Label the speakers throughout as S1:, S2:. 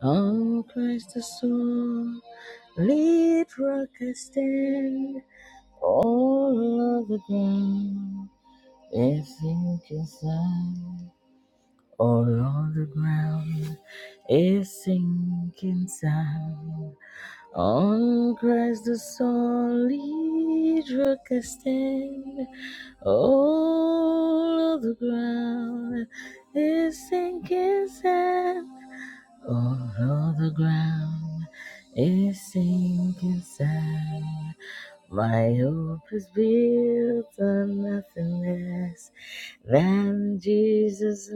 S1: On Christ the soul, lead rock I stand, all of the ground, is sinking sand. All on the ground, is sinking sand. On Christ the solid rock I stand, all of the ground, is sinking sand. Although the ground is sinking sand, my hope is built on nothing less than Jesus'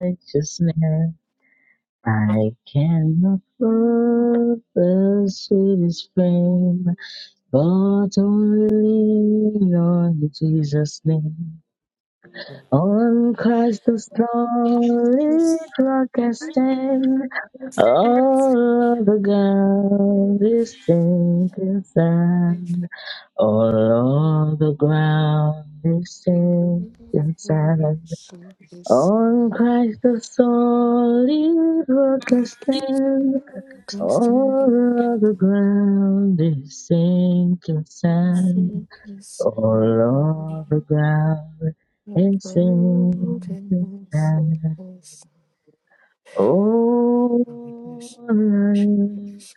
S1: righteousness. I cannot prove the sweetest fame, but only lean on Jesus' name. On Christ the
S2: Should be
S1: solid
S2: this
S1: rock I
S2: one In
S1: stand, all the ground is sinking sand. All of the ground is sinking sand. On Christ the solid rock I stand, all of the ground is sinking sand. Oh Lord God, and sing to God. Oh Lord,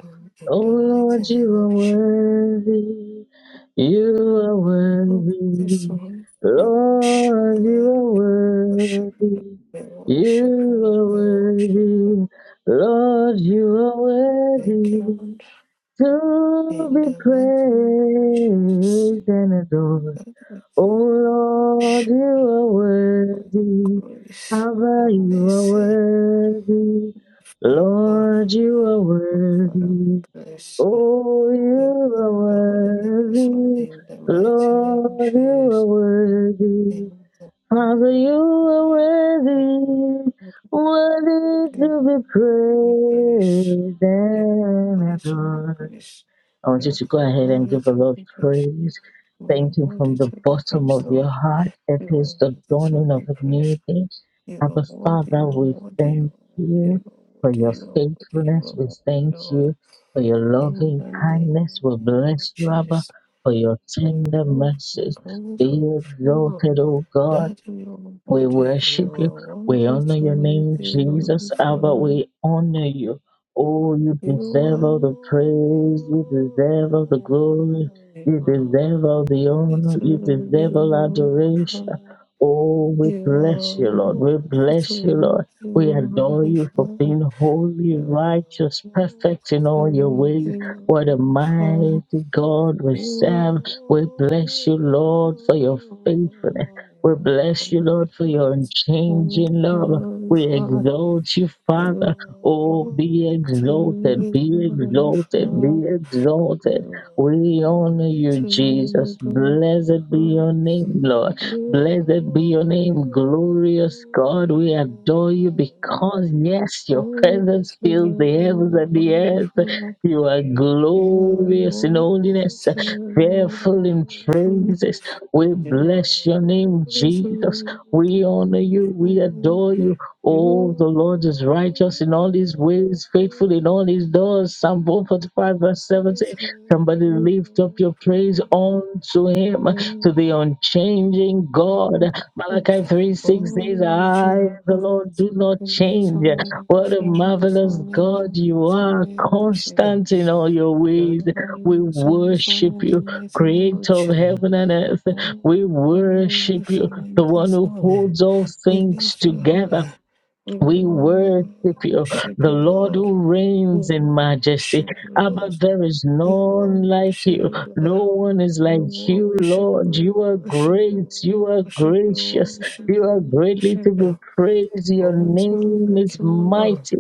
S1: oh
S2: the
S1: Lord,
S2: mighty
S1: you
S2: name
S1: are
S2: of Jesus,
S1: worthy. You are
S2: oh, this
S1: worthy.
S2: one, we worship you,
S1: Lord, you
S2: Lord,
S1: are
S2: worship you, Lord,
S1: worthy.
S2: we
S1: You
S2: worship you, Lord,
S1: are
S2: we worship you.
S1: worthy. Lord, you are
S2: Thank you, Lord.
S1: worthy to
S2: In
S1: be
S2: the mighty name of Jesus,
S1: praised and adored.
S2: Father, we thank
S1: Oh
S2: you
S1: Lord, you are
S2: for
S1: worthy.
S2: your grace,
S1: Abba,
S2: your
S1: you are
S2: mercy,
S1: worthy.
S2: favor. Oh,
S1: Lord, you are
S2: Father, we
S1: worthy.
S2: bless you.
S1: Oh,
S2: We
S1: you
S2: bless
S1: are
S2: the holy name this one
S1: worthy.
S2: in the mighty name of
S1: Lord, you are
S2: Jesus.
S1: worthy.
S2: In the name of
S1: Father, you
S2: God,
S1: are
S2: you are
S1: worthy.
S2: worthy
S1: Worthy to be
S2: to be praised.
S1: praised
S2: You are
S1: and
S2: worthy to be
S1: adored.
S2: praised.
S1: I want you
S2: You
S1: to go
S2: are
S1: ahead and
S2: worthy
S1: give the
S2: to
S1: Lord
S2: be praised.
S1: praise.
S2: You
S1: Thank Him
S2: are worthy
S1: from the
S2: to be
S1: bottom
S2: praised,
S1: of your
S2: Lord.
S1: heart. It
S2: You are
S1: is the
S2: worthy to
S1: dawning of
S2: be
S1: a
S2: praised.
S1: new day.
S2: You are
S1: Abba
S2: worthy,
S1: Father,
S2: you are
S1: we
S2: worthy, you
S1: thank
S2: are
S1: you for
S2: worthy,
S1: your
S2: you are worthy, you
S1: faithfulness.
S2: are
S1: We
S2: worthy,
S1: thank
S2: you are worthy, Lord.
S1: you for your
S2: In
S1: loving
S2: the
S1: kindness.
S2: name
S1: We
S2: of
S1: bless you, Abba,
S2: Jesus,
S1: for your
S2: I
S1: tender
S2: love and
S1: mercies.
S2: promise
S1: Be
S2: for your favor.
S1: exalted, O God.
S2: That you are
S1: We
S2: worthy, you
S1: worship you.
S2: are
S1: We
S2: worthy
S1: honor your
S2: to
S1: name,
S2: be
S1: Jesus. Abba,
S2: glorified.
S1: we honor you. Oh, you
S2: You
S1: deserve
S2: are
S1: all the
S2: worthy,
S1: praise. You
S2: oh
S1: deserve all the glory.
S2: my God.
S1: You
S2: You
S1: deserve all the
S2: are worthy
S1: honor. You
S2: to be
S1: deserve all adoration.
S2: glorified.
S1: Oh, we
S2: You are
S1: bless you, Lord. We
S2: worthy
S1: bless you,
S2: to
S1: Lord. We adore
S2: be
S1: you for
S2: glorified.
S1: being holy,
S2: You
S1: righteous,
S2: are
S1: perfect in
S2: worthy
S1: all your
S2: to
S1: ways. What a
S2: be
S1: mighty
S2: glorified.
S1: God we
S2: You
S1: serve. We bless you, Lord, for your faithfulness. We
S2: are
S1: bless you, Lord, for your
S2: worthy, to be
S1: unchanging love. We
S2: glorified.
S1: exalt you,
S2: You
S1: Father.
S2: are
S1: Oh, be
S2: worthy to
S1: exalted,
S2: be glorified. You are worthy to be
S1: be
S2: glorified.
S1: exalted, be
S2: You
S1: exalted.
S2: are
S1: We honor you, Jesus. Blessed be your name, Lord. Blessed be your name, glorious God. We adore you because, yes, your
S2: worthy, worthy
S1: presence fills the
S2: to
S1: heavens
S2: be
S1: and the earth.
S2: glorified.
S1: You are
S2: You are
S1: glorious in
S2: worthy
S1: holiness,
S2: to be
S1: fearful in
S2: glorified.
S1: praises. We
S2: You are
S1: bless your name,
S2: worthy to
S1: Jesus.
S2: be
S1: We honor you. We
S2: glorified.
S1: adore you.
S2: You
S1: Oh, the Lord is
S2: are
S1: righteous in all his ways, faithful in all his doors. Psalm 145, verse
S2: worthy
S1: 17.
S2: to be
S1: Somebody lift up your praise
S2: glorified.
S1: unto
S2: You
S1: him, to the unchanging God.
S2: are worthy.
S1: Malachi 3, 6 says,
S2: Oh,
S1: I, the
S2: Jehovah,
S1: Lord,
S2: this
S1: do not
S2: morning, this
S1: change.
S2: morning,
S1: What
S2: this
S1: a
S2: morning, this
S1: marvelous
S2: morning, this morning,
S1: God you
S2: this
S1: are,
S2: morning, this morning,
S1: constant in all your ways. We worship
S2: the
S1: you,
S2: mighty name of
S1: creator of
S2: Jesus.
S1: heaven and earth.
S2: Oh,
S1: We
S2: Father, we
S1: worship
S2: lift
S1: you,
S2: your
S1: the
S2: name
S1: one
S2: this
S1: who
S2: morning.
S1: holds all
S2: We
S1: things
S2: lift you
S1: together
S2: high. We
S1: we worship you,
S2: worship
S1: the
S2: you,
S1: Lord
S2: Lord.
S1: who
S2: We
S1: reigns in majesty.
S2: worship you,
S1: Abba,
S2: Lord.
S1: there is
S2: We
S1: none like
S2: worship
S1: you.
S2: you, Lord.
S1: No one is
S2: We
S1: like you,
S2: worship
S1: Lord. You
S2: you,
S1: are
S2: worship
S1: great.
S2: you,
S1: You are
S2: worship you,
S1: gracious.
S2: worship
S1: You are
S2: you,
S1: greatly to
S2: worship
S1: be
S2: you.
S1: praised. Your
S2: There is none
S1: name
S2: like
S1: is
S2: you, Lord.
S1: mighty,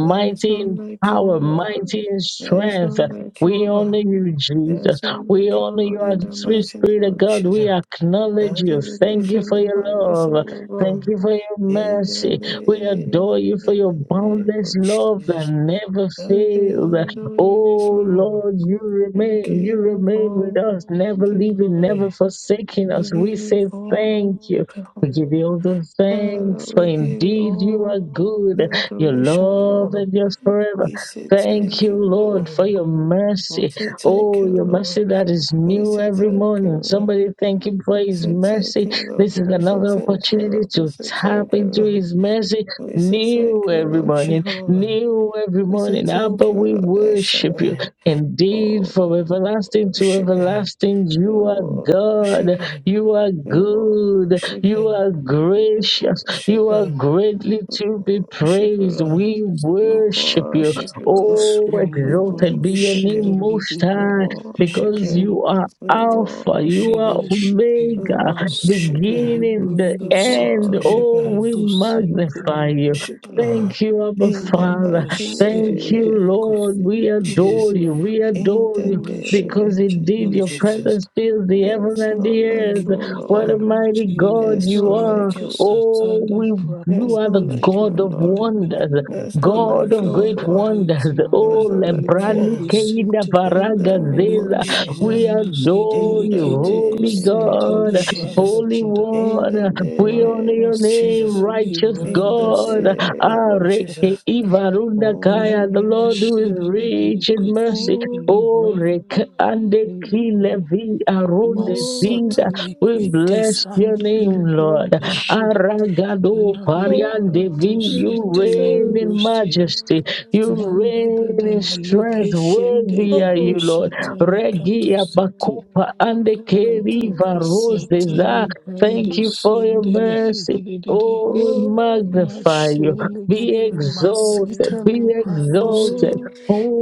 S2: There is none
S1: in
S2: like you,
S1: power,
S2: Lord.
S1: mighty in
S2: There is
S1: strength.
S2: none like you,
S1: We honor
S2: Lord.
S1: you,
S2: There
S1: Jesus.
S2: is none
S1: We
S2: like you,
S1: honor you,
S2: Lord,
S1: our
S2: in the
S1: sweet
S2: mighty
S1: Spirit
S2: name
S1: of
S2: of
S1: God. We
S2: Jesus.
S1: acknowledge
S2: Daddy,
S1: you.
S2: we
S1: Thank
S2: lift
S1: you
S2: up
S1: for
S2: their
S1: your
S2: highness
S1: love.
S2: on your name high this morning,
S1: Thank
S2: God.
S1: you for your
S2: In the
S1: mercy. We adore you for your
S2: name
S1: boundless
S2: of
S1: love that
S2: Jesus.
S1: never
S2: that we
S1: fails.
S2: adore you this
S1: Oh
S2: morning.
S1: Lord, you
S2: We
S1: remain, you
S2: give you
S1: remain with us,
S2: all
S1: never
S2: the
S1: leaving,
S2: glory.
S1: never forsaking
S2: We
S1: us. We
S2: give you
S1: say thank you.
S2: all the
S1: We give
S2: honor.
S1: you all the
S2: Father,
S1: thanks, for
S2: we give you
S1: indeed you are
S2: all
S1: good.
S2: the
S1: Your
S2: adoration,
S1: love
S2: Lord.
S1: endures forever.
S2: We say
S1: Thank
S2: thank
S1: you,
S2: you,
S1: Lord, for
S2: Lord.
S1: your
S2: We
S1: mercy.
S2: say thank
S1: Oh,
S2: you,
S1: your
S2: Lord.
S1: mercy that is
S2: We
S1: new
S2: say
S1: every
S2: thank you,
S1: morning.
S2: Lord.
S1: Somebody thank him for
S2: We
S1: his
S2: say thank
S1: mercy
S2: you, Lord.
S1: this is
S2: We say
S1: another
S2: thank you,
S1: opportunity
S2: Lord. We
S1: to
S2: say
S1: tap
S2: thank you,
S1: into
S2: Lord.
S1: His mercy
S2: We say
S1: new
S2: thank you,
S1: every
S2: Lord
S1: morning,
S2: Jehovah.
S1: new every
S2: We say
S1: morning.
S2: thank
S1: Abba,
S2: you,
S1: we
S2: Lord El
S1: worship you.
S2: Shaddai.
S1: Indeed, from
S2: Oh, we
S1: everlasting to
S2: worship you.
S1: everlasting,
S2: We
S1: you are
S2: worship
S1: God.
S2: you.
S1: You are
S2: We
S1: good.
S2: worship
S1: You
S2: you.
S1: are
S2: We
S1: gracious.
S2: worship
S1: You are
S2: you.
S1: greatly
S2: We
S1: to be
S2: worship you,
S1: praised.
S2: Lord.
S1: We
S2: We
S1: worship you.
S2: worship you, Lord.
S3: This
S1: Oh,
S2: We
S3: Ryan
S1: exalted be
S3: Brando
S1: your
S2: worship
S3: shitty
S1: name,
S2: you.
S1: Most
S3: legged
S2: We
S1: High,
S3: we
S2: worship
S3: thank
S1: because
S2: you.
S3: you.
S1: you are
S2: We
S1: Alpha, you
S3: We
S2: worship
S1: are
S2: you.
S3: worship you,
S2: We
S1: Omega
S3: Master
S2: worship you.
S1: beginning, the
S2: We
S3: Brundo
S1: end.
S2: worship
S3: Sitali
S1: Oh,
S2: you.
S1: we
S3: Kato
S1: magnify
S3: Sintele
S1: you.
S2: Worship,
S3: Brandada
S1: Thank
S2: Lord,
S1: you, Abba
S2: in the
S1: Father.
S3: Manda
S2: mighty
S3: shitty
S1: Thank you,
S2: name
S3: legged
S1: Lord. We
S2: of
S3: Cosintele
S1: adore
S2: Jesus.
S1: you. We
S2: In
S1: adore
S2: the
S3: We
S1: you
S3: worship
S2: name
S1: because
S3: you,
S1: indeed
S2: of
S1: your
S3: Jesus.
S2: Jesus.
S1: presence fills the
S2: There
S1: heaven
S2: is
S1: and the
S2: none
S3: We
S2: like
S1: earth.
S2: you, O
S3: worship
S1: What a
S2: Lord.
S3: you,
S1: mighty
S2: There
S1: God
S2: is
S3: Jesus.
S1: you
S2: none
S1: are.
S2: like
S3: Lanta
S2: you, O Lord.
S1: Oh,
S3: Satali
S1: we,
S2: There
S1: you
S2: is
S1: are the
S2: none like you,
S1: God
S2: O
S3: Prakotoshin.
S1: of
S2: Lord.
S1: wonders,
S2: There is none
S3: You are
S1: God
S2: like you,
S1: of
S2: O
S3: God
S1: great
S3: and
S2: God.
S3: there is
S1: wonders.
S3: none
S2: There is
S1: Oh,
S3: like
S2: none
S3: you,
S2: like
S1: Lebrani
S2: him.
S1: Keinda
S3: Master
S2: In the
S1: Varaga
S2: name of
S1: Zeza,
S3: Lende
S1: we
S2: Jesus.
S3: branda shede
S1: adore
S2: In the
S1: you,
S3: lekete
S1: holy
S3: kusinte
S2: name of
S1: God,
S3: libranda
S2: Jesus.
S1: holy
S3: sheda.
S2: In the
S1: one. We honor
S3: Maka
S2: name
S1: your
S2: of
S1: name,
S3: sita
S2: Jesus.
S1: righteous
S2: In the
S3: libranda
S1: God.
S3: sote
S2: name of
S3: librakata.
S2: Jesus.
S1: Areke Ivarunda
S2: Holy,
S1: Kaya, the
S2: holy,
S3: Lenda
S1: Lord who is
S3: shede lekete
S1: rich in mercy.
S3: kusinte libranda
S1: Orek
S2: holy,
S1: Andeki
S3: lekete.
S1: Levi
S3: Masata
S1: Arone we
S3: lekete
S1: bless your
S2: holy,
S3: santo
S1: name, Lord.
S3: libranda sheda.
S1: Aragado
S3: Larika
S1: Pariandevi,
S3: to
S2: holy
S1: you
S3: site
S2: is the
S1: reign
S3: libro
S1: in
S3: sheda.
S1: majesty, you
S3: Manda dada
S1: reign in
S2: Lord.
S3: maluke
S1: strength.
S3: shende
S1: Worthy are
S3: libro
S1: you, Lord.
S3: sata likato
S1: Regia
S3: site.
S1: Bakupa and the
S3: Santa
S1: Keriva Roses. Ah,
S3: Casatini
S1: Thank
S3: Brando
S1: you for your
S3: Sindeli
S1: mercy.
S3: Hididididi
S2: Holy,
S1: Oh, we magnify you.
S2: holy,
S3: Machine
S2: holy,
S1: Be
S3: Getting
S2: holy, holy.
S3: Masita
S1: exalted, be
S2: Praise
S3: Librando City
S1: exalted.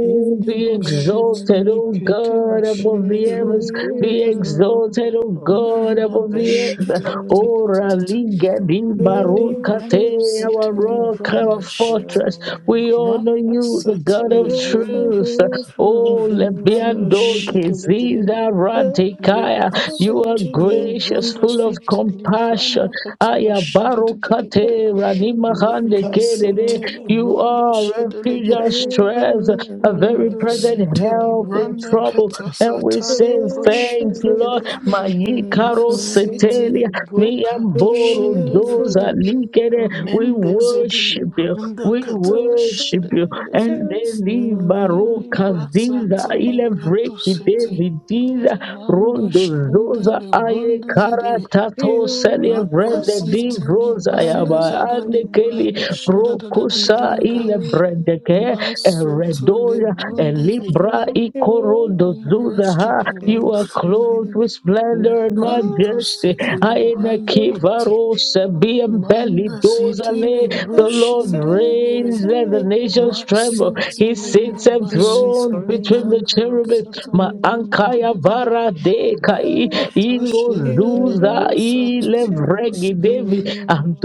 S3: in the
S1: be
S2: the
S3: Bushit
S1: exalted, oh
S3: Likete
S1: God,
S2: Lord,
S1: above the
S2: praise,
S1: heavens
S3: Bashatuli
S2: praise
S1: be
S2: the
S3: Brando sele.
S1: exalted, O
S2: Lord,
S1: God,
S3: Linda
S1: above the
S2: praise,
S1: earth.
S3: Bashatuli
S2: praise,
S1: O Raliga di
S2: praise,
S1: Barokate,
S3: Librando
S2: praise,
S3: City
S1: our
S2: praise,
S1: rock,
S3: Librando
S1: our
S2: praise the
S3: Shitty
S1: fortress.
S2: Lord.
S1: We honor
S3: Maka
S1: you, the God of
S3: Satali
S2: Praise, praise,
S3: Brando
S1: truth. O
S3: Librando
S1: Lebiando
S3: Shitty
S1: Kiziza
S2: praise,
S1: Ratikaya.
S2: praise,
S1: You are
S3: Lekasutu
S2: praise the Lord. Praise, praise the
S1: gracious,
S3: limbrunda
S1: full of
S3: sit
S2: Lord.
S1: compassion.
S3: limbranda katava
S1: Aya
S3: shede de de de de de.
S1: barokate ranima
S2: Oh,
S1: hande
S2: praise the
S1: kerere.
S2: Lord.
S3: Lekasutu
S1: You
S3: limbrunda
S1: are a
S3: shede
S1: refuge and
S3: legede.
S2: Praise,
S1: strength,
S2: praise,
S1: a very
S2: praise,
S3: Mando
S1: present
S2: praise
S3: sita
S2: the
S1: help in
S3: libranda
S2: Lord.
S1: trouble. And we
S3: katasata
S1: say
S3: libro
S2: You
S1: thank
S3: shede
S1: you, Lord.
S3: legede.
S1: Mayikaro
S3: Masete
S1: setelia.
S3: libro
S1: We am
S3: kato shinde
S1: those that
S3: legede.
S1: likere. We
S3: Mende zede
S1: worship you.
S3: libranda
S1: We
S3: katava
S1: worship
S3: shede
S1: you.
S3: legede.
S1: And they leave Baroka
S3: Libra
S1: Zinda
S3: sata likato
S1: Ilevreki
S3: sete.
S1: Devidiza
S3: Mando
S1: Rondo
S3: shinde
S1: Zoza Aye
S3: librunda zede.
S1: Karatato Celebrate Div
S3: Rakasiteli
S1: Rosa
S3: branda
S1: Yaba ande
S3: zadali
S1: keli
S3: branda shada da da da da da
S1: Rokusa
S3: da da.
S1: Ilebreke
S3: Masoto le
S1: Eredoya
S3: brande zede.
S1: Elibra
S3: We
S2: walk in
S1: Zuzaha.
S3: worship you,
S1: You
S3: Lord.
S1: are
S2: majesty.
S1: clothed with splendor and
S2: Always
S3: Lakanto
S1: majesty.
S2: you
S3: siteli
S1: Aina
S3: branda
S2: know,
S3: kati.
S1: Kivarosa, Biam Belly
S3: Manda siteli
S1: Dozale. The Lord
S3: broshin
S2: everything,
S3: delegere.
S1: reigns and the
S2: everything
S1: nations
S2: about
S1: tremble.
S3: Masiti
S1: He
S2: you
S3: le
S1: sits
S3: mbuba
S2: is
S1: enthroned
S3: sitali
S1: between the
S2: great.
S3: kata
S1: cherubim.
S3: rasata le
S1: Maankaya
S3: dede.
S1: Bara De Kai,
S2: I
S3: Lekata
S1: Iro
S3: shinde le
S1: Zuza
S2: you're
S1: Ile
S3: brosatoli
S1: Vregi
S3: branda.
S1: Devi,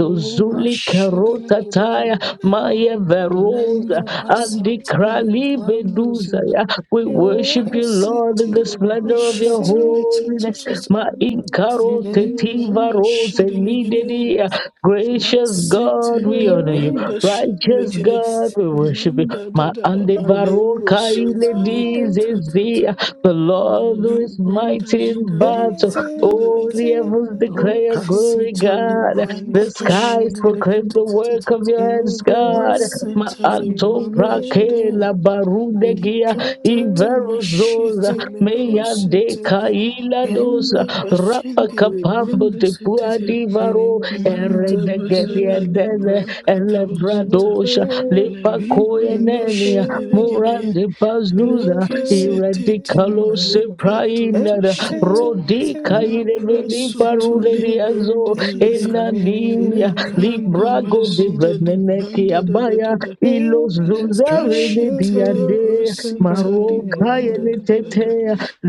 S3: Luma shidele
S1: Karota
S3: gedeyo.
S1: Taya, Verosa
S3: Lenda basata
S1: Andikrali
S3: ligando
S1: Bedusa.
S3: zida
S1: We worship you,
S2: you
S1: Lord, in
S3: okasiti
S1: the splendor of your
S3: lebrosheta
S1: holiness.
S3: letetutusa
S1: Ma inkaro
S2: Today.
S1: tetiva
S3: malibanda
S1: rose
S3: shidelegede
S1: lidedi. Gracious
S3: masiti
S1: God,
S2: You
S1: we honor you.
S2: will
S3: libranda
S1: Righteous
S3: shidelegede
S1: God,
S2: just
S1: we worship you.
S3: manda da
S1: Ma
S3: da da
S1: andevaro
S3: malebro
S2: as you
S1: kaile
S3: sata likatatata
S1: dizezia. The Lord
S2: go.
S1: who is
S3: malibanda
S1: mighty in
S3: zida
S1: battle.
S3: libranda
S2: Everything
S3: da da
S1: Oh,
S3: da
S1: the
S2: written
S1: heavens declare
S2: about
S1: glory,
S3: okasita
S2: you
S1: God.
S3: libranda
S2: is
S1: The skies
S3: kashita
S2: great.
S1: proclaim the work of
S3: leketetetetete
S1: your
S2: You are
S1: hands, God.
S3: masiti
S2: great. You
S1: Ma'anto
S2: are
S3: libranda
S2: great.
S3: zide
S1: prake la barudegia
S2: You are
S3: Likatata
S2: great.
S1: iverozora
S3: mashetele
S1: meya de
S3: prosete
S1: kaila
S2: You are
S3: enda
S1: dosa rapa
S3: bashendele
S2: great.
S1: kapambo
S3: brunde
S1: de
S3: setete
S1: puadi varo
S2: You are great. You are
S3: manta
S2: great.
S1: eredegedia
S3: bazada
S1: dele
S3: libranka
S2: You
S3: tabasata
S1: elebradosha lipa
S3: levi brando
S2: are great. You are
S1: koyenenia
S3: shedele
S2: great.
S3: gedeye
S1: murande
S2: You were
S1: bazuza
S3: leke setete
S2: grace,
S1: radicalo
S2: Lord.
S3: maleka toto
S1: seprainada
S3: shete
S2: Everything,
S1: rodica
S2: everything
S3: la
S1: ireveli
S3: praso
S2: about
S3: to
S1: paruneri
S2: you
S3: tolim
S1: azo
S3: brunde
S2: is
S3: shedeye
S1: enania
S2: great.
S3: lekanda
S1: librago de
S3: bazida li
S1: breneneki
S3: banda da. da
S1: abaya
S3: da da
S2: We
S1: ilos
S2: must
S1: zuzare de
S2: travel
S3: Lekashetele
S1: diade
S2: hard to
S3: brositele
S2: pray.
S1: maroka
S3: branda da da da
S1: yenetete
S3: da.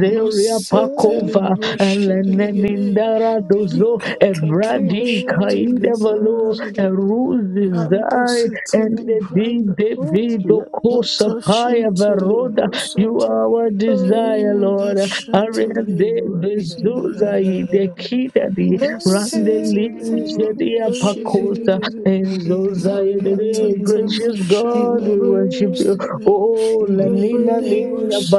S1: leria
S2: Oh,
S3: Masetele
S1: pakova
S3: broshetele gede.
S1: elenenindara dozo
S2: the
S3: Likatata
S2: mighty
S1: ebradi
S2: God
S3: machatele
S2: we
S1: kaidevalo
S3: branda zede.
S2: serve.
S3: Landa
S1: eruzizai and
S3: setele
S1: the deed
S3: branda.
S2: Oh,
S1: David Okosa
S3: Lekata
S1: Paya
S3: shintele
S2: glory,
S1: Veroda you
S3: brosata.
S1: are our
S2: glory,
S1: desire,
S3: Eda
S1: Lord.
S2: hallelujah.
S3: shatele
S1: Arende
S2: Everything
S1: bezura
S2: about
S3: brazidanika.
S1: idekida di
S2: you
S1: rande
S3: Masetele
S1: lije di
S3: branda shede de
S1: apakota
S3: de de.
S1: enzo
S2: is
S1: zaya de de.
S3: Lakatata
S2: great.
S1: gracious
S2: You
S1: God,
S2: are
S1: we
S3: machandale
S1: worship you.
S3: broside.
S2: great.
S1: Oh,
S2: You are
S1: lanina
S3: Labor
S1: niya
S2: great.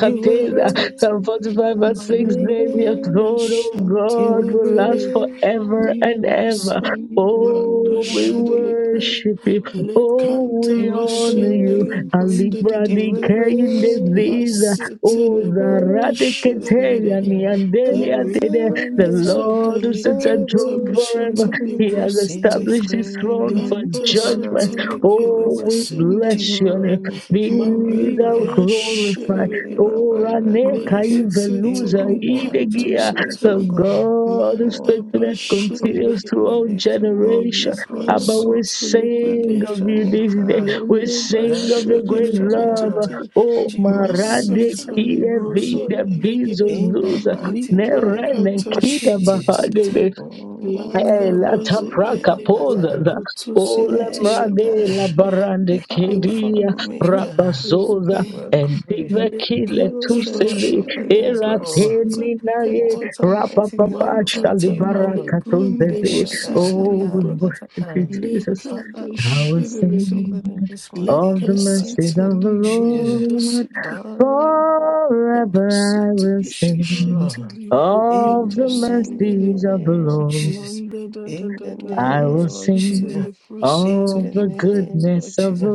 S2: You are
S1: Psalm 45
S2: great.
S1: verse
S2: You
S1: 6
S2: are
S1: says, Your
S2: great.
S3: Malibanda
S1: throne, oh
S2: You
S1: God,
S2: are
S1: will last
S3: Shantelikiri
S2: great.
S1: forever and
S3: Libra
S1: ever.
S3: Sanibanda
S1: Oh,
S2: You
S1: we
S2: are
S3: Shidelikiri
S1: worship you.
S2: great.
S1: Oh,
S3: Lekanta
S1: we
S2: You are
S1: honor you.
S3: Bashindele
S2: great.
S3: Brunda
S1: Alibra
S2: You
S1: di
S2: are
S1: kein disease.
S2: great. You
S1: o
S2: are
S3: Lasitele Brunda
S1: zarate
S2: great.
S1: keteya
S3: Shidelikiri
S1: ni
S2: Yeah.
S1: andelia
S2: Every
S3: Larry
S2: time
S1: The
S2: I
S3: Branda
S2: think
S1: Lord who sits
S3: Zadalikata
S1: enthroned
S2: about
S1: forever.
S3: Bashata
S2: you,
S1: He
S3: Libra
S1: has
S3: City
S2: is
S1: established his throne for
S2: great.
S3: Lanta
S2: Oh, Father,
S1: judgment.
S2: Lord, you are
S3: Shatelikiri
S1: Oh,
S2: great.
S1: we
S3: Bashindele
S1: bless
S3: Libra.
S1: your
S2: Jehovah,
S1: name.
S2: Nissi,
S1: Be
S2: Jehovah,
S3: Marie
S1: thou
S2: Hallelujah.
S3: Brush
S1: glorified.
S2: Hallelujah,
S3: Lekensiteli
S1: Oh,
S2: Papa, you are
S1: Rane
S2: great. You
S1: Kaiveluza
S2: are worthy to be
S1: Idegia.
S2: praised,
S1: The
S2: oh
S3: Cantusiteli
S2: God.
S1: God whose
S3: Manda
S1: faithfulness
S2: Oh,
S1: continues
S2: we
S3: Bashilegate
S1: throughout
S2: lift you up
S1: generation.
S3: Lady
S2: this morning,
S1: Abba, we
S2: God.
S3: Bransitulik
S2: We
S1: sing
S2: lift
S1: of
S2: your
S1: you
S2: name
S1: this day.
S2: high.
S1: We
S3: Lende
S1: sing
S2: God,
S1: of
S2: we
S1: the great
S2: lift your name
S1: love.
S2: high.
S3: Bashilegate
S1: Oh,
S2: Jehovah, we lift
S1: Marade
S2: your name
S3: Masatali
S2: high.
S1: Kilevi,
S3: Brosin
S1: the
S2: Sorry.
S1: Bezos
S3: Legate
S2: In the
S1: News,
S2: mighty
S3: Libra
S1: Neren
S2: name
S1: and
S2: of
S1: Kita
S2: Jesus.
S3: Catashitete
S1: Bahade,
S2: Oh, King
S3: Landa
S2: of
S1: Elata
S2: glory, I
S1: Praka
S2: am
S3: Bazideli
S2: that I am.
S1: Poza,
S3: Bracotusin
S2: El
S3: to the
S1: Olemrade
S2: Shaddai,
S1: La
S3: Bashile
S1: Barande
S2: the
S3: La
S2: Alpha and
S1: Kedia,
S2: Omega.
S1: Rapazoza,
S3: Cantus.
S2: You are
S1: and
S2: great.
S1: Diva Kile
S3: Lekata
S2: Demonstrate about
S1: Tusidi,
S2: your
S3: bashiri
S2: presence, O God.
S3: librasata
S1: Elateni Naye,
S3: lekata
S2: What Almighty God,
S1: Rapapapa
S2: you are
S3: mantata
S2: Jehovah.
S3: malebrunde
S2: El
S1: Shalibarakatunzezi.
S2: Shaddai,
S3: bositi
S2: I
S1: Oh, we
S3: libra
S2: am that I
S1: worship you,
S2: am.
S1: Jesus.
S3: lekata
S2: Father, we
S1: I will
S3: shiri
S2: bless
S3: lidi
S2: your holy
S1: sing
S2: name this morning in
S1: of the
S2: the mighty
S1: mercies
S3: lekasita
S2: name
S1: of
S2: of
S1: the
S2: Jesus.
S3: libranda
S1: Lord.
S3: sidi
S2: Father, we worship
S1: Forever I
S3: lekasita
S1: will
S3: liti
S2: you,
S1: sing
S3: shiti
S2: Lord.
S3: libra
S1: of
S2: In
S3: kata
S2: the
S1: the
S3: sindi
S1: mercies
S3: libra
S1: of the
S2: name of
S1: Lord.
S2: Jesus.
S3: manda da da
S2: In
S3: da
S2: the
S3: da da
S1: I will
S2: name of
S3: bashiti
S1: sing
S2: Jesus.
S3: libra siti
S2: In
S1: of
S2: the
S1: the
S3: lekata
S2: name of
S1: goodness of the
S2: Jesus.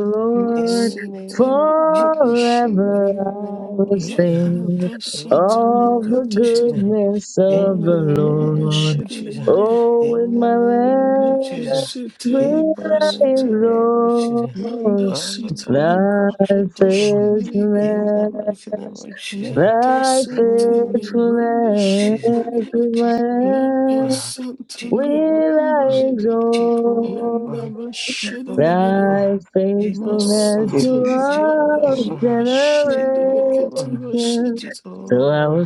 S2: In the
S3: masiti
S2: name of Jesus. In the name of
S3: libra
S2: Jesus.
S3: bashindi
S1: Forever I will
S3: Landa
S1: sing
S2: In the
S1: of
S2: name
S1: the
S2: of
S3: basata
S2: Jesus.
S1: goodness
S2: In
S1: of
S3: Male
S2: the
S1: the
S3: ronde
S2: name
S1: Lord.
S2: of
S3: shedele
S2: Jesus.
S3: gede.
S1: Oh, with
S2: In the
S1: my
S2: name of
S3: Eleke
S2: Jesus.
S1: life
S3: sete
S2: In
S1: will
S2: the
S3: libra
S1: I
S3: sete.
S2: name of Jesus.
S1: exalt
S3: Manda
S2: Father,
S3: sita
S2: Lord,
S1: Thy
S3: libra
S2: worship
S3: kato
S2: you, Lord.
S3: shedele gede.
S2: In the mighty name
S1: faithfulness,
S2: of Jesus.
S3: Leta
S1: thy
S2: In the
S3: sente
S2: name
S3: libra nde
S2: of
S1: faithfulness
S2: Jesus.
S3: shedele gede.
S1: with my
S3: Leka
S1: hand
S2: Jehovah,
S3: sente libra
S1: will I
S3: ndo
S2: Jehovah,
S3: zede. Lenda
S2: Jehovah,
S3: ba
S1: exalt.
S3: shedele gede.
S1: Thy
S2: Jehovah,
S1: faithfulness to
S4: If
S2: Jehovah,
S3: Masita
S4: you
S3: libra
S1: all
S4: is
S3: kavi
S2: Jehovah,
S3: shendele kete
S2: Jehovah,
S3: ba
S1: generations. So I will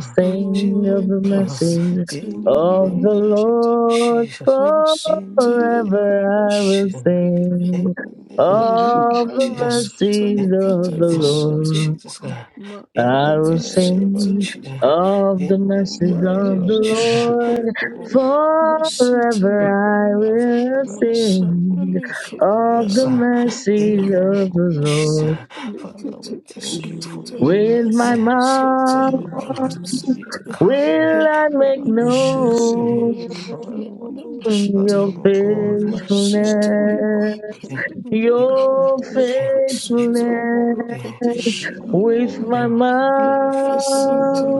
S2: Jehovah,
S1: sing of
S3: Oh,
S1: the
S2: Jehovah.
S1: mercies
S2: In the
S1: of the
S2: name of
S1: Lord
S2: Jesus,
S1: forever.
S2: in the
S3: Usitili
S2: name
S1: I
S2: of
S3: brandas
S1: will
S2: Jesus,
S3: nigre.
S2: in
S1: sing
S2: the name
S3: Levi
S4: grateful to
S1: of
S2: of
S1: the
S3: brandas
S2: Jesus,
S1: mercies of
S3: satani
S2: in the
S3: kiti
S1: the
S2: mighty
S4: my
S2: name of
S3: vasata.
S1: Lord.
S2: Jesus,
S4: God,
S2: God,
S3: Ma
S2: in the
S1: I
S3: kata
S1: will
S2: name of
S1: sing
S3: satani ka.
S2: Jesus.
S1: of the
S2: In the
S1: mercies
S3: Ma
S2: name
S1: of
S2: of
S1: the
S4: because
S3: neva
S4: I
S2: Jesus.
S1: Lord.
S3: shadagre.
S2: Oh,
S3: Ma
S2: we are
S1: Forever
S3: sitani
S1: I
S3: branda.
S1: will
S3: Ma
S1: sing
S3: satani kiti
S1: of the
S4: know
S2: Satanamalebusotulia. In
S1: mercies
S3: vasata.
S2: the
S4: you
S1: of
S2: name of
S1: the
S3: Ma
S2: Jesus,
S1: Lord
S3: satani
S2: Father,
S3: kiti
S2: we
S4: good,
S2: thank you
S4: you
S2: for
S3: vasata.
S2: your
S4: good,
S1: with my
S3: Ma
S2: mercy, your
S4: you
S3: satani
S1: mouth.
S2: love,
S3: kata
S2: your
S3: sata.
S2: kind.
S3: Le
S1: Will I make
S4: are
S3: brandas shidagre.
S1: known
S4: merciful,
S2: However,
S3: Le
S2: on this
S4: you
S3: neva
S1: your
S4: are
S2: platform, Lord,
S4: glorious,
S3: Masita
S2: oh, you are
S1: faithfulness,
S2: worthy,
S4: you
S3: libakandada
S2: you are
S4: are
S1: your
S2: worthy,
S1: faithfulness
S4: precious,
S2: you
S3: lekasutu
S2: are worthy, you are
S4: you
S1: with
S3: lokatishinimigina
S2: worthy
S1: my mouth?
S4: are
S2: for your faithfulness,
S3: lekasinti
S2: Lord.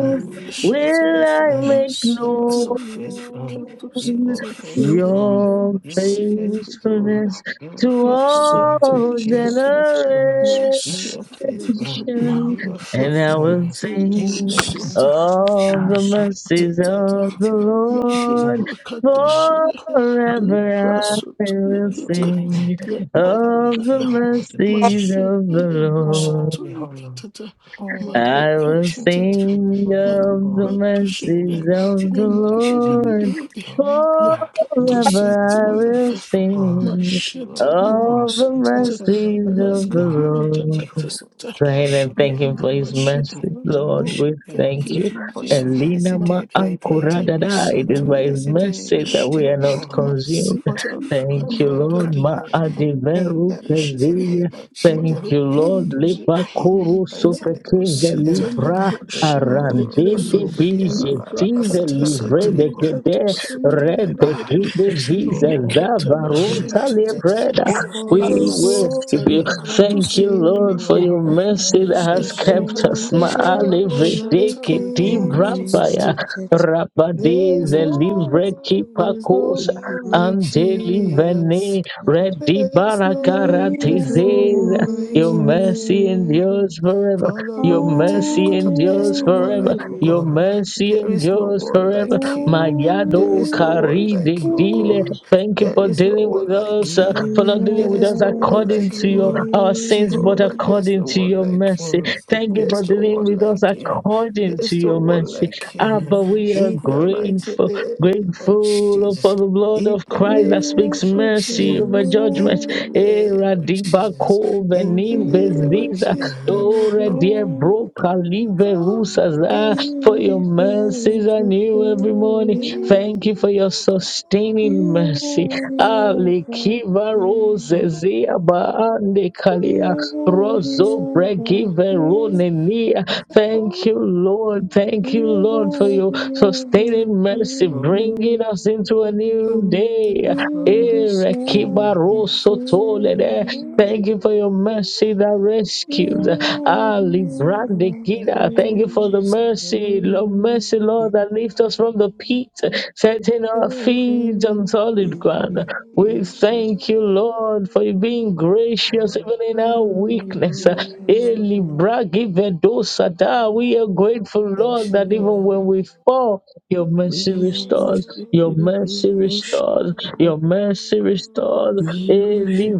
S2: You
S3: libashita
S2: are
S1: Will I
S2: faithful,
S1: make
S2: you are
S3: masata
S1: known
S2: so faithful, you are
S3: libakatusiti
S4: Thank
S2: faithful, Lord.
S3: yanda
S1: your
S2: You are faithful, Lord.
S3: masidididida
S1: faithfulness
S2: You
S1: to
S2: are faithful, Lord.
S3: masata
S4: you,
S1: all
S2: You are
S4: Jesus.
S3: likata
S2: faithful, Lord.
S1: generations?
S2: You are
S4: Special
S3: masita
S2: faithful.
S3: likanda
S1: And
S2: You are
S4: marvels of
S1: I
S4: the
S1: will
S2: faithful.
S3: masita
S2: In
S1: sing
S4: presentation
S2: the
S3: likushita
S2: name of
S1: all
S4: are
S2: Jesus.
S1: the
S4: so
S1: mercies
S2: In the
S3: katatata
S1: of the
S2: mighty name of Jesus,
S1: Lord.
S2: for your
S3: malibakatishida
S2: mercy, for your
S1: Forever I
S2: love,
S3: liprasutu
S2: for
S1: will
S2: your
S3: likiti
S2: kindness,
S1: sing
S2: Father, we
S1: of
S2: give
S1: the
S2: you all the
S1: mercies
S2: glory,
S3: Mashele
S1: of the Lord.
S2: all the
S3: brashatuli
S2: honor,
S3: katata
S2: all the
S3: magle
S1: I will
S2: adoration
S3: katata
S2: comes from the
S1: sing
S2: holy name of
S1: of the
S2: God.
S3: malupa
S2: In
S1: mercies
S3: tushele
S2: the mighty
S1: of the
S2: name of Jesus.
S1: Lord.
S3: ndedededede
S2: Oh,
S3: le
S2: ah,
S1: Forever
S3: katosete
S2: Jesus,
S1: I
S2: what a
S3: libra
S1: will
S2: faithful God.
S1: sing
S2: You are
S3: mashata
S2: oh God.
S1: of the
S3: librasatata
S2: What a
S1: mercies
S2: marvelous
S1: of
S3: male
S1: the
S2: God.
S3: brata
S1: Lord.
S2: Jehovah, we
S3: katasata
S1: Go ahead and
S2: worship
S3: le
S1: thank
S2: you.
S1: him for his
S3: nabashela
S2: You
S1: mercy,
S2: know, we
S1: Lord.
S3: Oh,
S2: worship
S1: We
S3: thank
S2: you
S1: thank
S3: you,
S1: you.
S2: for your
S3: Jesus.
S2: mercy
S1: Elena ma
S2: day by
S3: Makeka
S1: ankura
S2: day.
S1: dada. It
S2: We
S1: is
S3: tabasato
S1: by his
S2: mercy
S3: libranda
S1: mercy that
S2: great
S1: we
S3: shada.
S1: are
S2: you,
S1: not
S2: Lord,
S1: consumed.
S2: for
S3: Masita
S2: your favor,
S1: Thank you,
S2: for
S3: libranda
S2: your
S1: Lord.
S3: dada.
S1: Ma
S2: kindness.
S3: Oh,
S2: In
S1: adiveru
S2: the
S3: we worship
S2: mighty
S3: you.
S1: keziya.
S2: name of
S1: Thank
S2: Jesus.
S1: you, Lord.
S3: Mabekanduze.
S1: Lipa
S2: In the
S1: kuru
S2: mighty name of
S1: sufekinga
S2: Jesus.
S3: Lakuseta
S1: libra
S2: Eh,
S3: libroshende
S2: Bobo Robo
S3: legere.
S1: arandete
S4: you.
S2: Sondo Liaba,
S1: bize
S2: Baraba
S1: tize
S3: Liprakata
S2: Santa Lama
S1: livre
S3: sete
S4: You
S1: de
S4: are
S2: Libo
S3: likato
S1: kede
S2: Bobo
S3: sende
S2: Sondo
S1: re de
S2: Liaba.
S4: the
S3: gedededede.
S1: kide
S4: blessing
S1: vize
S4: of
S3: Likata
S4: God.
S2: Jehovah,
S1: zavaronta
S3: bashenta
S2: there's
S3: tete.
S1: libreda
S2: no one,
S3: La
S1: we
S4: You
S2: there's
S3: sata
S1: worship you.
S2: no one
S3: likato
S2: like
S1: Thank you,
S2: you,
S3: sende
S1: Lord, for
S3: libre.
S1: your
S2: Lord.
S1: mercy that
S3: Thank
S1: has
S3: you,
S2: There's no
S1: kept
S2: one,
S1: us.
S2: there's no
S3: Father.
S1: Maali
S2: one like
S1: vredeke ti brapaya
S2: him.
S1: rabade
S2: There's no
S1: zelivre ki
S2: one, there's no
S1: pakosa
S2: one like
S1: andeli
S2: Jesus.
S1: vene redi
S2: There's no one, there's no one
S1: barakaratizeza.
S2: like
S1: Your mercy endures
S2: you.
S1: forever.
S2: Father,
S1: Your
S2: Lord, we take we
S1: mercy
S2: could talk. There's
S1: endures
S2: no one
S1: forever.
S2: like you,
S1: Your
S2: God.
S1: mercy
S2: There is no
S1: endures
S2: one
S1: forever.
S2: like you. There
S1: Mayado
S2: is no one
S1: Kari de
S2: like you,
S1: Dile.
S2: God.
S1: Thank you
S2: There
S1: for
S2: is no
S1: dealing with
S2: one like
S1: us, uh,
S2: you.
S1: for not
S2: There
S1: dealing with
S2: is
S1: us
S2: no one
S1: according
S2: like
S1: to your
S2: you.
S1: our sins, but
S2: Jehovah, there's
S1: according
S2: no
S1: to
S2: one
S1: your
S2: like
S1: mercy.
S2: you.
S1: Thank you for
S2: There's no
S1: dealing
S2: one
S1: with us
S2: like you.
S1: according to
S2: There's no
S1: your
S2: one
S1: mercy.
S2: like you.
S1: Abba, we
S4: worship
S1: are
S2: In the mighty
S1: grateful,
S2: name of
S1: grateful for
S2: Jesus.
S1: the blood
S2: In
S1: of
S2: the
S4: We
S1: Christ
S2: name
S1: that speaks
S2: of
S4: worship
S1: mercy
S2: Jesus.
S4: you,
S1: over judgment.
S2: In the
S4: Lord.
S2: name
S1: Era
S2: of
S1: diba
S2: Jesus. In the
S1: kovenim
S4: We
S2: name of
S1: beziza,
S2: Jesus.
S4: worship you,
S1: ore
S2: Oh,
S1: die
S4: Lord.
S1: broka
S2: do not
S1: live rusaza.
S2: forget.
S1: For
S4: You
S1: your
S4: deserve
S1: mercies are
S4: the
S1: new every morning.
S2: In
S4: glory.
S1: Thank you for your
S2: the
S1: sustaining
S4: You are
S1: mercy.
S4: worthy of our
S2: bone.
S1: Alikiva rose
S4: praise.
S1: zia baande
S4: You
S1: kalia
S4: are worthy
S1: rozo
S4: of our
S1: bregive
S4: praise.
S1: ronenia. Thank you, Lord. Thank you,
S4: You are
S1: Lord, for your
S4: worthy of our
S1: sustaining mercy,
S4: praise.
S2: Oh,
S1: bringing us into a
S2: do
S1: new
S2: not
S1: day.
S4: You deserve
S1: Erekiba
S4: the
S2: forget.
S1: roso tolede.
S4: glory.
S1: Thank you for your mercy that
S4: You
S1: rescued.
S4: are
S1: Ali
S4: worthy
S1: brande
S4: of our
S1: gida. Thank you for the
S4: praise.
S1: mercy, Lord, mercy, Lord, that lifts us from the pit, setting our feet on solid
S4: Thank
S1: ground.
S4: you,
S1: We
S4: Jesus.
S1: thank you, Lord, for you being gracious even in our
S4: We
S1: weakness.
S4: glorious
S1: Eh,
S4: God.
S1: Libra, give it We are grateful, Lord, that even when we fall, your mercy
S4: We
S1: restored.
S4: worship
S1: Your
S4: you, we
S1: mercy
S4: worship
S1: restored.
S4: you, God.
S1: Your mercy restored.
S4: We worship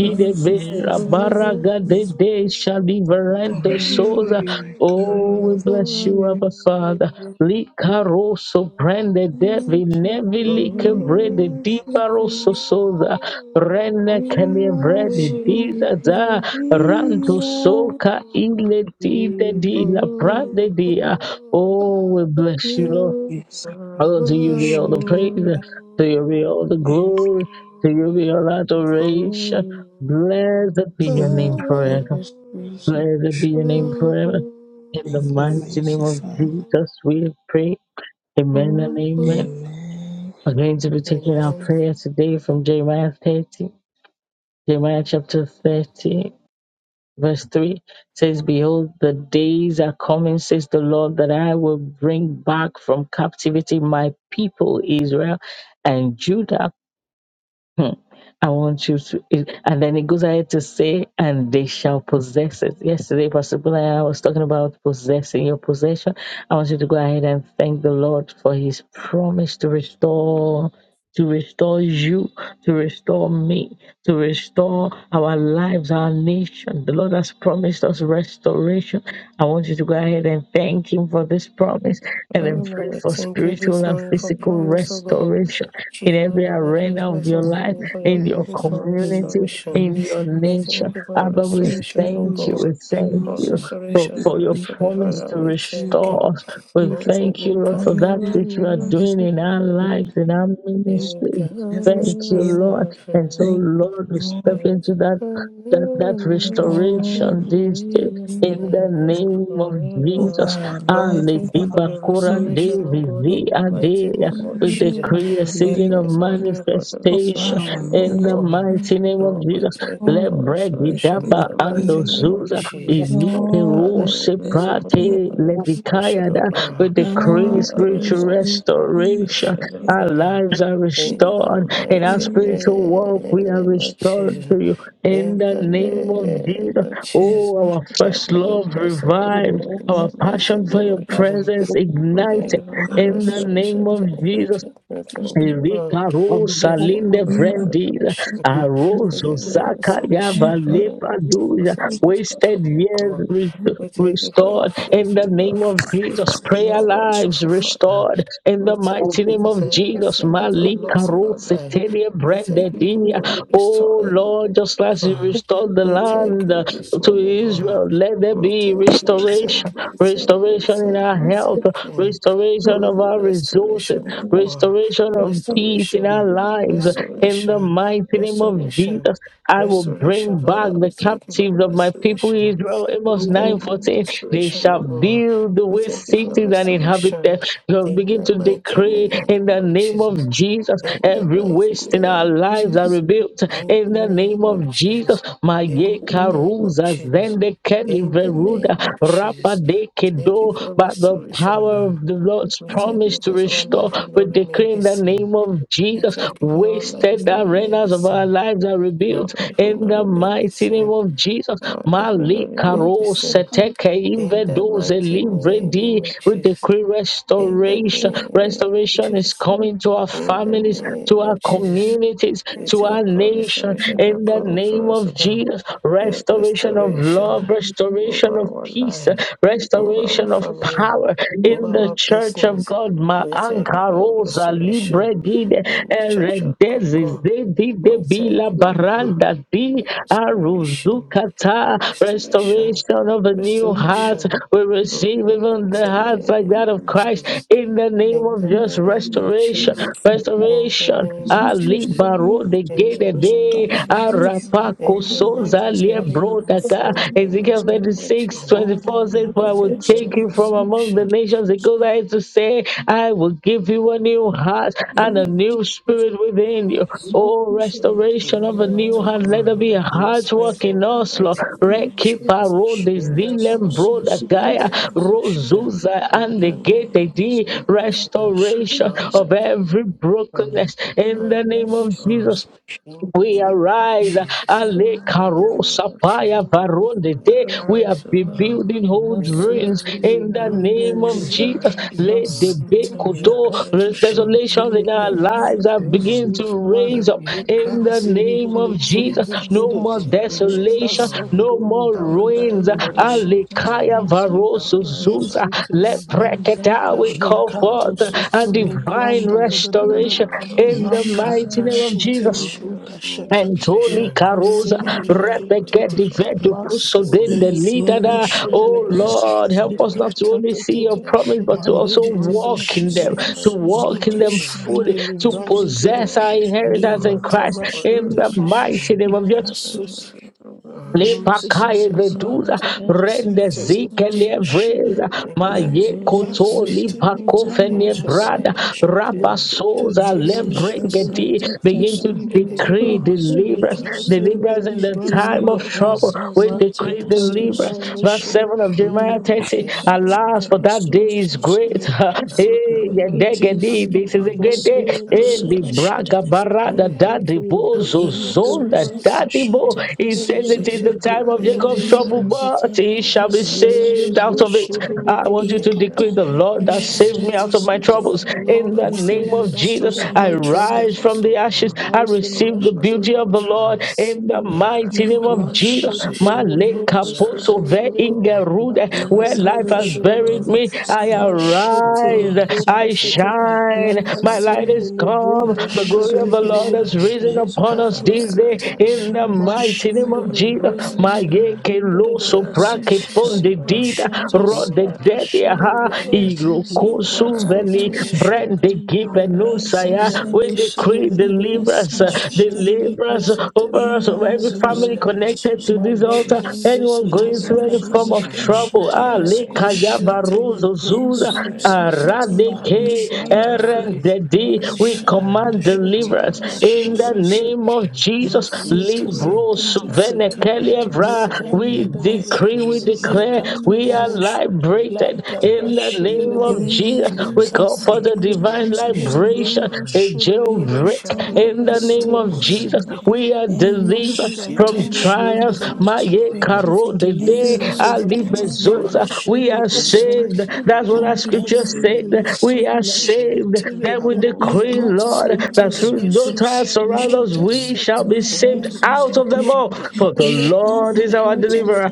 S4: you, God forever.
S1: vera
S2: Oh,
S1: baraga
S4: you are
S1: de de shaliverando
S4: Forever
S1: soza.
S4: you are
S1: Oh, we
S4: kind,
S1: bless you,
S4: forever
S1: Abba
S4: you
S1: Father.
S4: worship.
S1: Likaroso prende devi
S4: We worship
S1: nevi
S4: you, we
S1: likebrede
S4: worship
S1: diparoso
S4: you.
S1: soza. Rene
S4: We
S1: kenevrede
S4: worship
S1: dizaza.
S4: you,
S1: Rando soka ile dide
S4: we
S1: di
S4: worship
S1: la
S4: you.
S1: prade dia. Oh, we bless you, Lord.
S4: Yes, I
S1: Oh,
S4: forgot
S1: to
S4: to
S1: you be all the
S4: shut
S1: praise, to you be all the
S4: up.
S1: glory, to you be all adoration. Blessed be your
S4: In
S1: name
S4: the
S1: forever.
S4: precious grace of
S1: Blessed be your
S4: God.
S1: name forever.
S2: Amen.
S1: In the
S4: Thank you,
S1: mighty name
S4: mighty
S1: of
S4: Father.
S1: Jesus, we pray. Amen and amen.
S4: Amen.
S1: We're going to be taking our prayers today from Jeremiah 30, Jeremiah chapter 30. Verse 3 says, Behold, the days are coming, says the Lord, that I will bring back from captivity my people, Israel and Judah. Hmm. I want you to, and then it goes ahead to say, and they shall possess it. Yesterday, Pastor Bola, and I was talking about possessing your possession. I want you to go ahead and thank the Lord for his promise to restore to restore you, to restore me, to restore our lives, our nation. The Lord has promised us restoration. I want you to go ahead and thank Him for this promise and then
S2: Father,
S1: pray
S2: Lord, we
S1: for
S2: thank you
S1: spiritual
S2: this
S1: and
S2: morning for
S1: physical
S2: promise, oh God.
S1: restoration in every
S2: Jehovah, we just
S1: arena of
S2: bless
S1: your
S2: your
S4: Thank
S2: holy
S1: life,
S2: name
S4: you,
S2: for your
S1: in your
S4: Jesus,
S2: promise for
S4: for your
S1: community,
S2: restoration.
S1: in your
S4: restoration,
S2: We
S4: O
S1: nation.
S2: thank
S4: Lord.
S2: you for your
S1: Abba, we
S4: Thank
S2: restoration,
S4: you
S2: oh
S4: for
S1: thank you. We
S2: God.
S1: thank
S4: restoring
S2: For
S4: us
S1: you.
S4: your
S1: For,
S2: restoration,
S4: presence.
S1: for
S2: for
S1: your
S4: Thank you
S2: restoration,
S1: promise
S4: for
S2: Father,
S1: to
S2: we
S1: restore
S4: restoring us.
S2: thank
S1: restore
S2: you.
S1: us. We
S4: Thank you for
S1: thank you,
S2: You
S1: Lord, for
S2: can
S1: that
S4: promises,
S2: never,
S1: which you are
S2: never
S4: promises,
S1: doing in our
S2: fail.
S1: lives, in our
S4: promises,
S2: You
S1: ministry.
S2: can
S4: never
S1: Thank you,
S2: never,
S4: fail.
S1: Lord.
S2: never
S1: And so,
S2: fail.
S4: Thank
S1: Lord, we
S4: you, Lord,
S1: step
S2: If
S1: into that
S2: I
S1: that, that
S4: the
S2: was
S4: Lord,
S1: restoration
S4: for
S1: this day.
S2: in this
S4: being your
S1: In the
S4: promise
S2: land
S1: name of
S4: over
S2: forever.
S1: Jesus,
S4: our
S2: Lord, we
S4: life,
S1: Ali
S2: thank you
S4: over
S2: for
S1: Biba
S4: our
S2: the
S1: Koran
S4: families,
S2: restoration, of
S1: Dezi
S2: God,
S4: over
S1: Zi
S2: in the
S4: our
S2: mighty
S1: Adea.
S2: name of
S1: we
S4: children,
S2: Jesus.
S4: over
S1: decree a
S4: our
S2: We
S1: season
S4: nation.
S1: of
S2: bless the holy name for the
S4: over
S1: manifestation
S4: our
S2: restoration, of
S1: in the
S2: God.
S4: ministries,
S1: mighty name of
S2: Lord, we
S1: Jesus.
S2: thank you
S4: Lord,
S2: for
S4: we
S2: restoration in
S5: Thank
S4: thank
S1: Lebregidaba
S2: the mighty
S1: ando
S4: you.
S2: name of
S1: zuza
S2: Jesus.
S1: inike
S4: Lord,
S2: Father,
S4: we
S2: we
S1: rose
S4: say
S2: bless the holy
S4: thank
S2: name
S1: prate
S2: for the
S4: you.
S2: restoration,
S1: levikayada.
S2: of
S1: We
S2: God.
S1: decree
S4: Lord,
S2: Father, we
S4: we
S1: spiritual
S4: say thank
S1: restoration.
S2: worship, you,
S4: you.
S1: Our
S2: God.
S1: lives are
S2: In the
S1: restored. In
S4: It
S1: our
S2: mighty
S4: is
S1: spiritual walk, we are
S2: name of
S1: restored
S2: Jesus.
S1: to you. In
S2: In
S1: the
S2: the
S1: name of
S2: name
S1: Jesus.
S2: of
S4: the
S2: Jesus.
S1: Oh,
S4: most
S1: our
S2: Father,
S1: first
S2: we
S1: love
S2: bless the holy
S1: revived.
S2: name in
S1: Our
S2: the
S4: blessed
S2: mighty
S1: passion for
S2: name
S1: your
S2: of Jesus.
S1: presence
S2: We Thank you
S1: ignited.
S2: for
S4: one
S2: the
S1: In the
S4: us
S1: name
S2: restoration.
S4: that
S1: of
S2: Thank you,
S1: Jesus.
S2: thank you,
S4: is
S2: thank
S4: that
S2: you, Lord.
S1: Erika
S2: We
S1: Rosa
S2: Thank
S1: Linde
S2: you for
S4: you have
S2: the
S4: us
S1: Vrendida,
S4: to
S2: restoration.
S4: choose
S2: We
S1: Arozo
S2: Thank you for the
S1: Zaka
S4: that you are the man
S1: Yava
S2: restoration
S4: let
S2: for
S1: Lepaduja,
S2: forcing this
S1: wasted
S2: platform, oh
S1: years
S2: God.
S1: re-
S4: me
S2: We thank you for your
S1: restored in
S2: faith.
S1: the
S2: You are
S1: name of
S2: faithful,
S1: Jesus,
S2: Father. You
S1: prayer
S2: are
S1: lives
S2: wonderful,
S4: go.
S2: Father.
S1: restored in
S2: We
S1: the
S2: thank you
S1: mighty name
S2: because
S1: of Jesus,
S2: everything that are
S1: Malika
S2: lost in our
S1: Rosa
S2: life.
S1: Telia
S2: We thank you for
S1: Brendedinia,
S2: going to restore
S1: oh
S2: the
S1: Lord,
S2: world
S1: just
S2: of
S1: as you
S2: God.
S1: restored the
S2: We thank
S1: land
S2: you this
S1: to
S2: morning, oh God.
S1: Israel, let there
S2: We
S1: be
S2: thank you, we
S1: restoration,
S2: thank you, we thank you, we
S1: restoration in
S2: thank
S1: our
S2: you, we
S1: health,
S2: thank you
S1: restoration
S2: for
S1: restoration of
S2: the
S1: our resources,
S2: restoration of God.
S1: restoration of peace in
S2: Restoration,
S1: our lives. In the
S2: restoration,
S1: mighty name of
S2: restoration,
S1: Jesus, I will
S2: restoration.
S1: bring back
S2: Father, we
S1: the
S2: thank you for the
S1: captives of my people
S2: restoration.
S1: Israel.
S2: We
S1: Amos 9:14.
S2: thank you for the
S1: They
S2: restoration, O
S1: shall
S2: God.
S1: build the
S2: We thank
S1: waste
S2: you for the
S1: cities and inhabit
S2: restoration
S1: them. You'll
S2: in
S1: begin
S2: the
S1: to
S2: mighty
S1: decree in
S2: name
S1: the
S2: of
S1: name of
S2: Jesus.
S1: Jesus.
S2: In the
S1: Every
S2: mighty
S1: waste in our
S2: name of
S1: lives are
S2: Jesus.
S1: rebuilt
S2: In the
S1: in the
S2: name
S1: name of
S2: of
S1: Jesus.
S2: Jesus. In
S1: Maye
S2: the name of
S1: karuza
S2: Jesus.
S1: zende keli
S2: In the
S1: veruda
S2: name of
S1: rapa
S2: Jesus.
S1: deke
S2: Thank you
S1: do
S2: for
S1: by the
S2: restoration,
S1: power
S2: God.
S1: of the Lord's
S2: We thank you
S1: promise to
S2: because our
S1: restore.
S2: life will
S1: We
S2: not remain
S1: decree
S2: the
S1: in the
S2: same.
S1: name of
S2: We
S1: Jesus,
S2: thank you for our life is
S1: wasted
S2: not remain the
S1: arenas of our
S2: same.
S1: lives are
S2: Our
S1: rebuilt
S2: life will
S1: in
S2: not
S1: the
S2: remain the
S1: mighty name
S2: same.
S1: of Jesus.
S2: Our life will not remain the
S1: Malikaro
S2: same.
S1: seteke
S2: In the
S1: invedoze
S2: mighty name
S1: livredi.
S2: of
S1: We
S2: Jesus.
S1: decree
S2: In the
S1: restoration.
S2: name of
S1: Restoration is
S2: Jesus.
S1: coming to our
S2: In the
S1: families, to
S2: name
S1: our
S2: of Jesus.
S1: communities,
S2: We
S1: to our
S2: thank you for
S1: nation.
S2: restoration
S1: In
S2: that
S1: the
S2: coming to
S1: name
S2: us, O
S1: of
S2: God.
S1: Jesus,
S2: Your
S1: restoration of
S2: restoration
S1: love,
S2: over
S1: restoration
S5: you.
S1: of
S2: our
S1: peace,
S2: life, over our
S1: restoration of
S2: family,
S1: power in
S2: over
S1: the
S2: our
S1: church of
S2: business.
S1: God. Ma
S2: We thank you
S1: anka
S2: for
S1: rosa libre
S2: restoration
S1: dide
S2: in the church of
S1: eredezis
S2: God.
S1: de dide
S2: We thank
S1: bila
S2: you, Lord
S1: baranda di
S2: restoration,
S1: aruzukata.
S2: restoration,
S1: Restoration of a new heart.
S2: restoration.
S1: We
S2: In
S1: receive
S2: the
S1: even the
S2: mighty
S1: hearts like that
S2: name
S1: of
S4: Thank
S2: of
S1: Christ
S2: Jesus.
S1: in the
S4: you, Lord.
S1: name
S2: In
S1: of
S2: the
S1: just
S2: name
S4: Thank
S2: of
S4: you,
S1: restoration,
S2: Jesus.
S4: Lord. Thank you,
S2: In the
S1: restoration.
S2: name
S4: It's a
S2: of
S4: full
S1: Ali
S2: Jesus.
S4: story,
S1: baro de
S2: In the
S1: gede
S2: name of
S1: de
S4: restoring
S2: Jesus.
S4: every of our
S1: arapako
S2: In the
S4: prayer life,
S2: name
S1: Soza
S2: of Jesus.
S4: restoring our
S1: Liebrodaka.
S2: In the
S4: fortune,
S1: Ezekiel
S2: name
S4: restoring
S2: of
S1: 36,
S2: Jesus.
S4: all that
S1: 24
S4: we
S1: says,
S4: have
S1: For I
S2: It's
S1: will
S2: a
S4: lost, oh
S1: take you from
S4: Lord.
S1: among the
S2: restoration.
S1: nations. because I
S4: So
S1: ahead to say, I will give you a new heart
S4: thank
S1: and a
S4: you,
S1: new
S4: Jesus,
S1: spirit
S4: for
S1: within you.
S4: grace.
S1: Oh,
S4: Shanti,
S1: restoration of a
S2: Reveal
S1: new
S2: to
S4: Lord,
S1: heart. Let there
S2: God
S1: be a
S2: in His
S1: heart work
S2: praise
S1: in
S2: in the
S1: us, Lord.
S2: mighty name of
S1: Rekipa
S2: Jesus.
S4: is
S1: Rodis
S2: In the
S4: so
S2: power,
S4: so
S2: in the
S4: second
S1: Dilembrodakaya
S2: mighty
S4: and
S2: name of
S4: rush
S2: Jesus.
S4: that
S1: Rozuza
S2: In
S1: and the
S2: the
S4: in
S1: gate
S2: name
S4: is
S2: of
S4: over the
S2: Jesus.
S4: pressure
S1: restoration
S4: to
S2: Lord,
S4: rest
S2: I
S1: of
S4: with the
S2: give
S1: every
S2: you honor
S4: dead
S1: brokenness
S4: and
S1: in
S4: the
S2: and
S1: the
S2: your
S1: name of
S2: son.
S1: Jesus.
S2: In the
S1: We
S2: name of
S1: arise,
S2: Jesus.
S1: Ale
S2: In the
S4: parents.
S1: Karo
S2: name of Jesus.
S1: Sapaya
S4: Thank
S2: We
S1: Varonde. De.
S4: you.
S1: We are
S2: arise, O
S4: Lord,
S2: God.
S1: rebuilding old
S2: We
S4: for
S1: ruins
S2: arise,
S1: in
S2: O
S1: the
S2: God.
S1: name of
S2: We
S1: Jesus.
S2: arise, O
S1: Let the
S2: God.
S1: big
S2: We
S4: restoration.
S1: koto
S2: arise, O God.
S1: desolations
S4: Thank
S1: in
S4: you,
S1: our
S2: They
S4: Lord,
S1: lives
S2: arise,
S1: are
S4: for
S2: O
S1: begin
S2: God,
S1: to
S4: restoration.
S1: raise
S2: in
S1: up
S2: the
S1: in
S2: name
S1: the
S3: Because in
S2: of
S3: the
S4: Thank
S1: name
S4: you,
S1: of
S3: libro,
S4: Lord,
S1: Jesus.
S3: the
S2: Jesus.
S4: for
S1: No
S3: shede.
S1: more
S2: we
S3: Yekas
S4: restoration.
S3: in the
S2: arise, O
S4: Thank
S1: desolation,
S4: you, Lord,
S2: God.
S1: no more
S4: for restoration.
S2: Our
S3: libro,
S4: And
S3: da
S2: life
S1: ruins.
S3: da
S2: will
S4: through
S3: da da
S4: the
S2: not
S3: da da.
S2: be the
S1: Ale
S4: shadow
S1: Kaya
S2: same.
S3: Thank
S4: seas of
S3: you,
S4: the
S2: Our
S1: Varoso
S4: dead,
S3: Father.
S2: life will
S4: as
S2: not
S1: Zuza.
S3: Mercy
S2: be
S3: to
S2: the
S1: Let
S2: same.
S3: Libranda.
S4: I
S1: Preketa we
S2: Our
S4: rush
S2: life
S1: call
S4: out
S2: will
S4: of
S2: not
S3: Lekato
S1: forth
S2: be the
S4: darkness, I
S1: a
S3: soto
S2: same.
S4: will
S1: divine
S3: lebranda
S4: shut
S3: da
S2: Your
S4: up.
S3: da da da da
S2: glory
S3: da.
S1: restoration
S2: O Lord, will
S4: My
S2: not
S1: in
S2: be
S1: the
S4: Jesus, I
S1: mighty
S3: Makata
S2: shine.
S1: name
S4: was
S1: of
S4: the
S3: shete
S1: Jesus.
S4: passion
S2: Your
S3: lebruka
S4: that
S3: shata.
S1: Mentoli
S2: inspiration
S4: you
S1: Carosa,
S3: Lekasende
S2: into
S4: were.
S2: everyone
S1: Rebecca
S3: leketete.
S2: of our
S1: Divedu
S2: life in
S3: Mase
S2: Jesus'
S1: Pusodin,
S3: de
S2: name.
S1: the
S4: As I
S1: leader.
S3: lebranda
S2: In
S4: rush
S2: the
S3: shede
S4: out of
S1: Oh
S2: name
S3: legede.
S2: of
S4: darkness, I will
S1: Lord, help
S2: Jesus.
S1: us not
S4: shut up.
S1: to
S3: Lekata
S1: only
S3: to
S1: see
S3: to
S2: In
S1: your
S3: to.
S2: the
S1: promise, but
S3: Ma
S1: to
S2: name of
S1: also
S2: Jesus.
S3: lebranda
S1: walk
S4: Rikitepele
S1: in
S3: shede.
S1: them,
S2: In
S4: susu
S2: the
S1: to
S2: name
S1: walk in
S2: of
S4: sada
S1: them
S2: Jesus.
S4: shada
S3: Lekasende
S1: fully, to
S2: We
S3: lebranda
S4: susa
S3: zede.
S2: declare
S1: possess
S4: dada
S2: and
S1: our
S2: with the
S1: inheritance in
S2: Lord
S3: Lekata
S1: Christ
S4: imana
S2: for the
S1: in
S4: kuta
S3: bashende.
S1: the
S4: para
S2: restriction
S1: mighty name
S4: shada
S1: of Jesus.
S2: and
S4: la
S2: the
S4: susa
S2: resource
S4: dada
S2: of
S3: Oh,
S2: God.
S4: mazo
S3: Jesus,
S2: In
S1: Lepakaye
S2: the
S4: susa
S2: power
S1: veduza
S2: in
S4: de
S3: Rata
S2: the
S4: pere
S2: mighty
S1: rende
S3: Santa
S4: kete
S2: name
S4: sada
S1: zike
S2: of
S3: Libranda
S4: dada
S2: Jesus.
S1: lievreza
S3: Shibanagada,
S2: In the
S1: maye
S4: mazo
S2: name of
S1: koto
S4: susa se
S3: Rasita
S2: Jesus.
S4: kuta
S3: Libranda
S1: lipakofene
S2: In
S4: para
S2: the
S3: Shada,
S1: brada
S4: sada
S2: name of
S4: shada
S3: Look
S2: Jesus.
S3: at
S1: rapasoza
S3: it in
S2: In
S3: my
S4: eze
S2: the love of
S4: zeze
S2: the
S3: shatterly
S1: lebrengeti.
S2: peace.
S4: dada
S1: Begin
S3: practice
S4: de
S1: to
S3: in
S2: And
S3: the
S4: kuta
S2: again,
S3: negative,
S1: decree
S4: para
S2: Lord.
S1: deliverance,
S4: susu
S2: God I
S4: sada
S3: Ekazian
S2: will
S3: the
S1: deliverance
S2: not
S1: in the
S2: be
S3: Libranda
S1: time
S4: ima
S1: of
S3: Gada,
S1: trouble.
S2: discriminated.
S4: brasa
S1: We
S4: zada
S3: Rakata
S2: We
S1: decree
S4: lasu sada
S2: declare
S1: deliverance.
S2: the
S4: susu
S3: Libranda
S1: Verse
S2: prayer of
S3: Shada,
S1: 7 of
S2: God.
S3: the
S1: Jeremiah
S4: ima
S2: we
S1: 30.
S2: declare
S4: shada
S3: office.
S2: and declare God In
S4: la
S2: the
S1: Alas, for
S4: para
S2: name
S1: that
S2: of
S1: day is
S4: susu
S2: Jesus.
S4: sada.
S1: great.
S2: I
S3: Cassie
S2: will
S1: Hey,
S2: ever
S3: Deliver,
S2: not be
S4: Rikiti
S3: thank
S4: la
S3: you
S1: yedegedi,
S3: for
S1: this
S3: your
S1: is
S4: papa
S1: a
S2: disappointed.
S1: great
S3: great
S4: raso
S1: day.
S3: day
S2: I
S3: of
S1: Hey,
S2: will
S4: susa la
S2: ever
S3: deliverance.
S2: not
S4: shida
S2: be
S1: libraga
S4: da da da.
S1: barada
S3: Thank
S2: disappointed.
S3: you
S1: dadi
S3: for your
S2: I
S3: great
S1: bozo
S2: will
S3: day
S2: ever
S4: Yema
S3: of
S2: not be
S1: zonda
S4: susa
S3: deliverance.
S1: anymore.
S4: prashata
S2: disappointed.
S4: la
S1: He says
S3: Thank
S4: susa
S3: you
S1: it
S2: We
S3: for
S4: da
S1: is
S4: da.
S2: shall
S1: the
S3: your
S1: time
S3: great
S1: of
S3: day
S2: arise
S3: of
S2: and
S1: Jacob's
S4: Eyeza
S1: trouble,
S2: shine.
S3: deliverance.
S4: kata
S1: but he
S4: la
S2: We
S1: shall
S2: shall
S1: be
S4: praso
S2: arise and
S3: Lele
S1: saved
S4: susa
S2: shine,
S1: out
S2: O
S1: of
S4: da da.
S1: it.
S2: God.
S1: I want you to
S2: In
S3: Boshedele
S2: the
S4: Ikata
S1: decree the
S4: la
S2: name of
S1: Lord that saved
S4: prashata
S1: me
S2: Jesus.
S4: la
S1: out
S3: Masati.
S1: of my
S4: susa
S2: In
S1: troubles.
S4: da da.
S2: the name
S1: In
S3: Lord,
S2: of
S1: the name
S3: save me
S1: of
S4: Maroro
S2: Jesus.
S3: out of
S1: Jesus,
S4: susa
S3: all
S1: I
S4: da
S3: my
S2: You will
S3: troubles
S1: rise
S2: save
S4: da.
S1: from
S2: us, O
S1: the ashes.
S3: and
S2: God,
S1: I
S3: rise from the
S2: from
S1: receive the
S3: ashes
S2: out of
S3: of
S1: beauty
S2: our
S1: of the Lord.
S2: trouble.
S1: In the
S2: We
S1: mighty
S2: arise
S1: name
S2: from
S4: Yero
S1: of
S2: our
S1: Jesus,
S4: susa
S3: Mashitele
S2: tribulation.
S4: da da
S1: Maleka
S2: We
S4: susa.
S1: poto
S3: brokosele
S2: arise,
S1: ve
S2: O
S3: bre,
S2: God.
S1: ingerude.
S2: We
S1: where
S3: lakanda
S1: life
S3: da
S4: Nizime
S3: da
S1: has
S2: arise,
S3: da
S2: O
S3: da da
S4: shuta
S1: buried
S3: da.
S4: da
S2: God.
S1: me,
S4: susa
S1: I
S4: da
S2: We arise,
S4: da.
S2: O
S3: Mashitele
S1: arise.
S2: God,
S4: Rise, O
S1: I
S2: in
S3: brokasete,
S4: Lord, we
S2: the mighty
S1: shine.
S2: name
S4: rise, O
S1: My
S2: of
S4: Lord,
S1: light
S2: Jesus.
S1: is
S3: lakasindele
S4: we
S2: I
S1: come.
S3: bronde
S1: The
S4: rise,
S1: glory of
S4: O
S3: shedele
S1: the
S2: arise and
S3: gede
S1: Lord
S4: Lord,
S3: gede,
S1: has
S2: shine.
S4: we
S1: risen
S4: rise, O
S1: upon
S2: My
S1: us us
S3: lakato
S2: family
S4: Lord.
S1: This
S3: sete.
S2: arise
S1: day
S2: and
S1: in the
S2: shine.
S4: Rise, O
S1: mighty
S2: My
S1: name of
S4: Lord,
S3: Mashendele
S2: family
S1: Jesus.
S2: arise
S4: rise,
S2: and
S3: brozida
S4: O Lord.
S2: shine.
S1: Mayeke
S3: likanda da da
S2: We
S3: da
S1: loso
S3: da da da.
S2: arise
S1: brake
S2: and
S4: Asusu
S2: shine,
S1: fonde
S2: O Lord.
S1: dida
S3: Leprasanda
S4: sepashata
S1: rode
S2: In the
S4: satat.
S1: dede
S2: mighty name
S3: liprakashedele
S1: ha
S2: of
S3: gede,
S2: Jesus.
S4: Mazaza
S2: We
S1: irokosu
S4: kuta
S2: arise
S1: suveli
S3: liprasoto
S2: and shine.
S4: parashatat.
S1: brande
S3: leprokanda
S1: give
S3: da
S2: We
S3: da da.
S1: no
S2: arise and
S1: saya
S4: Razaza
S2: shine.
S1: We
S3: Lendo
S1: decree
S3: shedele
S4: katiza
S3: gede.
S1: deliverance, uh,
S4: prasashatat.
S3: Mashedeli
S1: deliverance
S3: keseteli
S1: over us, over
S3: branda
S1: every
S3: da da da
S2: In
S4: Imazuza
S1: family
S3: da
S2: the
S3: da.
S2: mighty
S1: connected to
S2: name of
S1: this
S3: Male
S4: prasusatatat.
S1: altar.
S2: Jesus.
S3: brondo
S1: Anyone
S2: In
S1: going
S3: sitali
S2: the
S1: through any
S2: name
S3: kata
S2: of
S1: form
S3: ba
S4: Mazuzuza
S3: da
S1: of
S3: da
S2: Jesus.
S3: da da.
S1: trouble,
S2: We
S4: prashatat
S1: ah,
S3: Leko
S2: arise and
S1: lekaya
S4: asusatatat.
S2: shine.
S3: sheteli
S1: barozo
S2: We
S3: brondo
S1: zuza
S3: sete.
S2: arise
S4: Ezuza
S2: and shine, O
S4: katada
S2: God.
S3: Mahi
S1: aradeke
S2: We
S3: brando
S4: prashatatatatat.
S3: sete.
S2: arise
S1: erendedi.
S2: and
S1: We
S3: Leka
S4: Rezuza
S3: da da
S2: shine
S3: da
S1: command
S3: da da.
S2: in the
S1: deliverance
S2: mighty
S1: in
S2: name
S1: the
S2: of
S3: Mashedeli
S4: prashatat
S3: kada.
S1: name
S2: Jesus.
S1: of Jesus,
S2: We
S3: Maseteli
S2: pray
S1: Libros
S4: Nezezekete
S3: brondo
S2: that our life
S3: sete.
S2: will not be the
S1: Venekelievra,
S2: same
S4: serukatatakaba.
S1: we
S3: Lekanda
S2: again.
S3: da da da.
S1: decree,
S2: In
S1: we
S2: the name
S1: declare,
S2: of
S3: Lekanda
S1: we
S3: da da
S1: are
S2: Jesus.
S3: da.
S2: In,
S4: Ansuzezeketubarashotakataka.
S1: liberated.
S3: Lada
S2: the,
S1: In the
S2: in
S1: name
S2: the
S1: of
S3: bashidelegede,
S2: name of
S1: Jesus, we
S2: Jesus.
S1: call for
S2: Your
S1: the
S3: likasente,
S1: divine
S2: glory will shine, O
S4: Imezuzabashotakasuzeketekete.
S1: liberation,
S3: lembrumbo
S2: God.
S1: a
S2: You
S3: shidelegede,
S2: will
S1: jailbreak.
S2: shower
S4: Iketele
S2: your
S1: In the
S2: blessing
S1: name of
S2: upon
S3: leketebo
S2: our
S4: besuzu
S2: life.
S1: Jesus,
S3: sende.
S4: zedede.
S1: we are
S3: Roma
S4: Eyuzu
S1: delivered
S2: You
S1: from
S3: shatani
S2: shower
S4: zabasha
S2: your
S1: trials.
S2: blessing
S3: brundadada.
S4: dagazu
S2: upon
S1: Maye
S2: our
S3: Thank
S2: life.
S3: you
S4: zedede.
S3: for
S1: karo de
S2: In
S1: de
S2: the
S3: delivering us, O
S4: Ezize
S2: mighty
S3: God.
S1: ali
S2: name of
S4: ketele
S1: bezosa.
S2: Jesus.
S4: beshen
S1: We
S3: Maleketo
S1: are
S2: In the
S4: dedededede.
S1: saved.
S3: boshente.
S2: mighty name of
S1: That's what our
S2: Jesus.
S3: Thank you for
S1: scripture
S4: Radala
S2: You
S1: said.
S3: saving
S2: will
S4: pila
S3: us.
S2: lift up
S1: We are
S2: us,
S4: suzu
S2: O God,
S1: saved.
S4: zedede.
S1: That we
S3: Mashitelebo,
S2: above
S1: decree,
S2: every
S1: Lord.
S4: Ikata
S2: other
S1: Lord,
S4: Para Ikatele
S3: masanta
S1: that
S2: enemy,
S1: through no
S3: lekete,
S1: trial
S4: besuzuzadede,
S2: above
S1: surround
S2: every
S1: us,
S2: other
S4: eyuzuzabashadadazuzadede,
S2: enemy.
S1: we shall
S3: mandasata
S1: be
S2: In
S1: saved
S2: the
S3: lekete,
S2: name
S1: out
S4: ezizakatele
S2: of
S1: of them all.
S4: bashandadadadada, radalapinasuzuzadadadada, ikatabarasuzuzadashadada, malozuzadadada,
S3: leda
S2: Jesus.
S5: Thank
S1: For the
S2: In the
S1: Lord is
S3: bashidelegede,
S2: name
S1: our
S2: of Jesus.
S1: deliverer.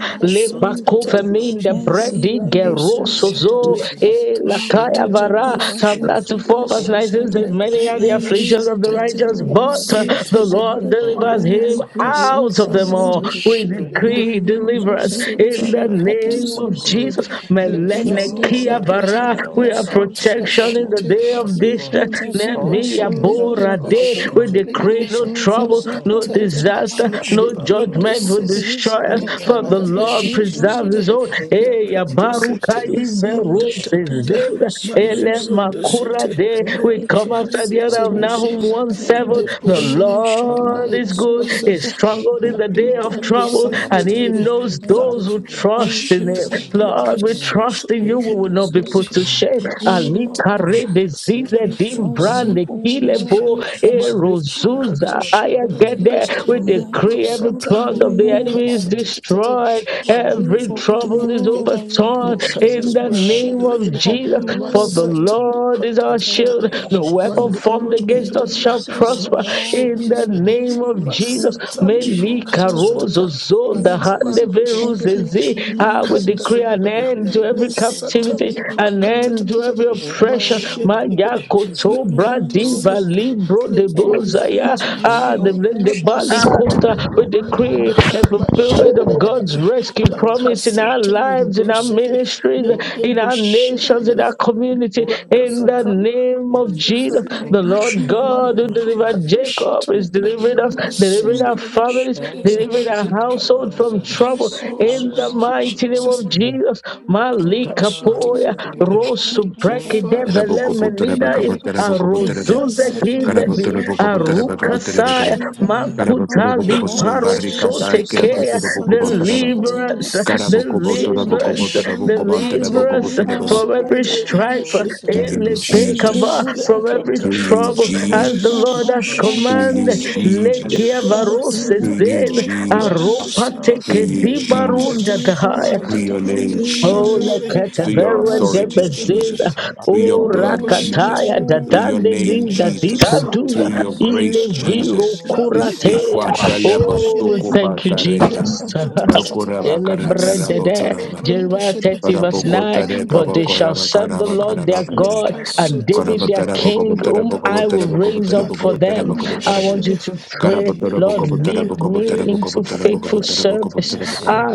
S2: In the name of
S1: Lepakofamin the
S2: Jesus.
S1: bread di
S3: Malibrando
S2: In the
S3: sede
S2: name of
S1: gerosozo
S4: eziberesuzadadadada.
S2: Jesus.
S1: e
S3: lekato
S2: In
S1: lakaya
S3: shete
S2: the
S4: Rakota
S3: lebro
S1: vara.
S2: name of
S1: Psalm
S2: Jesus.
S4: parashadala
S1: 94 verse
S2: In the
S1: 19 says,
S4: susadada.
S2: name of
S1: Many are the
S3: lekanda
S2: Jesus.
S1: afflictions
S4: Eyeze
S1: of the
S3: bashete
S2: In the
S1: righteous,
S4: katala
S3: la
S2: name of
S1: but uh,
S3: sete
S4: pasuzu
S1: the
S2: Jesus.
S4: zadada.
S1: Lord
S3: lebranda de de
S1: delivers
S3: de
S4: Ili
S1: him
S2: Oh,
S1: out
S4: brisese
S1: of
S2: Father,
S1: them
S3: yekanda
S2: Lord,
S1: all.
S2: we
S4: zedadada.
S1: We
S3: bashete
S2: pray.
S3: de de
S1: decree
S2: We
S3: ma
S4: Maluzu
S2: pray
S1: deliverance
S2: that the
S3: sete
S1: in
S2: Lord will
S1: the
S2: not be
S4: zabrashadada
S3: lekato
S1: name
S2: distant.
S1: of
S3: sede de
S2: Lord.
S1: Jesus.
S4: susadada.
S2: You
S1: Melene
S2: restore
S4: Ezeze
S1: kia vara.
S4: katala
S2: everything,
S1: We
S2: all
S1: have
S2: our
S3: lakata
S4: pasuzu
S2: goodness
S1: protection
S2: that
S1: in
S2: will
S1: the
S3: bashete
S4: zadada.
S2: be
S1: day of
S2: lost, O
S1: this
S2: God.
S3: lebrondo
S4: Ikatala
S3: sede
S2: All
S1: me
S2: goodness
S4: pasuzu
S2: that
S3: lende
S1: abora
S2: we
S1: day
S2: lost,
S4: zadada.
S2: O
S3: bashete
S1: We
S3: de
S2: God.
S3: de
S1: decree no
S4: Mazuzu
S1: trouble,
S2: Oh,
S4: zada
S1: no
S3: lakata
S4: kota
S2: it
S1: disaster,
S2: shall
S3: ma
S1: no
S2: come back
S4: parashadada.
S2: to us,
S1: judgment
S2: O
S1: will
S2: God.
S4: Azeze
S1: destroy us,
S2: In the
S1: for
S4: katala
S1: the
S3: lekanda
S2: mighty
S1: Lord
S2: name of
S3: bashete
S4: pasuzu
S2: Jesus.
S1: preserves his own.
S4: zadada.
S2: In the
S1: Eh, ya
S2: mighty
S3: Lekato
S2: name of
S1: baruka
S2: Jesus.
S3: city,
S4: Mizima
S2: In the
S1: imerose
S2: mighty
S3: matatata,
S4: shadele
S2: name
S1: zeda,
S2: of Jesus.
S4: prasoso
S1: ele
S3: malebrondo
S2: In
S4: zadadada.
S2: the
S1: makura
S3: city,
S1: de.
S2: mighty name
S1: We
S2: of
S4: Rekete
S1: come
S3: lepraka
S4: le
S1: after
S2: Jesus.
S1: the other
S3: city,
S1: of
S2: In
S3: lede,
S4: prasoso
S2: the
S1: Nahum 1
S2: mighty name
S1: 7.
S4: zadadada.
S2: of
S3: lende
S1: The
S2: Jesus.
S3: bushiri,
S4: Ima
S2: In the
S1: Lord
S4: shabala
S1: is
S2: name
S3: lenda
S2: of
S1: good,
S4: soso
S1: is
S2: Jesus.
S3: basata,
S4: zadadada.
S1: stronghold in
S2: In
S1: the
S2: the
S1: day
S2: name
S1: of
S2: of
S3: malibrando
S4: Ikanda
S1: trouble,
S2: Jesus.
S4: bala
S1: and he
S3: sendeligede,
S4: soso
S2: In the
S1: knows
S2: name of
S1: those
S4: zadadada.
S1: who
S3: lakata
S2: Jesus.
S1: trust in
S3: shit,
S2: In
S1: him.
S2: the
S4: Ezize
S2: name of
S1: Lord,
S4: kete
S1: we
S4: le
S2: Jesus.
S3: lekasoto,
S1: trust in you,
S4: prashana
S2: In
S1: we
S2: the
S1: will not
S2: name
S4: meso
S1: be
S2: of
S3: lekedede,
S1: put
S2: Jesus.
S1: to
S4: zadadada.
S1: shame
S4: We love
S3: mashete,
S2: Lord,
S1: likarebe
S4: prashadada.
S3: lekedasata.
S1: zize
S2: we
S4: We
S2: shall
S3: In the
S4: trust
S2: us.
S3: name
S1: dimbrande
S4: you,
S3: of
S4: O
S2: You
S4: Lord.
S3: Jesus,
S2: shall
S1: kilebo
S4: We
S2: give us
S4: trust
S2: all.
S4: you,
S2: I will
S4: Jesus.
S3: malebrokato
S1: erozuza
S2: not
S1: I
S3: shit,
S4: We
S1: get
S2: alone.
S3: lelegede,
S1: there.
S4: trust you,
S1: We
S2: In the name of
S1: decree
S4: mighty
S2: Jesus,
S1: every
S2: our
S4: God,
S3: leprosata.
S4: for
S2: life
S1: plot
S2: will
S4: we
S1: of
S2: not
S1: the
S2: remain
S4: know
S2: the
S1: enemy is
S4: that
S2: same.
S3: Mashed,
S2: Our
S1: destroyed,
S2: life will not
S4: we
S1: every
S2: remain
S4: for
S2: the
S4: we
S1: trouble
S2: same.
S1: is
S4: know that
S2: Our
S4: your
S2: life will
S1: overturned
S2: not
S4: mercies
S1: in
S4: is
S2: remain
S1: the
S2: the same.
S4: forever.
S1: name of
S2: Our
S4: For we
S2: life
S1: Jesus.
S2: will not
S1: For
S4: know
S2: remain
S1: the
S4: that
S2: the
S4: your
S2: same.
S1: Lord is our
S2: In the mighty
S1: shield.
S2: name
S1: No
S2: of
S4: mercy
S1: weapon
S4: is forever. Thank you,
S2: Jesus.
S1: formed
S2: In
S1: against us
S2: the
S1: shall
S2: mighty
S4: Jesus,
S2: name
S4: for
S1: prosper
S2: of
S4: all
S1: in the
S2: Jesus
S4: your
S2: Christ.
S1: name
S4: mercy.
S1: of
S2: The glory
S1: Jesus.
S2: of
S4: Thank you,
S2: God will shine
S1: Melika
S4: Jesus,
S2: upon
S4: for
S2: us.
S1: rozo
S4: your
S1: zo da
S2: In the
S4: goodness.
S1: hande
S2: mighty
S4: Thank you,
S2: name of
S1: Ah, we
S2: Jesus.
S4: Jesus, for
S1: decree an
S4: your
S2: In the
S1: end to every
S2: mighty
S4: goodness.
S2: name
S1: captivity,
S4: Thank you,
S1: an
S2: of Jesus.
S1: end to every
S4: Jesus,
S2: In the
S1: oppression.
S4: for
S2: name of Jesus.
S1: Mayakoto
S4: restoring
S3: Lekatu
S2: In
S4: unto
S2: the
S1: bradiva
S4: us
S3: sete
S2: name
S1: libro
S2: of
S1: de
S3: lebro da
S2: Jesus.
S3: da
S4: and
S1: bozaya.
S4: to
S3: da
S2: In
S4: every
S1: Ah,
S2: the
S1: the,
S3: He
S2: name
S1: the, the
S3: can't to
S4: oppression,
S1: body
S2: of
S3: sit in
S2: Jesus.
S1: quarter.
S3: the room,
S1: We
S3: da. da da
S2: In
S3: da.
S2: the
S1: decree a
S2: name of
S1: fulfillment of God's
S2: Jesus.
S3: Mashirelegere,
S1: rescue
S2: In the name of Jesus. In the
S1: promise
S2: name
S1: in
S2: of
S1: our
S3: lakasete
S1: lives, in our
S2: Jesus.
S3: lembrosete,
S1: ministries,
S3: lende
S1: in our nations, in
S3: broshirelegere,
S1: our community.
S2: In the
S3: librata
S2: name
S1: In the
S3: sata,
S2: of
S1: name of
S2: Jesus.
S3: manda
S1: Jesus,
S4: every
S3: sata
S1: the
S2: In the
S3: legere,
S1: Lord
S4: oppression.
S1: God
S3: mande
S1: who
S2: name of
S4: Lord.
S1: delivered
S2: Jesus.
S3: prakato
S1: Jacob
S3: shete
S1: is
S2: In
S3: legere,
S2: the
S1: delivering us,
S4: Rata
S2: name of
S1: delivering
S2: Jesus.
S1: our
S3: masende legere,
S1: families,
S3: legere,
S2: God,
S1: delivering
S2: we
S1: our household
S2: deliver
S3: hikata
S2: us
S1: from
S3: legere.
S1: trouble.
S3: Oh,
S6: Thank
S2: from
S1: In
S6: you.
S1: the
S3: thank you,
S2: all
S1: mighty name
S2: our
S3: Jesus.
S1: of
S2: evil,
S1: Jesus.
S2: from all our
S3: Ikashete
S1: Malikapoya
S2: household
S3: legere,
S2: enemies.
S3: Thank you,
S2: In the
S3: Father,
S2: name
S3: for
S2: of
S1: Rosubrekidevelemena
S2: Jesus.
S3: delivering us.
S2: You will
S1: Arozuze
S2: deliver
S3: Hikasete
S2: us, O Lord,
S1: Givevi
S3: legere,
S2: from all
S3: leprata
S2: our
S1: Arukasaya
S2: household
S3: shete
S2: enemies.
S1: Makutali
S2: In the name
S3: likatata
S2: of Jesus.
S1: Parosotekea
S3: masata
S2: In the
S7: Jesus.
S1: deliver
S2: name
S1: us,
S2: of
S3: likatusida
S2: Jesus.
S1: deliver
S2: In
S1: us,
S2: the name
S3: lekashanda
S2: of Jesus.
S1: deliver us from
S2: Our
S1: every
S2: life will not
S3: lekebushindrede
S1: strife,
S2: remain the same, O Lord.
S3: likatusete
S4: Eyes
S1: Elepekava,
S2: Our
S4: is
S2: life
S1: from
S2: will
S4: a
S1: every
S2: not
S7: Through
S2: remain
S4: good
S2: the
S7: you,
S1: trouble,
S2: same,
S3: leprakatatata
S2: O Lord.
S1: as the
S4: Uza
S1: Lord
S7: Jesus.
S1: has
S2: Our
S4: Prashada
S7: Through
S2: business
S7: you,
S1: commanded.
S2: will
S3: malibroshindligede
S2: move
S4: Lasuza
S2: forward.
S1: Lekia
S7: Jesus.
S2: our
S4: Yadela
S1: varoses
S3: ledabasata
S7: Through
S2: life
S7: you,
S2: will
S1: den
S2: move
S4: katuka
S2: forward.
S7: Jesus.
S1: aropa
S4: paparasha
S3: leprantuside
S4: da
S2: Our
S4: da
S7: Through
S4: da
S1: teke
S4: da.
S2: family
S7: you,
S1: di
S2: will move forward.
S3: lekatata
S1: barunda
S7: Jesus.
S4: Razuzu
S1: dahaya
S4: za
S2: In
S7: Through
S4: da
S2: the
S4: da.
S7: your name,
S2: mighty name
S1: Oh,
S2: of
S4: Imana
S7: Jesus.
S3: malebrundeshedegede
S2: Jesus.
S4: kuta
S7: Through your
S1: leketeveren
S2: In the
S1: de
S7: authority,
S4: parasusu.
S2: name of
S3: leprakatatatata
S1: bezela.
S2: Jesus.
S7: Jesus. Through your
S1: Oh,
S2: In
S7: blood,
S2: the name of
S7: Jesus.
S1: rakataya
S3: ledebushintilegede
S7: Through
S4: Oh,
S7: your
S1: dadande
S4: thank
S7: name,
S4: you.
S1: dinda
S4: Jesus.
S7: Jesus.
S1: dipuduza.
S7: Through your
S2: Jesus.
S1: Ile
S7: grace,
S3: lekatusintelibrandadadada
S2: In the
S1: viro
S7: Jesus.
S2: name of
S7: Isi
S2: Jesus.
S3: Lavikato
S1: kuratea.
S7: fuata lebo
S2: In the
S1: Oh, we
S3: shedegede,
S7: soko
S2: name of
S1: thank you,
S7: pata
S2: Jesus.
S7: reben.
S1: Jesus.
S2: In the
S3: liprakatatatata,
S2: name
S7: Ekoraba
S2: of
S7: kara
S2: Jesus.
S7: kara
S1: Elebredede,
S7: botoraba.
S2: In the
S3: masetelebronde
S1: Jeremiah
S2: name
S3: shede,
S2: of
S1: 30 verse
S2: Jesus.
S7: Karaboko
S1: 9.
S7: tareka
S1: But
S2: In the name of Jesus. In
S1: they
S2: the
S3: lekandadadada,
S1: shall
S7: bokoraba
S2: name
S1: serve
S2: of
S1: the
S7: karaba karaba
S4: We
S1: Lord
S2: Jesus.
S7: karaba
S1: their
S4: thank
S7: karaba.
S1: God
S2: Our
S1: and
S2: life
S7: In
S3: lekasoto
S2: will
S7: the
S1: David
S2: move
S1: their
S3: lepra,
S2: forward.
S1: king, whom
S2: Our
S1: I
S2: life
S1: will
S3: matatata,
S2: shall move
S1: raise up
S2: forward.
S1: for them.
S2: Our
S3: malebronde
S1: I
S2: life shall
S1: want you
S3: shede,
S2: move
S1: to
S2: forward.
S1: pray, Lord,
S2: In the
S1: lead
S2: name of
S1: me
S3: elekededededede.
S2: Jesus.
S1: into faithful
S2: We will
S3: Make,
S2: be not be
S1: service.
S3: yes,
S2: distant.
S1: Ah,
S3: Lord,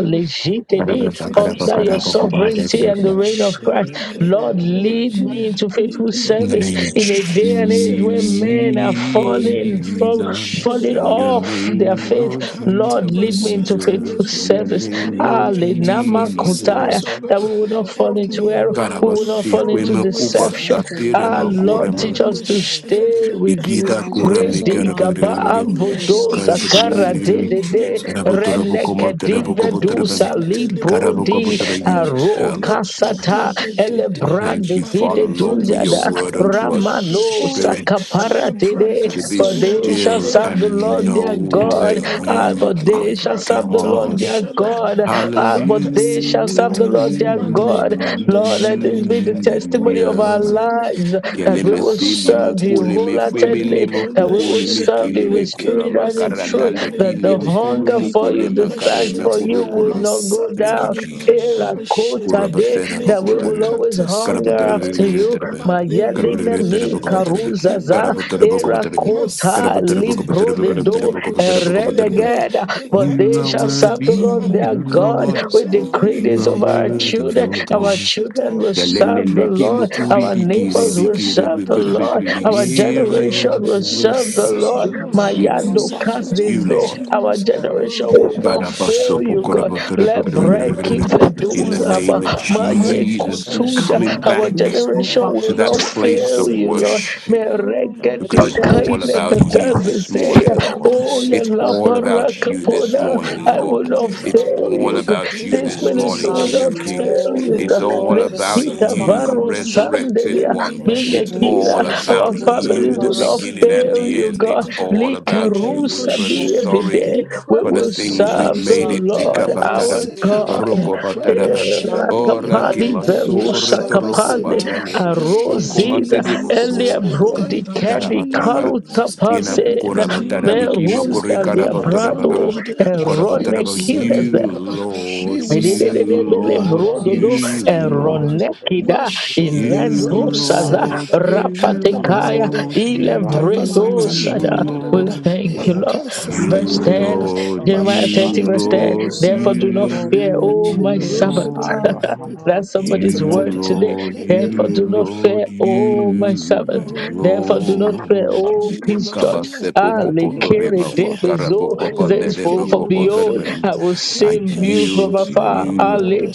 S2: In
S3: me a
S1: legitedi,
S2: the
S3: faithful
S2: bond
S1: under your
S2: mighty
S3: servant.
S2: name of
S1: sovereignty
S4: you,
S1: and the
S2: Jesus.
S3: My
S1: reign of
S3: shit,
S1: Christ.
S2: In the
S3: gotta
S1: Lord,
S2: name
S3: make
S2: of
S1: lead me
S3: me
S2: Jesus.
S1: into faithful
S3: lead me
S2: In
S1: service
S2: the
S1: service
S7: name of
S1: in
S2: name
S3: to
S1: a
S2: of
S7: Jesus,
S1: day
S3: faithful
S1: and
S2: Jesus.
S1: age where
S3: service.
S2: In
S1: men
S2: the
S1: are
S2: name of
S3: Holy,
S2: Jesus.
S1: falling
S3: bring
S1: from
S3: the
S2: Heavenly
S1: falling
S7: in
S3: shit,
S2: Father,
S7: your
S2: we
S1: off
S2: pray.
S1: their
S7: name, Lord
S1: faith.
S3: Makatabasata
S1: Lord,
S2: You will
S1: lead me
S2: continue to
S1: into faithful
S2: lift
S7: Jesus,
S2: us
S7: in
S3: Lebron.
S7: your
S2: up.
S1: service.
S7: name,
S3: Lead
S1: Ah,
S7: Lord
S2: You will
S3: me into
S2: continue to
S1: Lenama
S3: faithful
S2: destroy
S1: Kotaya,
S3: service, O
S7: Jesus.
S1: that
S3: God.
S1: we will
S2: the
S1: not
S2: work
S1: fall
S2: of
S3: Help
S1: into
S3: me, O
S1: error,
S3: God,
S2: enemies
S3: I
S1: we
S3: will
S1: will
S3: not
S1: not
S7: Karabasi,
S1: fall
S3: fall
S7: we
S3: by
S2: over
S1: into
S3: the
S2: our
S4: we
S7: makupa
S1: deception.
S3: wayside.
S4: serve the
S2: families.
S7: satire
S1: Ah,
S4: Lord
S3: My
S4: and we
S2: In
S1: Lord,
S4: thank
S2: the
S4: you.
S7: makureman.
S1: teach
S3: Lebron, the
S1: us
S2: mighty
S1: to
S2: name of Jesus.
S1: stay
S3: Shadakada.
S1: with you.
S7: Bikida
S4: all the
S3: Lord,
S7: kura
S3: help
S4: days
S7: me
S4: of
S1: Redi
S3: me
S4: our
S1: gaba
S4: life.
S7: karabagri
S3: to
S2: In the
S4: We
S2: name
S3: worship
S1: avodo
S3: you
S4: serve
S2: of
S3: in
S4: the
S2: Jesus.
S1: sakara
S3: faith
S1: de
S3: and
S7: karabatri
S3: in
S1: de
S2: In the
S1: de
S3: truth, O
S2: name of
S3: God.
S2: Jesus.
S7: karabotorobokomo
S1: reneke
S3: Let
S2: In the name of
S7: terabokobotorobam
S1: dusa
S3: prakatosin te
S2: Jesus.
S1: libro
S3: Lebron, the
S2: In
S1: di
S2: the
S7: karabokobotoro
S2: name of
S7: you
S3: Shada.
S2: Jesus.
S1: aro
S7: tell
S3: Let
S7: us.
S3: de
S2: In the
S3: de
S1: kasata
S2: name of
S3: de de
S2: Jesus.
S3: de.
S7: Thank
S1: elebrande
S7: you,
S3: My
S2: The
S7: Father
S2: blessing
S7: Lord,
S3: Lebron,
S7: for
S3: the
S2: of
S7: your
S1: vide
S2: God
S7: word
S2: come
S7: unto
S2: upon
S7: us
S2: our
S3: Satalikato
S2: life,
S1: Ramano
S2: O
S4: Lord
S2: God.
S3: Shada.
S7: spirits
S3: Le
S2: The
S1: Sakaparatide,
S2: blessing
S7: to
S2: of
S7: be
S4: and
S1: for
S2: God come
S3: prakasanda
S1: they
S4: over
S1: shall
S2: upon
S7: still
S2: our
S3: legere.
S4: shadow.
S1: serve the
S2: life.
S7: and
S1: Lord their
S2: The
S7: know
S4: Our
S7: that
S2: blessing
S1: God.
S2: of God
S3: Lendedededede,
S2: come
S1: Ah,
S7: you
S1: but
S2: upon
S7: are
S2: our
S1: they shall
S2: life.
S1: serve the
S3: Liprakata
S2: Our
S1: Lord
S7: God.
S1: their
S2: life will
S3: Mashada,
S2: not
S1: God.
S2: remain the
S1: Ah,
S2: same.
S3: Lepraka
S1: but they shall
S2: In
S1: serve
S2: the
S1: the
S3: Sintite,
S1: Lord
S2: mighty
S1: their
S2: name of Jesus,
S1: God.
S3: Malebronde
S1: Lord, let
S2: our
S1: this
S3: Shede,
S2: life
S1: be the
S2: will not
S1: testimony
S2: remain
S3: Likada
S1: of
S2: the
S1: our
S7: Hallelujah.
S2: same.
S3: Bazene,
S1: lives
S2: Our
S1: that
S2: life
S1: we
S2: will
S7: Keleme
S1: will
S2: not
S3: Lekato
S7: si
S2: remain the
S7: limo
S1: serve you
S3: Sintite,
S2: same.
S7: kuleme fweme
S2: In
S1: wholeheartedly,
S7: limo
S2: the
S1: that
S3: Malibronda
S1: we will
S2: name
S7: fukuleme
S3: Shede,
S2: of
S1: serve you
S7: kileme
S1: with
S2: Jesus,
S1: spirit
S3: Lekedo
S7: kulama
S1: and in
S2: in
S3: Basinde
S2: the
S7: karana
S1: truth,
S7: le
S2: name
S1: that the
S2: of
S7: kilimo
S3: Legedede,
S2: Jesus,
S1: hunger
S7: kulumu
S1: for you, the
S7: kulema
S3: Liprata
S2: we shall
S1: thirst
S7: kareme
S1: for
S3: Shete,
S1: you
S7: kurum
S2: testify
S1: will
S7: kurum.
S1: not go
S2: to
S3: Masata
S7: Thank you,
S2: your
S1: down.
S2: glory.
S3: Likada
S1: Era
S7: Jesus.
S2: Lord.
S1: kota
S3: Bashene,
S2: We
S1: de,
S2: shall
S7: Kurabatera
S1: That we will
S2: testify
S7: bakubatarin.
S1: always
S3: Leprakata
S2: to your
S7: Karabatera
S1: hunger
S2: glory.
S3: Sandarada,
S1: after
S2: O
S1: you,
S2: God.
S7: bakubatera. Karabatera
S1: Mayelina
S3: Malebronda
S2: Jesus, uh,
S1: me
S3: Shede,
S7: bakubatarin.
S2: to
S1: karuzaza
S2: me,
S7: Karabatera
S2: uh,
S3: Liprakata
S1: era
S2: uh,
S7: bakubatarin.
S2: uh,
S1: kota
S7: Karabatera
S3: Masetete
S2: in the
S1: libro
S7: bakubatarin.
S1: de
S2: mighty
S3: lende
S1: do
S7: Karabatera
S2: name
S7: bakubatarin.
S2: of Jesus,
S7: Bakubatarin.
S3: bushiregere
S1: eredegeda. For
S2: in the
S7: You
S1: they
S7: are
S1: shall
S2: mighty
S3: hekatatata
S1: serve the
S2: name
S7: worthy,
S1: Lord
S2: of
S1: their
S2: Jesus,
S1: God.
S3: malibranda
S7: Lord.
S1: We
S2: in the
S1: decree
S7: You
S1: this
S7: are
S3: zendelege
S2: mighty
S1: over our
S2: name
S7: worthy,
S2: of
S1: children.
S7: O
S2: Jesus,
S3: lekato
S1: Our
S7: God.
S3: shite
S1: children
S2: in
S1: will
S2: the name
S1: serve
S7: Yalelele
S1: the
S2: of
S1: Lord.
S3: leprakata.
S2: Jesus,
S7: kimukuri
S1: Our
S3: You will
S7: bikiri
S1: neighbors
S2: in the
S1: will
S3: serve
S2: name
S7: bikiri
S3: the
S1: serve
S2: of
S1: the
S3: Lord.
S7: bikiri
S2: Jesus,
S7: bikiri.
S1: Lord.
S3: You will
S1: Our
S2: our
S3: serve
S7: Here
S3: the
S7: I
S1: generation
S7: am
S3: Lord.
S2: children
S7: to
S1: will
S3: You
S2: serve
S3: will
S2: the
S1: serve the
S2: Lord,
S3: serve
S1: Lord.
S3: the Lord
S4: Lord,
S7: worship
S4: we
S2: our Father
S3: in
S1: Mayado
S4: must have
S3: the
S1: cast
S2: serve
S4: kuta
S3: name
S7: you,
S1: this
S3: of
S2: the
S1: day.
S4: parasha.
S7: Lord.
S1: Our
S3: Jesus.
S2: Lord, our
S1: generation
S3: Oh,
S2: children
S1: will
S7: In
S2: shall
S1: not
S2: serve
S1: fail you, God.
S3: lebushiregere
S2: the Lord, in
S1: Lebreki
S2: the mighty
S3: leprakanta
S2: name of
S7: the
S2: Jesus,
S1: veduzaba
S7: name of
S3: masera
S2: we
S1: maye
S4: We
S2: shall
S3: lenda
S4: must
S7: Jesus, we're
S2: serve
S4: have the
S2: the
S1: kutuda.
S4: Lord.
S7: coming
S2: Lord,
S1: Our
S7: back
S4: Yes,
S1: generation
S3: bashendelegere
S2: our
S7: to
S1: will
S2: children
S4: Rupa
S7: that
S1: not
S2: shall serve
S7: place
S1: fail
S7: of
S2: the
S1: you, Lord.
S3: leprakatala.
S2: Lord,
S7: worship
S3: Oh,
S2: our
S3: my
S7: because
S1: Meregedi
S7: it's
S2: children
S3: God, to
S2: serve
S7: all
S2: the
S1: kaina
S7: about
S1: da
S3: send you.
S7: you
S2: Lord,
S1: does
S7: this
S1: say,
S3: Let
S7: morning,
S3: the
S2: our
S7: Lord.
S1: Oh,
S2: children
S3: wash
S2: serve
S1: ya
S3: at
S7: It's
S2: the
S3: the
S7: all
S4: All the
S7: about
S2: Lord.
S3: little.
S7: you
S4: days
S7: this
S4: of
S1: laparakapona.
S4: our
S3: Let
S2: In
S7: morning,
S1: I
S3: the
S2: the
S4: life,
S1: will
S7: Lord.
S4: we
S1: not
S4: will
S2: mighty
S4: serve
S3: delegate
S7: It's
S2: name
S1: fail
S4: the
S2: of
S7: all
S1: you,
S4: Lord.
S1: God.
S2: Jesus.
S7: about you
S4: We
S1: This
S7: this
S3: Lentete
S4: will
S2: In
S1: ministry
S2: the
S7: morning,
S1: will
S4: serve
S7: King
S4: the
S1: not
S7: of
S3: mashete
S2: name
S7: Kings.
S1: fail
S2: of
S4: Lord,
S2: Jesus.
S1: you,
S3: le
S4: O
S7: It's
S1: God.
S7: all
S4: Lord, the
S7: about
S2: In
S1: Lekita
S2: the
S3: prokasata
S4: super
S7: you,
S1: varo
S2: name of
S3: libranda
S2: Jesus.
S4: katasha.
S7: resurrected
S1: sandelia
S3: lende
S7: one.
S2: In the
S7: It's
S3: mashete
S2: mighty
S4: This
S1: binekila.
S7: all
S3: legede
S4: is a
S1: Our
S2: name
S7: about
S3: le
S4: kuta
S7: you,
S1: families
S7: the
S3: kando
S1: will not
S4: parasha.
S7: beginning
S3: sete
S4: da, da,
S3: le
S7: and
S4: da,
S1: fail
S7: the
S4: da.
S1: you,
S2: of
S7: end.
S1: God.
S4: Our
S7: It's
S3: katatatata
S2: Jesus.
S7: all
S3: ma
S7: about
S3: le
S4: children
S7: you. We're
S1: Likarusa
S4: will
S2: We
S7: so
S1: be
S2: shall
S4: serve
S3: broshete
S4: the
S2: not
S1: every
S2: die.
S7: sorry
S2: We shall
S1: day.
S2: not
S3: li
S2: die.
S4: Lord.
S1: We
S7: for the
S3: pranda
S1: will
S4: We
S2: Our
S7: things
S3: tatatata
S7: we've
S1: serve
S4: will
S2: children
S1: the
S2: will
S7: made
S3: le
S4: serve
S7: it.
S2: not
S4: the
S6: Thank
S1: Lord
S2: die.
S3: tete
S6: you,
S4: Lord,
S1: our
S6: Jesus.
S7: Tikapataram,
S3: bosete
S2: Our
S4: O
S6: Thank
S1: God.
S6: you,
S4: Lord.
S3: li
S6: Jesus.
S4: We
S3: prando
S2: family will not
S7: Rokopataraba,
S4: will
S6: Thank
S2: perish.
S4: serve
S6: you,
S3: shende
S4: the
S6: Jesus.
S7: Ora
S2: In
S3: legede
S2: the
S4: Lord
S1: Erakapani
S4: in
S6: Thank
S3: e
S4: the
S6: you,
S2: mighty
S4: days
S6: thank
S1: verusa
S2: name
S3: kata
S6: you,
S7: Kimasoporto
S4: of our
S6: thank you,
S1: kapani
S3: basete
S6: thank
S4: life.
S7: Rokobandalebo,
S6: you.
S3: thank
S6: Let
S3: you
S2: of
S6: me take
S2: Jesus.
S1: aroziza
S4: Yes,
S7: Shokomantelebo,
S3: Jesus
S1: elia
S4: super
S6: one.
S2: Our
S7: Gobobobobom,
S1: brodi
S3: thank you
S4: katasha.
S6: Let
S1: kedi
S6: me,
S7: Yarabataraba,
S2: Father, let
S1: karuta
S3: Jesus
S2: your
S6: let me,
S7: Kina
S2: great
S3: thank you
S1: pasena
S2: praise
S4: Zima,
S2: away.
S7: Korabatarabi,
S6: let me.
S4: wash,
S7: Kima
S4: da,
S3: Jesus
S4: da,
S1: merunda
S4: da,
S3: ma
S2: In
S1: via
S2: the
S4: da,
S3: le
S6: Rock
S4: da,
S6: us,
S3: branda
S2: name
S1: brato
S7: Korikarabatarabagaba,
S4: da,
S2: of
S4: da.
S3: jede
S6: stand
S2: Jesus.
S6: us,
S3: we will
S1: erone
S7: Korabataraba,
S3: serve
S2: In
S3: you
S7: you
S2: the
S6: we
S3: Lord.
S4: Ekekele
S2: name
S3: We
S7: Lord,
S4: precious
S3: will
S2: of
S6: stand
S3: serve
S2: Jesus.
S6: up
S3: you,
S7: you
S3: O
S6: in the
S3: God.
S4: Salakuta
S7: Lord,
S6: Kubar,
S2: In
S3: We
S2: the name
S3: will
S1: Rododo
S4: Parasha
S7: you
S3: serve
S2: of
S3: you, O
S6: round the
S7: Lord.
S3: God.
S2: Jesus.
S6: Kubar,
S1: Ronekida
S2: In the
S3: Mashedele
S2: name of Jesus.
S1: Ilento
S7: You
S3: bronde
S4: Ezeza
S6: out
S1: Saza
S3: sere.
S6: of the
S7: Lord,
S4: Katele
S6: sea,
S3: E
S7: you
S3: kada
S2: Jesus.
S6: and the
S1: Rapatekaya
S3: bazende.
S7: Lord,
S4: precious
S3: Le
S6: rock, the
S4: Ima
S6: rock,
S1: Ilevredo
S3: tapasata le
S7: you
S4: Basha
S3: kada
S6: east,
S1: Sada.
S3: da da da
S1: We
S3: da.
S7: Lord.
S1: thank
S3: E
S1: you,
S6: mark,
S1: Lord.
S6: the rock,
S3: kasata da
S1: Verse
S6: the
S3: da
S7: You,
S3: da
S6: stand
S3: da
S1: 10,
S6: the
S3: da.
S6: rock,
S7: Lord,
S1: Jeremiah
S7: you,
S1: 30,
S6: round
S1: verse
S6: the Kubar,
S3: Mashetele
S1: 10.
S4: You
S7: Lord,
S3: bronde
S1: Therefore
S4: serve
S6: Jesus,
S1: do
S4: the
S1: not
S3: sere.
S4: Lord,
S1: fear, O
S6: not
S3: Le
S1: my
S6: to
S7: you,
S4: you
S1: servant.
S3: bronde
S6: return,
S3: da da da.
S6: for
S4: serve
S7: Lord.
S6: an
S4: the Lord. Of hosts. You serve who
S3: E
S6: amount,
S4: our
S1: That's
S3: ta
S4: King.
S3: ta
S1: somebody's
S3: ta
S7: You,
S6: round the
S1: word
S3: ta ta.
S6: Kubar,
S1: today.
S7: Lord,
S3: E
S6: the
S3: e
S1: Therefore,
S3: le
S7: you,
S6: Jesus,
S1: do
S3: bro-
S1: not fear,
S7: Lord,
S1: oh
S6: not
S1: my
S6: to
S1: servant.
S7: you,
S3: Oh,
S6: return,
S3: we will
S1: Therefore,
S3: not
S1: do not
S3: fear.
S1: fear,
S7: Lord.
S6: Total
S1: oh
S3: We will
S1: peace
S3: not
S1: church.
S3: fear.
S7: Kabasepo
S1: Ah,
S3: We will not
S1: lekere
S7: kopotorema fa
S3: fear.
S7: karapo
S1: debezo,
S7: kopa
S3: Oh, okay,
S7: nerema
S1: thenceforth
S3: you
S1: from
S3: will not
S1: behold,
S7: kopotorema.
S3: fear.
S1: I will
S7: I
S1: save you from
S7: yield to
S3: Kashinda
S1: afar. Ah,
S7: you.
S3: Livrada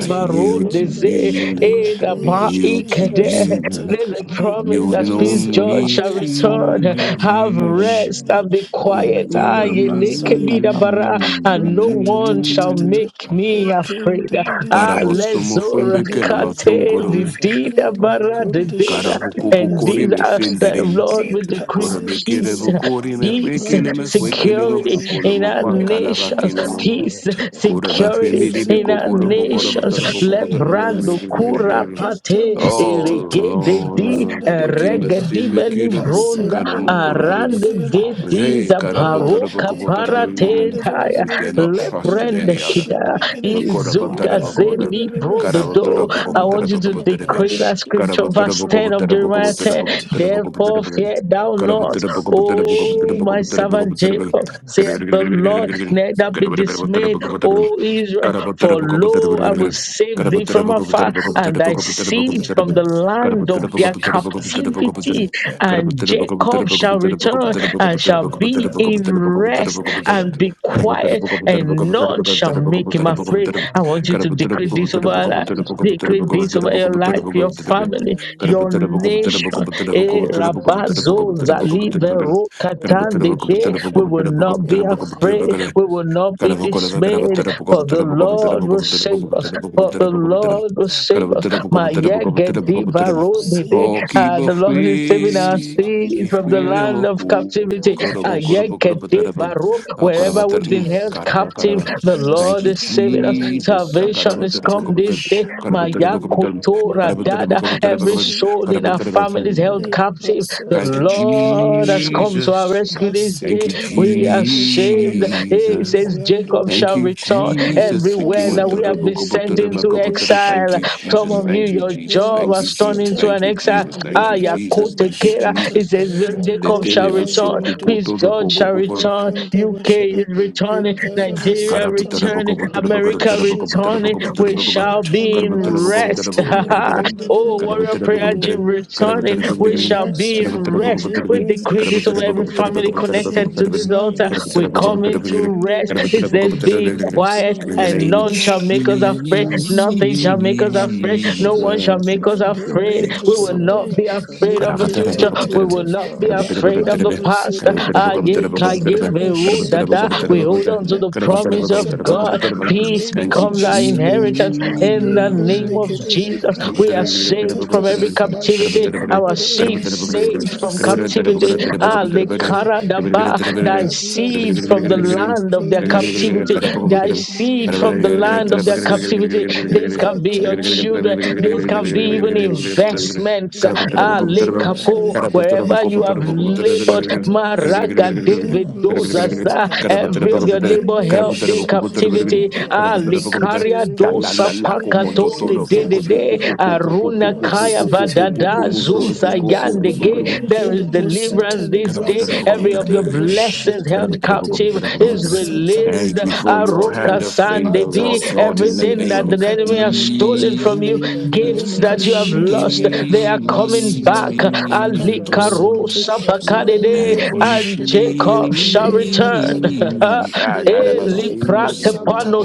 S7: I yield to
S3: Evronda
S1: rondeze,
S3: Jede
S7: you.
S1: eh, da
S7: I
S4: Ezema
S1: ba
S3: Hail
S7: yield to
S4: Shatara
S1: ikede.
S3: Eprosata
S7: you.
S1: There's
S4: Susadaka
S1: a
S3: Thank you
S1: promise
S3: for
S1: that
S7: Yielding
S3: your
S1: peace
S4: Ezuzo
S1: judge
S3: saving
S7: only
S1: shall
S4: Pasha
S7: to
S3: grace,
S4: Tara
S1: return.
S3: Mali
S1: Have
S3: Kando
S4: Susadaka
S7: you.
S1: rest
S3: Shide
S1: and be
S3: Hey,
S1: quiet. Ah,
S4: Ima
S1: ye
S3: Livrando
S4: Brasa
S3: Zide
S1: lekebida
S4: Tata
S1: bara
S3: Lipra
S1: and no one shall
S3: Katatatata
S1: make me
S3: Ekin
S1: afraid. Ah,
S3: Dididididid
S7: Karabosomo
S1: lezora
S7: fwembeke na
S3: Lepra
S1: kate di
S7: mathungurum.
S1: di da bara di
S3: Lekunda
S1: di da.
S3: Shide
S1: And
S7: Karabukubukuri
S3: Likaso
S1: these
S7: me
S1: are,
S3: tutudadu.
S7: findirim.
S1: Lord,
S3: Hey,
S1: we decree
S3: Kasin
S7: Korabekere
S1: peace.
S3: Tidid
S7: bukuri me
S1: Peace,
S7: fwekele
S3: Lebrando
S7: me fwekele me
S1: security
S3: Side
S7: fukolo
S1: in
S7: mo
S1: our
S3: Father, we
S7: pankala
S1: nations.
S3: thank you,
S7: bakinamum.
S1: Peace,
S3: Lord.
S7: Kuraba
S1: security
S7: fwembili
S1: in our
S3: Ekezende
S7: bikoboro bokoro
S3: libranda
S1: nations.
S7: botoro
S2: Our
S3: shiregere.
S2: life
S1: Lebrando kura
S7: bokobotoro.
S3: Elekete
S1: pate
S7: Oh
S1: de
S3: masatata.
S1: di
S7: Lord,
S3: Manda da
S7: thank
S3: da
S7: you,
S3: da da da.
S1: regedi
S7: Messina
S1: beli
S7: Kidabo,
S1: bronza
S2: will
S3: Ekasende
S2: not remain the
S3: libranda
S7: Ganamokorabin.
S3: da da
S1: arande
S2: same.
S3: da.
S1: de
S2: Lord.
S3: E
S1: di
S7: Hey,
S2: In
S3: e
S2: the
S3: e.
S1: zabaroka
S2: mighty name
S3: Ekanda
S2: of
S3: da
S7: Karabotarabokobotarabin.
S1: parate
S3: da da da
S2: Jesus.
S3: da
S7: We
S3: da da
S7: dare
S3: da.
S7: not
S2: In
S7: trust
S2: the
S7: in
S1: Lebrende
S7: any
S2: name of
S7: other.
S1: kita,
S3: Kashiregere.
S7: Lokora
S2: Jesus.
S7: botara boko
S2: Your
S3: Ekanda da
S7: botara.
S3: da
S1: izugazeli
S2: life
S3: da da.
S2: is
S7: Kara
S2: set,
S7: botara
S1: brododo.
S2: O
S7: boko
S1: I
S3: Lekanda.
S7: botara
S1: want
S2: God.
S1: you
S7: boko
S1: to
S7: botara
S2: May
S7: be.
S1: decree that
S2: the
S7: Kara
S3: Leprashita
S1: scripture,
S2: person that
S7: botara
S1: verse
S3: libra.
S7: boko
S1: 10 of
S7: botara
S2: love you,
S7: boko
S1: Jeremiah
S7: botara
S1: 10.
S7: boko
S2: O
S3: Maseta.
S7: botara boko botara
S1: Therefore,
S7: be.
S1: fear
S2: God,
S1: thou
S7: Kara
S1: not,
S7: botara boko botara boko
S2: may
S3: Kashin.
S7: botara
S2: the
S1: O
S7: boko
S1: my
S2: Lord
S7: botara
S2: bless
S7: boko
S1: servant
S3: Kashin.
S7: botara
S2: you,
S7: be.
S1: Jacob,
S2: O God.
S7: Kara
S1: saith
S7: botara
S1: the
S2: May the person that loves you, O God, may
S1: Lord,
S2: the Lord bless
S1: neither be
S2: you.
S1: dismayed,
S7: boko botara
S1: O Israel, for
S7: boko
S1: lo,
S7: botara
S2: In
S1: I will
S7: be.
S1: save
S7: Kara
S1: thee
S7: botara
S1: from
S7: boko botara
S1: afar,
S7: boko botara be. Kara botara boko botara boko
S1: and
S7: botara
S1: thy
S7: boko botara boko
S1: seed
S2: the
S7: botara be.
S1: from the
S2: mighty
S1: land
S2: name
S1: of
S2: of
S1: their
S2: Jesus.
S1: captivity,
S2: England
S7: Kara
S1: and
S7: botara boko botara boko botara boko botara be. Kara botara boko botara
S1: Jacob
S7: boko
S2: is
S1: shall
S7: botara
S2: the
S1: return
S2: one
S7: boko
S1: and
S7: botara
S2: who
S1: shall
S7: boko
S2: not
S7: botara boko botara boko botara
S1: be
S7: boko
S1: in
S2: perish.
S7: botara boko botara
S1: rest
S7: boko
S2: We
S7: botara.
S3: Kashin.
S2: shall
S1: and
S2: not
S1: be
S2: perish.
S1: quiet and none
S2: We
S1: shall
S2: shall
S1: make
S2: not
S1: him
S2: perish.
S1: afraid. I
S2: alone.
S1: want you to
S2: We
S1: decree
S2: shall
S1: this over our
S2: pity
S1: life,
S2: him.
S1: decree this
S2: We
S1: over your
S2: shall-
S1: life, your
S2: In
S1: family,
S2: the
S1: your
S2: name of Jesus,
S1: nation. Eh,
S2: our
S3: Kashin.
S2: family
S1: rabazo
S2: and
S1: zali
S2: nation,
S1: vero
S2: the family
S1: katande
S2: and
S1: de. We
S2: nation.
S1: will not be
S2: In the name of
S1: afraid, we
S2: Jesus,
S1: will not
S7: Oh, keep
S1: be
S2: we shall
S1: dismayed,
S2: not
S1: for the
S2: perish.
S1: Lord
S2: the shall not
S1: will
S2: perish. We shall not perish. In the
S1: save us but the Lord will save us. My Yegediva
S3: you
S2: name
S1: Rodide,
S3: sins
S1: Ah,
S2: of
S7: a
S2: Jesus,
S1: the Lord
S3: it
S1: is
S2: you
S1: saving our
S3: seemed
S7: free,
S2: receive
S1: seed
S2: us,
S7: if
S1: from the
S7: freedom
S1: land
S7: of
S3: committed
S1: of
S2: You can
S7: cool.
S1: captivity.
S3: you
S2: see some
S1: Ah,
S2: people
S3: patient
S2: are eating
S7: Thank
S1: Yegediva
S2: some
S1: Ro-
S2: vegetables.
S1: Wherever we've been
S2: They are
S3: cities.
S1: held
S3: You
S1: captive,
S3: kept
S1: the
S3: them a
S1: Lord
S7: you,
S1: is
S3: center
S1: saving us.
S2: eating
S3: every
S7: Jesus.
S1: Salvation is
S2: some
S1: come
S3: captivity
S1: this
S2: carrots. They
S1: day. My
S3: machinery
S2: are eating
S1: Yakuto
S3: you kept
S1: Radada,
S3: him a
S1: every
S2: some
S1: soul in our
S2: tomatoes.
S3: center
S1: family is
S2: They are
S1: held
S3: a
S2: eating
S1: captive the
S2: some
S7: Thank you,
S3: prasatani can
S1: Lord
S2: onions. They are eating some tomatoes.
S1: has
S2: They
S3: shudder
S1: come to our
S7: Jesus.
S1: rescue this
S7: Thank
S1: day.
S7: you,
S2: are
S3: massively
S1: We are
S3: blender
S2: eating
S3: shudder
S2: some
S1: saved.
S2: carrots. They
S1: He
S2: are eating
S3: he
S2: some
S7: Jesus.
S1: says,
S2: onions.
S1: Jacob
S3: brandos
S7: Thank
S1: shall
S7: you,
S3: it
S2: They are eating some tomatoes. They are
S1: return
S2: eating some carrots. They are eating some onions. They are eating some
S7: Jesus. Thank
S1: everywhere
S3: Likas
S1: that we
S3: in
S1: have
S3: the
S2: tomatoes.
S1: been sent
S2: They are eating some carrots. They
S3: Libroca
S1: into
S3: to shit,
S1: exile.
S7: you,
S1: Some
S7: Jesus.
S2: are
S1: of you,
S7: Thank you, Jesus. Thank you,
S3: Malik
S1: your
S7: Jesus.
S3: on the
S1: job
S7: Thank you,
S1: has turned
S7: Jesus.
S1: into
S3: Sata,
S1: an
S7: Thank you,
S1: exile.
S7: Jesus. Thank
S1: Ah,
S7: you,
S3: Malika
S7: Jesus.
S1: Yakote
S7: Thank
S1: Kera.
S3: Tabashanta,
S1: It says, Jacob
S3: Mali
S1: shall return.
S3: Brazondo,
S1: His
S7: you,
S1: God shall return.
S3: Librakanda
S1: UK is
S3: Bashata,
S7: Jesus.
S1: returning.
S2: eating some
S7: In
S2: onions.
S7: the
S3: Ekadabasata
S1: Nigeria
S2: for
S1: returning.
S2: those that
S3: Libraka to
S2: put
S1: America
S2: them
S3: shit,
S1: returning.
S2: forward.
S3: who
S1: We
S3: case
S1: shall
S2: Favor on
S1: be in
S3: returning
S2: the
S3: Master
S4: You
S2: Lord,
S1: rest.
S3: to
S2: the
S4: serve
S2: people who
S4: the
S2: push on
S1: Oh,
S3: Librunda.
S2: the
S1: warrior
S4: Lord.
S2: Lord.
S1: prayer gym
S3: Oh, thank
S1: returning.
S3: you for
S1: We
S3: your
S2: Favor by
S1: shall
S4: Nations
S1: be
S3: rest,
S1: in
S2: person that
S1: rest.
S4: resolve
S1: We
S2: the
S3: Elebrondo
S1: decree
S2: women
S1: this
S3: shit,
S1: over
S2: were
S1: every
S2: so
S3: Elibrando
S1: family
S2: troubled.
S1: connected
S4: Nations
S1: to this altar.
S2: Favor
S4: resolve
S2: by the
S1: We
S2: person
S1: come
S3: Sitele
S2: that
S4: hold.
S1: into
S2: the
S3: Kende
S1: rest.
S2: Lord
S1: It
S2: is
S1: says,
S2: the
S1: Be
S2: Lord.
S3: Coming to
S4: Nations
S3: the
S1: quiet,
S3: rest
S4: resolve
S1: and
S3: of
S7: name of
S3: the
S1: none
S2: Favor by
S1: shall
S3: Lord.
S7: Jesus,
S4: hold.
S1: make us
S2: Jesus
S1: afraid.
S2: Christ.
S3: Hekasun
S1: Nothing
S4: Is a
S1: shall
S3: to
S1: make us
S3: Landa
S1: afraid.
S4: precious
S1: No
S4: is a
S2: Who
S3: Shada.
S1: one shall
S2: from the
S1: make us
S7: your
S1: afraid.
S2: cemetery of
S1: We
S3: Malebrunda
S7: peace,
S2: the
S1: will
S7: Lord.
S2: hope
S1: not
S3: Sede.
S1: be afraid of the
S7: Thank
S2: that
S1: future.
S2: the
S4: is
S1: We
S2: Lord
S4: a
S1: will
S3: Lekete
S2: has
S1: not be
S2: come
S3: La
S2: for
S1: afraid
S2: the
S1: of the
S3: Brando
S2: scourges
S1: past.
S3: Sede.
S2: and in
S1: Ah,
S2: them
S1: ye,
S2: that's
S1: ka,
S2: in
S1: ye,
S2: which
S1: me,
S3: Lekataba
S4: Ezebere
S1: ro, da, da.
S4: suzada
S1: We
S2: in
S3: Shendelegede.
S1: hold on
S4: pakada,
S1: to
S2: them
S1: the promise
S2: is
S1: of
S3: Leprakatata.
S4: rashude
S1: God.
S2: and it's just
S1: Peace
S4: lukreste
S2: been
S7: you,
S1: becomes
S3: Malebrunda
S1: our
S4: suzada
S2: to
S3: Sede.
S4: pakada,
S2: us.
S1: inheritance in the name
S3: Malebrunda
S1: of
S2: It's
S4: mazuzu
S3: Kede.
S2: actually
S1: Jesus.
S4: zeba
S2: given
S1: We are
S2: the
S4: shude
S2: honor
S1: saved from
S2: to
S4: paras,
S3: Leprakatata.
S1: every
S2: us.
S1: captivity. Our
S3: Mashedelegede.
S2: Orla
S1: seed saved
S4: Mazuzu zile
S1: from
S2: Torresina,
S4: kuta
S3: Lekasede
S1: captivity.
S2: Orla
S1: Ah,
S3: Lebrunda
S4: para
S3: Sede.
S4: shada,
S2: Torresina,
S1: Lekaradaba, thy
S2: Orla
S3: Leprakata.
S1: seed from the
S2: Torresina,
S1: land of their
S3: Malebranda
S2: Orla
S1: captivity,
S2: Torresina,
S1: thy
S3: shendelegede,
S1: seed from the
S2: Orla
S1: land
S3: Elibrando
S1: of their
S2: Torresina, Orla Torresina,
S3: city,
S1: captivity. This can
S2: Orla
S1: be your
S3: Lekatata,
S1: children, this can be even
S3: Malebranda
S7: Jesus.
S3: city,
S2: Torresina,
S1: investments. Ah,
S2: Orla
S3: Elebrando
S1: Lekapo,
S2: Torresina,
S3: city,
S1: wherever you have
S2: Orla Jesus,
S1: labored,
S3: Ekakamashata,
S1: Maraga David
S3: Malebro
S2: Orla
S3: city,
S1: dozaza, every of your labor
S2: Jesus,
S1: helped in
S2: Orla Jesus, Orla
S1: captivity.
S2: Torresina, Orla
S1: Ah,
S2: Torresina,
S1: Likaria
S3: Ekasotelebeshire,
S1: sapakato le de
S4: mazizi
S1: de de
S4: zile
S3: likakakaka,
S4: kuta para
S1: aruna
S4: shada.
S1: kaya vadada zuza
S4: Mizuzu
S3: masetelebondashara,
S2: set
S1: yande
S2: us free,
S1: There is
S4: z'akabasoro
S2: that
S1: deliverance
S2: is, set
S1: this
S2: us
S3: malekedebositaliban,
S7: Thank
S1: day.
S2: free, set
S1: Every
S2: my
S1: of your
S2: family
S4: iz'akabasoro
S2: free
S1: blessings held
S3: edeboshetelekete,
S2: from the
S1: captive is
S2: captivity of
S4: mizuzu
S2: God.
S1: released.
S7: you for
S4: z'akabasoro
S7: your
S2: Set
S3: masataliprakatete,
S1: Aroka
S7: hand
S4: iz'akabasoro
S2: us
S7: of
S2: free,
S1: sande
S7: favor,
S2: Lord.
S1: di
S7: Lord God, in the
S4: inzego
S1: everything
S2: Set
S7: name
S1: that
S7: of
S2: us
S1: the
S2: free,
S1: enemy has
S2: Lord.
S1: stolen from
S3: matasetelebrokatalindedededede,
S1: you,
S2: Set us
S1: gifts
S2: free, Lord.
S1: that you have
S2: Set my
S1: lost,
S2: children
S3: lekashedelegede,
S1: they
S2: free.
S1: are coming
S2: Set
S1: back.
S2: my
S4: z'akabasoro
S2: business
S1: Ali
S2: free.
S1: karo
S3: masitaliprakatosente,
S7: Jesus.
S2: Set my
S1: sapakade
S2: family
S7: Thank
S1: de
S2: free.
S7: you,
S4: iy'abasoro
S1: and
S3: lendeboshedelegede,
S1: Jacob
S2: In the
S1: shall
S2: mighty name of
S1: return.
S2: Jesus.
S4: iy'isanga
S3: endadadadadada,
S7: Jesus. Ah, that
S2: In
S7: I'm
S2: the
S1: Eli
S2: mighty
S7: assuming
S2: name of
S7: it
S3: eleprosanta,
S2: Jesus.
S1: prakepano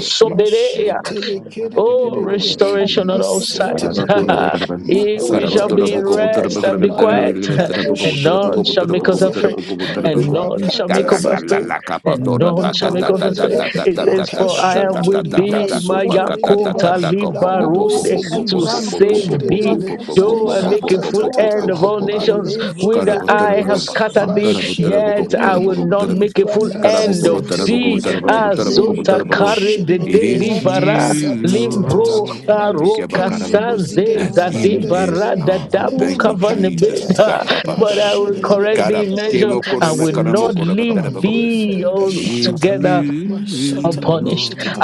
S2: Set
S1: sobere.
S2: my family
S1: Oh,
S2: free.
S3: Mashetelekerere,
S7: is.
S1: restoration on
S2: Set
S1: all
S2: us free,
S1: sides.
S2: Lord.
S3: masetelekere,
S6: restoration,
S1: Eh,
S6: total
S2: In
S1: we shall
S6: restoration,
S2: the
S1: be in
S2: mighty name
S6: in the
S3: matsatatatata,
S2: of
S1: rest
S6: bounty
S1: and
S2: Jesus.
S1: be
S6: of
S1: quiet,
S6: the enemy,
S1: and none
S3: malekadoshendele
S1: shall make
S6: and the
S1: us
S3: brozere,
S1: afraid,
S2: In the mighty
S1: and
S2: name of Jesus. In the mighty name of Jesus. In the mighty name of Jesus. In the mighty name of Jesus. In the mighty name of Jesus. in the mighty name of
S1: none
S2: Jesus.
S1: shall
S2: In
S1: make us
S3: liprakatasata,
S1: afraid,
S5: you.
S6: bounty
S1: and none shall
S6: of
S1: make
S6: the
S1: us afraid.
S3: mandadadadadada,
S1: It
S6: Thank
S1: says, For I am with thee, my
S3: ekashontolebrasotolendeba,
S1: Yakota Libarode, to
S4: isusa
S1: save
S4: kusuza
S1: thee
S3: landoselibrandosherere,
S1: Though I make a
S4: isusa
S1: full
S3: lekatatata,
S1: end of all nations, whither
S4: iy'amashata
S1: I have
S3: malebrondedededede,
S2: the
S4: kususa
S1: scattered
S2: mighty name
S1: thee,
S2: of Jesus.
S1: yet I
S3: masherelegere,
S1: will not make a
S2: In
S1: full
S2: the name of
S1: end of
S4: Nezine
S1: thee.
S2: Jesus,
S3: liprakatasatelegere,
S4: sosu
S2: in the
S1: Azota
S3: Lende
S2: name
S4: safashada
S1: kare de
S2: of
S7: It
S1: de
S2: Jesus,
S3: boshedelegede
S1: di
S7: is
S4: rakota
S1: bara
S2: In
S3: masata
S7: you,
S2: the
S4: farashata
S2: name of
S3: tatata
S1: limbro
S2: Jesus.
S4: suzu
S1: aroka
S4: safada
S3: malekende
S7: Lord
S2: In
S1: sanze
S3: bozida
S2: the name
S7: that's
S2: of
S1: zade
S7: in
S3: libranda
S2: Jesus.
S4: mazuzu
S7: this
S1: bara
S3: dedede
S1: da
S4: zava
S7: house.
S1: dabu
S7: Thank
S4: kota
S7: you,
S3: lepro
S2: In the
S3: kanta
S2: name
S7: Jesus.
S2: of
S3: tata
S4: farashada
S1: kavanebeda.
S2: Jesus.
S1: But
S7: Sakapatara.
S1: I will
S2: In
S1: correct
S3: mashedelegede
S2: the
S4: nziza
S1: thee
S7: Kara-
S2: name
S1: in
S2: of
S4: chisa
S1: measure.
S7: Kemo
S1: I
S2: Jesus.
S7: koreme
S1: will
S5: Thank
S7: karamo
S1: not
S3: okasente
S7: korabatara
S1: leave
S2: Thank you,
S7: bakum.
S2: Mister
S1: thee
S2: Lord.
S3: malebronda
S7: It is
S3: shata
S2: You
S1: altogether
S2: are my
S7: you,
S2: favorite
S3: masata
S2: Lord.
S1: unpunished.
S3: lekitetete
S7: Lord.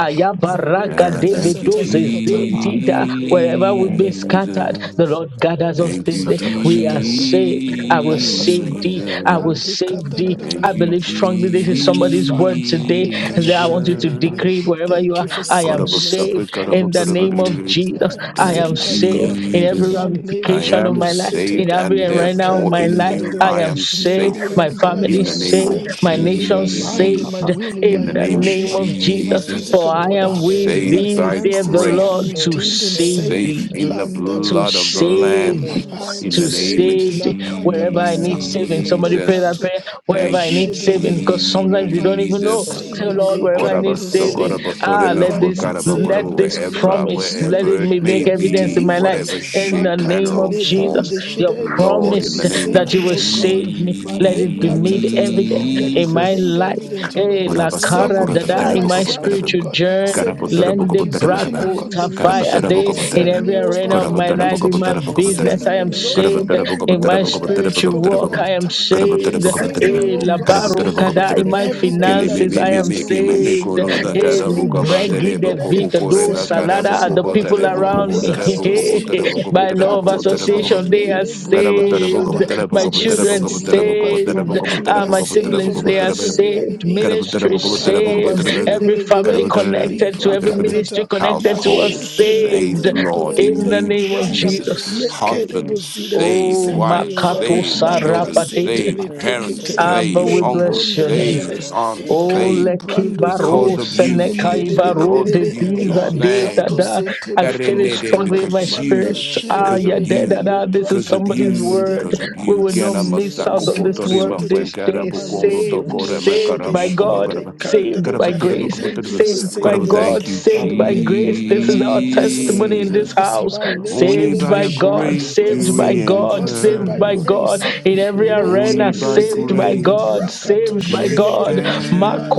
S2: You are just
S7: Ah,
S3: malebronda
S2: as
S7: thank you,
S3: sata
S2: much
S1: Davidoze
S3: likata
S2: as
S1: Zedida,
S2: my
S1: wherever we've been
S2: favorite Lord.
S1: scattered, the
S7: Jesus.
S1: Lord
S2: Oh,
S1: gathers us
S2: Lord,
S7: Thank
S1: this
S7: you,
S1: day.
S2: was
S3: kasata
S2: my
S1: We are
S2: Lord.
S3: bashededede
S1: saved. I
S3: you
S2: I
S1: will
S3: gather
S2: am
S3: us o
S1: save
S2: my
S3: Lord.
S1: thee. I
S2: favorite
S1: will
S7: Jesus.
S3: Malika
S1: save
S3: da da.
S1: thee.
S3: da
S1: I
S7: Thank
S2: in
S7: you,
S2: the
S1: believe
S2: name
S1: strongly
S2: of
S1: this is
S3: Thank you,
S2: Jesus.
S1: somebody's
S3: Father.
S1: word today.
S3: We
S2: In the name
S1: As That I
S2: of
S1: want you to
S2: Jesus,
S7: Jesus.
S1: decree it wherever you
S3: Thank
S1: are.
S3: you for
S2: Father,
S1: I
S6: you.
S1: am
S2: pray
S3: saving us.
S2: for us,
S1: saved
S2: O
S3: I
S1: in
S3: am
S2: God.
S1: the name
S3: saved.
S1: of
S2: I
S3: I
S1: Jesus.
S3: am
S2: am
S1: I
S7: Thank
S1: am
S7: you,
S3: saved by
S2: saved in
S1: saved
S3: God.
S1: in
S2: Jesus'
S1: every
S7: Jesus.
S2: name.
S3: Male
S7: I
S1: ramification of
S2: I
S7: am
S3: Brundo
S1: my
S2: am
S1: life,
S3: City.
S1: in
S7: saved,
S2: saved
S1: every
S7: and
S2: into
S1: and
S2: my
S1: right now of
S7: therefore
S2: family
S1: my
S2: is
S7: in
S1: life.
S2: saved.
S7: you
S1: I
S7: I
S1: am
S7: am
S3: In
S1: saved.
S3: every area
S7: safe.
S2: I
S1: My
S3: of my
S2: say
S3: life,
S1: family
S7: In
S3: I
S1: is
S7: the
S2: everyone
S3: am
S2: and
S7: name
S1: saved.
S7: of
S2: just like
S3: saved
S2: I
S1: My
S2: was
S3: in
S1: nation
S3: my
S2: saved
S1: is
S2: of
S3: mind,
S2: God.
S3: in my
S7: Jesus.
S1: saved
S3: will, in
S7: In
S3: my
S1: in
S7: the
S1: the
S2: When
S7: name
S2: I
S7: of
S1: name
S3: emotion,
S2: say
S1: of
S2: I'm
S3: in my
S1: Jesus.
S2: saved,
S1: For
S3: physical
S7: Jesus.
S2: we
S1: I
S2: are
S3: body,
S1: am
S2: saved
S1: with
S3: in
S2: of
S3: my
S7: Saved
S1: thee,
S2: God.
S7: by
S1: saith the
S3: finances. I am
S7: grace
S1: Lord, to
S2: We are
S3: redeemed and
S2: saved,
S1: save
S3: saved.
S7: safe
S1: thee
S2: we
S7: in
S2: are
S7: the
S3: Landa
S1: to
S2: saved,
S7: blood of the
S1: save
S3: bashiregede.
S2: we
S7: Lamb.
S1: thee,
S2: are
S3: I am
S7: In the
S1: to
S2: saved of
S7: name
S2: God.
S7: of
S3: saved.
S1: save thee.
S3: Lakada
S1: Wherever I
S2: I
S1: need
S2: am
S3: basato
S1: saving, somebody
S2: saved,
S1: pray that
S7: Jesus.
S3: leprokato
S1: prayer. Wherever
S2: my
S7: Thank
S1: I
S7: you,
S1: need
S2: family is
S1: saving,
S3: mashiregede.
S1: because
S2: saved.
S1: sometimes
S3: Wherever
S1: we
S3: I
S1: don't even
S3: need
S1: know.
S2: We are
S7: Jesus.
S1: Say,
S2: am
S3: saving,
S1: Lord,
S2: saved,
S1: wherever I
S2: and
S1: need
S2: my
S3: ekando
S7: Korabaso,
S2: father
S4: Yes,
S1: saving,
S3: zere.
S2: saved me.
S1: ah,
S7: korabotoreme,
S3: wherever
S1: let
S3: I
S1: this,
S3: need
S7: fokaraba,
S2: When
S1: let
S3: saving,
S7: korabo,
S3: oh
S2: I
S1: this
S2: am
S3: God, let there
S2: saved,
S7: Wherever,
S3: be
S4: Zupa
S1: promise, let
S3: healing.
S7: wherever
S1: it
S7: it
S1: be
S2: I
S3: Let
S7: may
S4: shakata
S1: make
S3: there be deliverance
S1: evidence
S7: be,
S1: in
S2: save
S4: parash
S7: in
S1: my
S2: me of
S1: life.
S3: deliverance.
S7: whatever
S2: God.
S1: In the
S7: shape, manner,
S1: name
S3: Makata
S7: or
S1: of
S3: le
S4: Thank
S2: Save me
S1: Jesus,
S7: form.
S2: of
S3: bronde
S2: God.
S1: your
S4: you.
S3: shide. Let
S7: Lord,
S3: there
S7: in
S1: promise
S3: be
S7: the
S2: Save
S7: name of
S2: my
S1: that you
S3: saving,
S1: will
S3: oh
S2: family.
S3: God.
S1: save me, let it be
S2: Save my
S3: Malekata
S1: made
S3: tata.
S2: family.
S1: evident
S3: Let it
S1: in
S3: be
S1: my
S3: made
S7: Jesus.
S1: life.
S2: Save my
S3: evident, oh God.
S1: Hey,
S2: family.
S1: la
S7: Korabasa,
S3: Save
S1: cara
S3: me
S2: Save
S1: dada,
S3: from
S2: my
S1: in
S7: korabaterebo,
S1: my
S3: myself,
S2: family.
S3: oh
S7: koraboterebo.
S1: spiritual
S3: God.
S1: journey.
S3: Save me
S2: In the
S3: from
S7: Karaboterebo,
S1: Lende
S2: name of
S3: accusation
S7: koraboterebo,
S3: and
S2: Jesus,
S1: braco
S7: Kara bata
S1: tafaya
S3: condemnation.
S2: in
S7: boko
S1: day
S2: the
S7: bata
S1: in
S3: Save
S7: bana,
S2: name
S1: every
S3: me,
S2: of
S3: oh God,
S1: arena of
S2: Jesus,
S7: kara
S3: from
S1: my
S7: bata
S1: life,
S7: boko
S1: in
S7: bata
S1: my
S3: liturgy.
S7: boko
S2: save
S7: bata
S2: my
S7: bana,
S3: Save
S1: business, I
S2: family
S3: me,
S1: am
S3: Lord,
S7: kara
S2: Lord,
S3: from
S1: saved.
S7: bata
S3: every
S7: boko
S1: In
S7: bata
S1: my
S3: word
S7: boko
S3: that I have
S2: wherever
S1: spiritual
S2: I
S7: bata
S2: need
S3: spoken that I
S1: walk,
S7: bana,
S1: I
S3: have
S2: saving.
S1: am
S3: typed
S7: kara
S3: me.
S7: bata
S1: saved.
S2: Save
S7: boko
S2: me,
S3: Save
S7: bata bana,
S3: me,
S1: Eh,
S2: God.
S3: oh
S7: kara
S3: God,
S7: bata
S1: labaro
S7: boko bata bana, kara bata boko bata bana, kara bata boko
S2: In
S1: kada
S2: my
S7: bata
S1: in
S3: from
S7: bana.
S1: my
S2: business, save
S3: everything that
S2: me,
S7: Kilemi
S1: finances,
S7: mi
S3: is
S1: I
S2: God.
S7: mi
S1: am
S3: not
S7: mi
S3: of you.
S7: kilemi
S1: saved.
S7: kono
S2: Father,
S7: na
S2: in
S1: Eh,
S2: my
S7: kara
S3: Malebron the
S2: sin,
S7: bokaba
S2: in my
S7: dele
S1: libregi de
S2: sin,
S7: boko
S3: Shedeligede.
S2: save
S1: vita
S2: me, O
S7: pukore
S1: do
S7: ba
S3: Save
S2: God.
S3: me,
S7: kara
S1: salada are
S3: Father
S7: boko
S1: the
S3: God.
S7: bata
S1: people
S2: Save
S7: boko
S2: my
S1: around
S7: bata
S1: me.
S2: family,
S7: bana
S3: Maleka
S2: save
S3: to
S7: boko
S2: my
S7: bata bana
S3: Sinde.
S2: children.
S7: boko
S1: By
S7: bata bana
S1: law of
S7: boko bata bana
S2: In
S3: Ekatatata.
S7: boko
S2: the
S7: bata bana.
S1: association, they
S2: mighty
S1: are
S2: name of
S3: Elebron
S7: Household
S3: the
S2: Jesus.
S1: saved.
S3: Jada.
S1: My
S3: Father,
S2: In the
S1: children
S3: save me,
S2: name
S3: O
S2: of
S4: I
S3: God.
S4: follow
S1: saved.
S2: Jesus.
S3: My children
S4: you,
S1: Ah,
S3: are
S4: I
S1: my
S3: saved
S2: My
S4: serve
S3: from
S1: siblings,
S3: the
S1: they
S4: my
S2: soul
S1: are
S2: is
S3: hands of the
S2: saved.
S4: children,
S1: saved.
S4: I
S3: enemy.
S4: serve
S1: Ministry
S2: My heart
S3: Lakada
S4: in
S2: is
S4: the
S1: saved.
S2: saved.
S1: Every
S4: name of
S1: family
S3: bazindeligede.
S2: My
S1: connected to
S2: business is
S1: every
S2: saved.
S4: Jesus.
S1: ministry
S3: Liprakatata.
S1: connected to us
S2: Every
S4: Serve
S2: family
S6: Thank
S1: saved.
S7: saved,
S2: is
S3: Mashete
S6: you.
S4: the
S3: Mento
S7: Lord,
S2: saved.
S7: in
S1: In the
S3: seteli
S7: you,
S4: Lord,
S1: name of
S2: We
S4: I
S3: branda
S2: are
S7: Jesus.
S4: serve
S1: Jesus.
S2: saved, O
S3: lekede
S2: God.
S7: Husbands
S3: bozida.
S7: saved,
S1: Oh,
S3: Save
S4: Jesus.
S2: We
S7: wives
S3: me,
S2: are
S3: O God.
S2: saved,
S1: Makato
S2: O
S7: saved,
S2: God.
S7: children
S1: Sarapate.
S7: saved,
S3: Makasetele
S2: We Yes,
S4: He's
S7: parents
S3: tekete
S4: a
S1: Abba,
S7: saved,
S1: we
S4: worship
S2: Baba,
S4: that
S7: uncles
S1: bless
S3: lembronda
S1: your name.
S7: saved,
S3: jere
S4: Jesus
S2: I
S7: aunts
S3: e
S4: started.
S1: Oh,
S2: say,
S3: kavi
S7: saved.
S1: Ole
S4: We
S3: brando
S2: I
S7: Because
S1: kibaro
S3: zide
S7: of
S2: should
S4: worship
S7: you,
S3: lende
S7: Jesus.
S3: de
S2: say,
S4: you,
S3: de de de
S1: senekaivaro
S7: Because
S3: de
S7: of
S1: de
S3: de
S7: you,
S2: my
S4: we
S3: la
S1: diza
S7: Jesus.
S2: family
S1: de
S3: vika
S4: worship
S1: da
S7: Thank
S3: to
S2: say,
S7: you.
S1: da.
S4: you,
S3: se
S1: I
S3: tele
S1: feel
S2: every
S1: it
S4: I
S2: family
S3: prokata
S1: strongly in my
S7: Because
S2: partnership
S4: serve
S2: with this
S3: manda
S1: spirit.
S4: you.
S7: you,
S2: other
S3: shere
S1: Ah,
S2: say,
S7: because
S1: yeah,
S7: of
S3: legere
S1: da
S2: Baba,
S1: da
S7: you.
S3: le
S1: da. This is
S7: Because of
S2: we
S3: prakata
S1: somebody's
S2: are
S7: you,
S3: zide
S1: word.
S7: because
S2: say,
S7: of
S1: We
S7: you,
S1: will not
S7: Gana
S4: He's a
S1: miss
S2: we are
S3: masetele
S1: out
S7: Masako
S1: on
S4: pastor,
S1: this
S2: say,
S1: word
S7: Potorima
S4: so
S3: katetete
S1: this
S7: Fuenkara
S1: day.
S2: we are
S3: male
S7: Bukondo
S1: Saved,
S3: brondo
S2: say,
S4: he's
S7: Tokorama
S4: a
S1: saved
S3: shere
S1: by
S4: worship
S7: Karamukoma
S2: in
S1: God
S3: le
S7: Karaba
S2: the
S3: kanda
S1: saved
S3: da
S2: name
S3: da
S4: that
S1: by
S2: of
S3: da.
S1: grace,
S2: Jesus,
S3: Thank you
S4: I
S7: Karabaturabukabuturba.
S3: for
S1: saved
S4: serve
S1: by
S7: Karaba,
S2: we are
S3: saving me.
S4: you,
S7: thank
S1: God,
S7: you,
S2: say,
S4: I
S3: Oh,
S1: saved by
S2: Baba,
S3: le
S1: grace. This
S3: brokata
S1: is our
S4: serve
S2: we are
S3: we
S2: say,
S3: say,
S1: testimony
S4: you,
S1: in this
S2: Baba,
S7: Jesus.
S3: yes,
S1: house.
S4: I
S2: we are
S7: Only
S1: Saved
S7: by
S1: by
S7: your
S4: serve
S2: say,
S3: Malekedebasheda.
S1: God,
S2: Baba,
S7: grace
S4: you.
S3: We're
S7: do
S1: saved by
S7: we
S3: saved by
S4: Receive
S1: God,
S3: God,
S2: in the
S3: saved
S1: saved
S3: by
S7: enter.
S1: by
S2: mighty
S3: grace.
S1: God.
S2: name of
S1: In every
S4: receive
S2: Jesus,
S4: receive
S7: Only
S1: arena,
S7: by
S1: saved
S3: Malekendozinde
S1: by
S4: the
S2: in the
S1: God,
S7: grace
S2: mighty name
S3: librakato
S1: saved
S2: of
S7: do
S1: by
S7: we
S1: God.
S2: Jesus,
S3: shedelegede.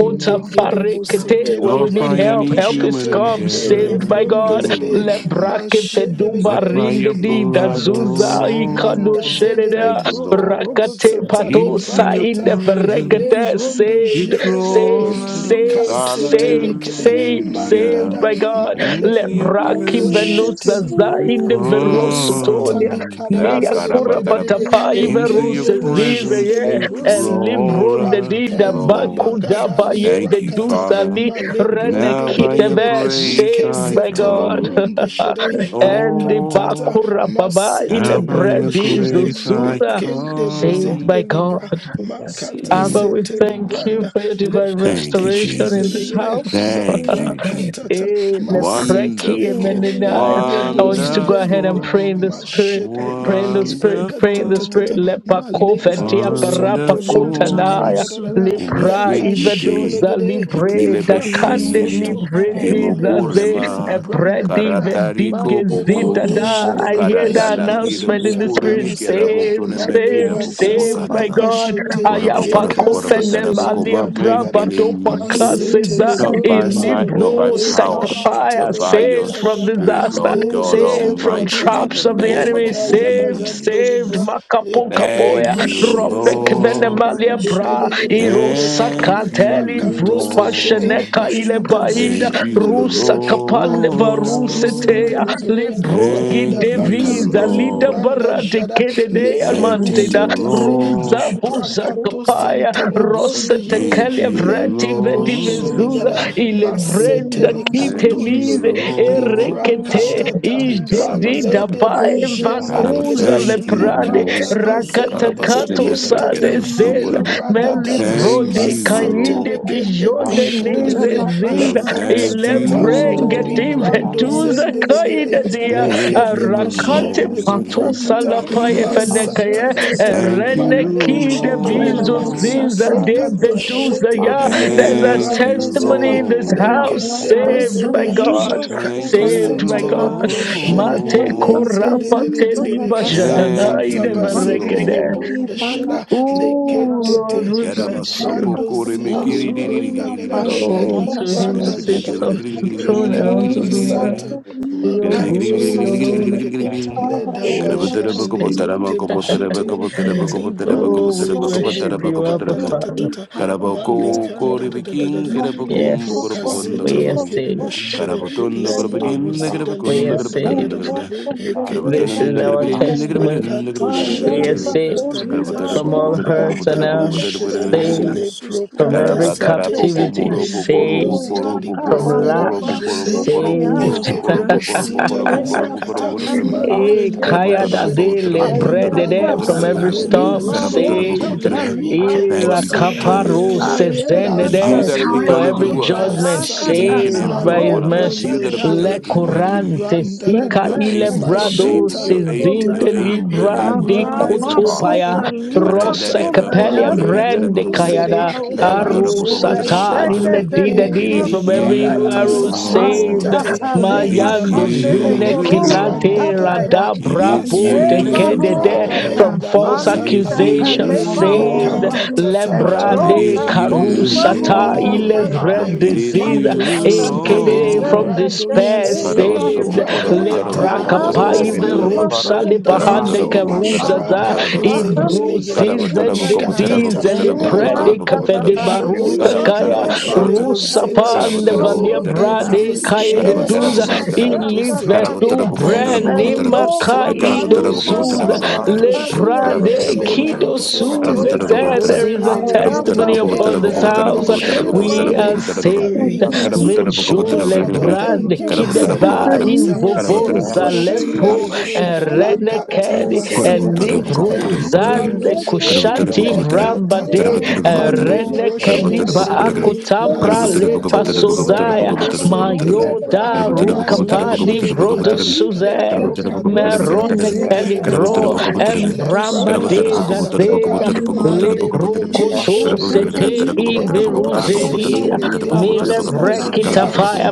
S4: Lord
S2: in the mighty name
S4: from
S1: farekete,
S2: of
S1: where
S4: me,
S1: we
S7: Not
S1: need
S2: Jesus.
S7: by
S1: help,
S4: receive
S7: any
S3: telibrakato
S1: help is
S7: human
S3: shete.
S1: come,
S2: In the
S1: saved
S7: endeavor,
S2: mighty
S1: by God.
S2: name
S3: Elebrondezede.
S2: of
S7: mm,
S4: my
S1: Lebrake
S4: brother,
S2: Jesus.
S1: feduba
S7: but
S3: Mashedelegede.
S7: by your
S1: rindedi
S2: In the
S7: blood,
S4: receive,
S7: O
S2: mighty
S3: Likantata.
S1: dazuza
S2: name of
S4: receive the
S1: ikano
S3: Manda
S7: Lord.
S2: Jesus.
S3: Mandazede
S4: Lord,
S7: Thank you, Lord.
S3: lebroka
S2: Yes,
S1: Rakate
S6: Thank
S2: Lord.
S3: rogotsata
S2: God.
S7: Into
S1: patosa
S7: your
S1: in
S4: receive,
S1: the
S3: liprakata.
S7: presence,
S1: verekate
S3: Elembrondo
S4: receive, receive,
S7: you
S1: saved,
S3: shedelegede.
S1: saved,
S7: draw us,
S1: saved,
S3: Likasete
S4: receive.
S1: saved,
S3: lekede.
S1: saved, saved
S7: hallelujah.
S3: Mandada.
S1: by God.
S7: Into your
S3: Malebro
S2: We are
S1: Lebraki
S3: kato
S2: saved.
S7: presence,
S4: Receive,
S1: venusa
S3: sheteli
S1: za
S7: we
S1: in
S3: branda
S1: the
S2: We
S1: verosotonia.
S3: masatali
S7: come. Ah,
S2: are
S1: Mia
S3: kadabazede de
S2: saved
S1: kura
S3: de de de
S7: karabataraba.
S3: de
S1: batapai
S7: Into your
S1: verose
S3: ekende
S1: zize
S3: boshende
S7: presence,
S1: ye
S7: you
S3: lebro
S1: and
S3: sita
S1: libron
S3: libra
S1: de
S7: draw us,
S1: dida
S2: in the
S3: enda
S2: name
S7: Lord.
S2: of
S1: bakuda
S3: bagada
S2: Jesus.
S1: baye
S3: libra
S7: Thank you,
S3: kata
S1: vedusa
S7: Father.
S1: li
S2: We are
S7: But
S2: called.
S7: now
S3: malebronde
S1: reneki
S7: by
S3: gede
S7: your
S3: gede
S1: deve
S2: We are saved.
S7: grace
S1: saved
S7: I
S3: likese
S1: by God
S3: telebronde
S7: come,
S3: shere
S1: and the
S2: We are
S3: lekatata
S7: Lord.
S2: saved.
S1: Bakura Baba
S2: We are saved. We are
S7: Now
S2: saved.
S3: setele
S7: by your
S1: Ilebredi
S3: broshere
S7: grace I
S1: Zuzuza,
S4: receive,
S3: lekende
S1: saved
S3: bozende
S1: by
S2: We
S7: come.
S1: God.
S2: are
S3: libra
S2: mighty
S3: makata
S4: Receive
S1: Abba,
S2: Jesus.
S4: the
S7: Mm.
S1: we
S3: setele
S4: Lord,
S1: thank
S2: We are
S1: you
S3: branda
S1: for your divine
S2: blessed
S7: Thank
S3: lekate
S7: you,
S1: restoration in
S3: shindele
S1: this
S7: Jesus.
S3: gere
S4: receive the
S1: house.
S7: Thank
S3: lepra
S4: Lord,
S7: you,
S2: in Jesus.
S7: Jesus.
S3: katata
S1: Eh,
S2: In
S4: receive
S1: lepreki,
S3: masetele
S2: the name
S3: ke
S2: of
S7: Wonderful,
S1: emenenai.
S4: the
S3: ende
S1: I want you to go
S3: bozide
S2: Jesus.
S4: Lord.
S1: ahead and
S3: libra
S1: pray in the
S7: wonderful,
S2: Our
S1: spirit,
S3: mashete
S2: Lord,
S3: libra
S1: pray in the
S2: we say,
S1: spirit, pray in the spirit.
S3: Tatatata
S2: we
S7: wonderful,
S2: go
S1: Lepako
S3: maleka to
S1: vedia
S4: Zakuta
S3: sunto
S1: parapa
S3: le
S2: for
S4: pashata
S7: wonderful.
S1: kotanaya.
S3: brokanda da da da
S4: fasu,
S1: Lepra
S3: leka
S7: Imefikite,
S2: Leave
S1: iveduza
S2: the
S3: shedelegede
S2: full
S1: libre
S6: you.
S2: worship
S3: lipra
S2: of your
S4: ima
S1: dakande
S2: heart.
S7: ikilebeshi,
S3: kasoto
S1: libre
S4: shapala
S6: Thank
S2: Leave a
S3: ende
S2: part of
S4: sus,
S1: dizaze
S3: bozide
S2: us and
S7: kimokurema,
S2: that
S3: libranda da da
S1: ebredi
S3: da
S2: full worship
S7: karatariko
S1: vedinge
S3: mande
S2: to be.
S3: kote
S4: leye
S7: pukum,
S1: zidada. I hear
S4: zazepa
S2: Leave
S1: the
S2: a part
S7: karatalafido
S4: sosu
S2: of
S1: announcement in the
S3: Lerika
S2: us and that
S1: spirit.
S7: pukurimi,
S4: sapashata,
S3: Dabasada
S5: you.
S1: Saved,
S2: full
S7: kerabutuleme kira
S3: Maleba
S1: saved,
S5: Thank
S7: pukupo
S4: ezo
S1: saved,
S3: Kasata
S1: my
S7: karata.
S4: bakata
S1: God.
S4: la
S3: Bashete
S7: Korobo,
S2: Leave a
S7: korobo,
S3: Eka
S4: fashata
S2: full worship
S4: la
S7: korobo,
S3: Sende
S2: to
S4: susa da
S1: Ayapakofenemalia
S7: tarabukoma,
S4: da da
S3: Libranda
S4: da.
S3: Gada
S1: brabadopa
S7: mengelim
S1: classes
S3: Masete
S4: Eyezi
S7: not by
S3: Lebronde
S1: in
S4: zazepa de
S7: might,
S3: Sedo
S7: not
S2: be.
S7: by
S1: Libro
S2: Leave
S4: koti
S3: Eka
S2: a
S7: power,
S2: full
S4: pala
S3: Shete
S7: but
S1: Sakapaya,
S7: by
S3: Leba
S7: your
S4: shata
S1: saved
S2: worship to
S1: from
S3: Kadaba
S7: spirit,
S1: disaster,
S7: Lord
S4: Malozo
S7: God
S3: Eleka
S1: saved from
S7: Almighty,
S4: zadakuta
S3: Dabazada
S7: in the
S2: be.
S1: traps of the
S7: name of
S1: enemy,
S3: Leka
S4: parashata
S2: Leave a part
S1: saved,
S3: Zabazando
S2: of
S1: saved
S3: Libra
S2: us
S7: Jesus.
S1: Makapo
S3: Eka
S1: Kapoya,
S7: Thank
S3: Lebro
S7: you,
S4: ezeza
S1: Ropek
S3: Shelegede
S4: katapara
S7: Lord.
S1: Venemalia
S3: Lende De De
S1: Bra,
S3: De
S2: and that i to be. Leave a worship
S4: shuzu
S3: De De De
S4: da
S3: De
S4: da da.
S7: Thank
S2: to
S3: Lipra
S1: Irosakateli
S7: you,
S1: Vropa
S3: Katosete
S4: imazoza
S7: Lord.
S1: Sheneka
S4: prashata
S3: Ende
S7: Thank
S4: suzu
S7: you,
S3: Bojende
S2: be.
S1: Ilebaida,
S3: Legede La
S1: kapande
S3: Pro
S4: viase
S7: Lord.
S3: Katosete
S2: Leave
S1: varusetea
S2: a full
S3: Legede
S2: worship to
S1: librogi
S3: lenda
S7: Thank you,
S1: deviza
S3: bakando
S4: viase
S1: lida
S3: libranda
S7: Lord.
S1: barate
S3: jada
S1: kededea
S4: da
S2: be.
S7: Thank you,
S3: lekete
S1: manteda
S3: te te
S2: Leave a
S3: te
S2: part
S1: ruza
S2: of
S3: la
S2: us
S4: prashata
S2: and
S1: buza
S2: that
S3: prakato
S4: dadadada
S7: Lord.
S1: kapaya
S2: full
S3: sentele
S2: worship
S3: bronde
S2: to be.
S4: mazuzu
S1: rosete
S3: jede
S7: Thank
S1: kalia
S7: you,
S4: zadakuta
S1: vrati
S3: lende
S1: vedi
S4: tara
S3: boshire
S2: Leave
S1: vezuza
S3: ligada
S7: Lord.
S2: a
S4: da
S1: ile
S4: da.
S3: masete
S1: vrenda
S3: le
S7: Thank
S4: Mazuzu
S1: kitelize
S7: you,
S3: katondodo
S4: zega
S3: li
S4: katakara
S1: erekete
S7: Lord.
S2: part.
S3: prakatata
S7: We
S4: shakatara
S7: got up, us,
S3: man
S4: segere.
S7: set
S1: ijedida
S7: up,
S3: lede
S2: Thank
S1: bae
S4: Ezeze
S3: bojende
S7: got up.
S1: vakuza
S4: ketu
S3: legere
S7: Thank
S4: shaka
S7: you,
S1: leprade
S4: para
S3: likata
S7: Lord.
S4: susu
S7: Got up,
S3: bazende
S7: us,
S3: le
S7: in
S1: rakatakato
S4: zedegedege.
S7: this with
S1: Rosa
S7: get up,
S1: de
S3: kentete
S7: us, so
S6: you.
S7: good
S3: li
S1: Zeza,
S7: up.
S4: Imazuza
S1: Meli
S4: pasha
S3: brada
S6: Article,
S7: Thank
S4: susu
S1: Brode
S7: you,
S4: zedegede.
S1: Kainde
S6: article,
S3: masetelekende
S7: Lord.
S1: Bijonde
S4: Ekuta
S6: antaka,
S1: Nize
S4: la
S3: bushedelegere
S7: Got up,
S4: pasha
S1: Zinza,
S6: badabadi,
S4: da
S7: thank
S1: Ile
S7: you,
S4: susu
S3: lekatatata la
S6: article,
S4: zedegedege.
S3: ribrando
S6: article,
S7: Lord.
S1: Vetuza
S4: Ezeze
S3: zendelegere
S1: Kaida Dia,
S4: kataka
S5: you.
S7: Thank
S3: lekede
S7: you,
S4: faka
S6: antabadi,
S1: Rakate
S4: susu
S5: Thank
S3: bojendeli
S1: Pato
S4: zedegede.
S7: Lord.
S3: prakata
S1: Salapai
S4: Indi
S1: Efenekaya,
S6: antake,
S4: mezeze
S3: masatatata
S7: Thank
S6: badabadi,
S1: Rene
S7: you,
S6: lapadi,
S1: Kide
S4: Shadula
S3: malebrondogodo
S1: Vizu
S6: antakur,
S7: Lord.
S4: pasa
S1: Zinza De
S4: sota da
S3: liprakato
S4: da da
S6: antakur,
S4: da.
S1: Vetuza
S3: shete
S1: Ya.
S3: e
S6: antakur,
S1: There's a
S7: Thank
S4: Ezeza
S6: badabadi,
S3: librando
S7: you,
S4: kota ba
S6: sabad,
S1: testimony
S3: zere
S1: in
S4: ba
S1: this
S4: ba
S3: le
S4: ba ba.
S1: house,
S3: lekede
S6: antakar,
S7: Lord.
S1: saved by
S3: bozede
S4: Azuzuza
S1: God,
S4: da
S6: antake,
S7: Thank
S4: para
S3: makato
S6: antake,
S7: you,
S1: saved
S4: kota
S1: by
S3: sentele
S1: God.
S4: para
S6: antake,
S4: shada da.
S3: broshere
S1: Mate
S7: Lord.
S3: lende de
S4: Ezeza
S1: Korapa
S3: de de de
S4: kota
S3: de
S4: la
S3: de
S1: Teliba
S6: badabadi, antake,
S4: paso
S3: la
S6: badabadi,
S7: Thank
S4: suza
S1: Jananaide
S4: da
S7: you,
S4: da da
S6: badabadi,
S4: da.
S3: katabasendele
S1: Verekede.
S3: bronda
S7: Lord.
S6: badabadi,
S4: Ibala
S3: shada
S4: kota para
S1: Oh Lord,
S3: leketete
S1: we
S4: suza da
S1: bless
S4: da da
S1: you.
S4: da.
S3: librando
S7: Karamasopokore
S3: zedele
S7: mekiri.
S6: antak,
S4: Ezuli
S3: brunda
S4: ma
S6: gudu,
S3: gada
S4: pasha
S6: gudu,
S4: da
S6: gudu,
S1: Oh,
S4: la
S1: to
S6: gudu,
S1: him who
S4: suza
S3: libranda
S4: da da
S1: sits
S4: da.
S6: antakur,
S1: off
S3: jede
S1: the
S6: gudu,
S1: throne
S6: gudu,
S4: Melo
S1: and
S3: lekada
S1: unto the
S4: zuza da
S1: Lamb
S6: gudu,
S4: da
S3: basata
S1: be all
S3: makato
S1: glory,
S5: you.
S4: Azuzuza
S3: sente
S1: all honor,
S4: da
S3: lekete
S4: kota
S7: Karabete-
S5: Thank
S4: para
S3: leda
S1: all
S7: karabete-
S3: bajende
S1: state.
S3: lekote boshete e
S4: Rekete
S3: librando
S1: Oh, we
S4: Jesus,
S3: setele
S1: worship you, Abba
S3: brokata
S1: Father.
S3: tatatata
S4: Ipalakot,
S3: malekanda da da da da
S2: Thank
S3: da
S1: Yes,
S3: leproka sete
S1: we
S4: Save,
S1: are
S3: lekede
S1: saved.
S4: Lord,
S3: boshede
S4: we
S3: lendo
S4: save, oh
S3: bozida
S1: We
S4: God,
S1: are
S3: libranda da da
S4: we
S1: saved.
S3: da
S4: are
S3: da da
S7: Carabocondo,
S4: saved,
S3: e
S7: Thank
S3: ke
S4: oh
S3: ke
S1: This
S4: God,
S3: ke
S1: is
S3: ke
S1: our
S3: ke
S7: you,
S1: testimony.
S4: we are
S3: lekato
S1: We are
S3: shete
S4: saved, as
S3: lekata
S1: saved
S4: souls
S3: bazada
S1: from
S4: who
S1: all
S4: are
S1: hurts
S4: passion,
S1: and
S3: Manda
S1: harms,
S3: bashere
S4: as
S5: you.
S1: saved
S3: le
S4: souls that
S1: from
S4: are
S3: prokate
S1: every
S3: sete
S4: souls,
S1: captivity,
S3: le brondo
S1: saved
S3: zida
S1: from
S3: libranga da
S1: lack,
S4: we are
S3: bajende
S4: saved from
S1: saved
S3: le
S4: we of
S3: kete bosita li
S4: precious, we are
S3: prakata
S4: saved from
S1: Eh,
S3: malende
S1: Kaya
S4: every,
S3: bojere
S1: Dade
S3: e
S4: we are
S1: Lebredede
S3: librando
S1: from
S4: saved
S2: Beta
S1: every
S4: from
S3: sede le
S4: every
S1: storm
S2: Karabasa,
S3: bronde gere
S2: Malay
S1: saved.
S4: evil,
S2: to
S3: le
S2: Robosuk,
S3: riketo
S4: in
S3: sete
S2: Beta
S4: the
S3: le
S1: Irakaparo
S4: name
S7: Jesus.
S3: kere
S4: of
S7: Because
S3: lando
S5: Alekata
S7: you
S2: Karabasanta,
S1: Sezenede
S7: that
S4: Jesus,
S7: have
S4: we
S3: zere
S1: for
S2: Malay
S5: liba
S7: begun a
S2: to
S6: Power
S7: good
S1: every
S4: are saved.
S5: soda
S7: work
S6: off.
S2: Robosuk,
S1: judgment
S5: ya
S7: in
S3: ikasata
S7: each
S5: kata
S7: and
S4: These are
S1: saved
S7: every
S1: by
S6: Asa
S1: his
S3: male
S7: one
S2: Beta
S7: of
S4: faculties
S7: us,
S1: mercy.
S7: you
S3: brondo
S7: that
S2: Karabasanta,
S7: have
S4: that
S5: na
S4: are
S7: begun a
S3: jere
S7: good
S4: filled
S7: work in me.
S1: Lekurante
S2: Beta
S3: libranda da
S5: Thank
S3: da
S1: Sika
S7: You're
S3: da
S2: Karabasa,
S7: able, you're
S4: with
S1: Ilebrado
S7: able,
S3: mashata
S7: you're able,
S1: Sezinde
S7: you're
S3: leketete
S7: able,
S6: okuranta
S2: Beta
S7: you're
S1: Libra
S7: able to
S1: de
S6: manta
S7: bring
S3: elibranda
S7: it
S4: life
S7: to
S4: and
S3: zada
S1: Kotopaya.
S7: pass.
S2: Karabasanta,
S4: spirit
S6: ranta
S2: Malay
S7: It
S2: to
S6: sarada
S1: Rose
S3: lekatata
S4: matter.
S2: Robosuk,
S1: Capelia
S4: These ones are
S1: Vrende
S3: malebrondo
S4: filled
S2: Beta
S3: zere
S1: Kayada
S3: le
S2: Karabasanta,
S4: with
S6: hidu
S1: Aru
S3: ribro
S4: soul,
S3: de
S6: tiyata
S1: Satan
S3: shende
S1: in
S2: Robosuk,
S1: the
S6: anta
S3: legere
S4: faculties
S1: D
S4: that
S6: de
S7: is
S1: from
S2: Beta
S1: every
S5: you.
S1: evil
S3: liprakata
S7: you,
S4: are
S1: arrow
S2: Karabasanta,
S6: asa
S4: sisters
S1: saved
S7: Lord.
S3: satolentete
S5: Masata
S2: Karabasanta,
S6: erekiti
S4: that
S7: It
S5: leba
S7: is
S3: lenda
S1: Mayando
S5: kandele
S1: June
S4: from
S3: bajere
S6: asa
S7: you,
S5: boros
S4: every
S3: lipranda
S1: Kilate
S7: Lord.
S6: baratanda
S2: in
S5: Masakalebakandeleborosikandaya.
S3: da.
S1: Rada
S7: It is
S5: And
S1: Brabo
S6: and
S1: de
S3: Masuto
S6: eto
S4: thing,
S7: you,
S3: lepra
S1: Kedede
S6: ekerika
S5: lebarosaka,
S1: from
S7: Lord.
S3: enda
S6: baraba
S1: false
S4: Lord,
S7: It
S4: we are
S7: is
S3: bazanda
S5: manisaka
S6: asa se
S1: accusations
S3: legere
S7: you,
S4: from
S6: ekerika
S1: saved
S7: Lord.
S5: lebarosa,
S6: baga
S4: every
S6: baga baga
S3: ikatatata
S5: and
S4: fault.
S1: Lebra
S6: and
S7: it
S1: de
S7: is
S5: soka
S3: malebrondo
S1: Karu
S4: The
S7: you,
S4: evil
S3: jende
S1: Sata
S6: ekeri
S5: polibarosa
S4: Lord,
S7: Lord.
S4: we
S3: legere
S4: are
S5: kanda,
S1: Ilevred
S4: saved.
S7: It
S6: asa se
S7: is
S1: disease
S7: you,
S3: lerikento
S4: We are
S6: ekeri
S1: in
S3: soto
S5: masakata,
S6: ekeri
S4: saved,
S1: Kede
S4: O
S7: Lord.
S4: Lord.
S1: from
S5: and
S6: asa
S3: elibrando
S6: ko
S5: the
S4: We are
S1: despair
S3: jere
S6: ekeri
S4: saved,
S5: bosa,
S7: Carabotera
S4: O
S1: saved
S6: ekeri
S3: lipra
S4: Lord.
S5: is
S4: Our
S5: the
S3: katata
S1: Lepra
S6: anta so
S4: lives are
S5: kata
S3: o
S1: Kapai
S6: sebeli
S4: saved.
S5: liba
S3: malepro
S1: Verusa
S6: kabarate
S5: kandaya
S4: Ezo
S1: Lepahande
S3: ndezere
S6: ata ko
S1: Karusa
S5: Eva
S4: mashata
S3: lipra
S6: ekeri ekeri
S4: patasus
S3: kadozende legere
S1: Ibrozis and
S6: ekeri
S2: Jesus,
S3: likatata
S1: Didis
S6: ekeri
S1: and
S2: in
S4: ikendedede
S2: the
S6: Aan
S1: Predic
S2: name
S6: te ko,
S3: Malebrondo
S2: of
S1: the
S4: na
S6: se ke di ka
S2: Jesus,
S3: Shendele,
S1: Barota
S4: dozo
S6: ta baat.
S4: za
S1: Kaya
S2: in the
S6: Raan
S4: peshete
S6: te
S3: Lekedebo
S6: ko,
S2: name
S6: se
S4: pesus
S2: of
S6: ke
S3: Zere.
S1: Rusapa
S6: di
S1: and the
S6: se ke
S2: Jesus,
S6: ta.
S1: Valia
S3: Oh, thank you
S2: in
S4: eze
S6: Raan
S3: for
S1: Brade
S6: te
S2: the
S6: ko,
S1: Kaya de
S3: saving
S4: meshete
S3: us.
S6: aan
S1: Duza
S6: te
S4: lesus
S6: ko,
S2: name
S3: Makato
S6: raan
S2: of
S6: te ko,
S3: Sete,
S6: se
S1: Ilivetu
S6: ke di
S2: Jesus,
S6: se
S3: Levi
S4: eze
S6: ke ta.
S3: Brundo
S1: Branima
S4: pekete la
S6: Ra ko,
S1: Kaido
S4: peshene
S3: Sendelegere,
S4: mesus
S1: Suza
S2: Oh,
S6: ra
S3: Lakato
S1: Le
S6: ko se ke,
S4: we
S3: Shende,
S4: are
S6: eh
S1: Prade
S6: se ke di
S3: Lepro
S4: saved,
S1: Kido
S4: O
S6: se ke
S4: Lord.
S6: ta.
S1: Suza
S3: Sentele,
S4: We are
S1: said
S3: Debo
S1: there is a
S6: Aan
S3: Zendele
S4: saved,
S6: se
S4: O
S6: ke,
S1: testimony
S6: ja
S4: Lord.
S3: Ketete,
S6: da
S1: upon
S4: Our
S6: da
S1: this
S6: da da
S3: and
S6: baat.
S3: the
S1: house.
S4: families have
S6: Aan
S1: We
S6: te
S1: are
S3: Shedelegere,
S6: ko,
S4: saved.
S6: se ke di
S1: saved.
S6: lo ko
S3: Larika
S4: Ezo
S6: ta.
S3: Soto.
S6: Eh
S1: Mejule
S6: se ke
S3: Father,
S5: Thank
S6: se
S1: Brad
S6: ke,
S3: thank
S4: mashata
S3: you for
S6: eh se
S3: saving
S1: Kideba
S3: us.
S1: in
S3: uh,
S4: Ez is a
S3: Ento
S1: Vovonza
S6: ke se
S4: koti
S6: ke,
S4: la
S1: Lepro
S3: shendelegere
S4: pasha, da da da.
S1: and
S3: lakata
S6: ya
S4: Ez
S6: se ke se ke,
S3: basente
S4: ezekutsa
S6: ya
S1: Libru
S6: se ke se ke,
S3: elibrando
S1: zande
S4: parashuzus
S7: Karabatara
S4: da da
S3: zere
S4: da
S6: ya
S1: kushanti
S4: da. We are
S1: vramba de
S3: lekatata
S4: saved, O Lord.
S1: rene
S3: malebro
S6: se ke se
S4: We are
S6: ke.
S1: keliba
S3: shendelegere
S4: saved, O
S6: Ranta
S1: akutapra
S4: Lord.
S1: le
S3: lasete
S4: We are
S3: lebro
S1: pasozaya
S4: saved,
S3: kato
S4: Jesus.
S1: mayoda
S3: libra
S4: Ez
S3: manda
S4: o
S1: rukapadi
S3: jere
S4: pasha da
S1: vrodo
S4: da
S3: legere
S4: da da
S1: suze
S4: da da.
S3: lepro kato
S1: merone
S3: sente
S1: kelivro
S4: Ezebeketele
S3: legere
S4: preshito
S3: lepra
S1: embramba
S4: suzu
S1: deza
S2: Jesus.
S4: zedede.
S3: katanda zada
S1: zazeda
S2: In the
S4: Imala
S2: name of
S1: libru
S4: kota
S3: malebrunde
S1: koto
S2: Jesus.
S3: shere
S4: parashuzu
S1: sete
S3: legere
S2: In the
S4: zedede.
S2: name
S3: lepro
S2: of Jesus.
S3: kasete
S1: iveruzedia
S3: le
S4: Regedi la
S3: debo
S2: In
S1: Mile
S2: the
S4: pasa
S2: name of
S5: you.
S4: suzu
S1: vrekita
S3: libra
S4: zedede.
S2: Jesus.
S1: fire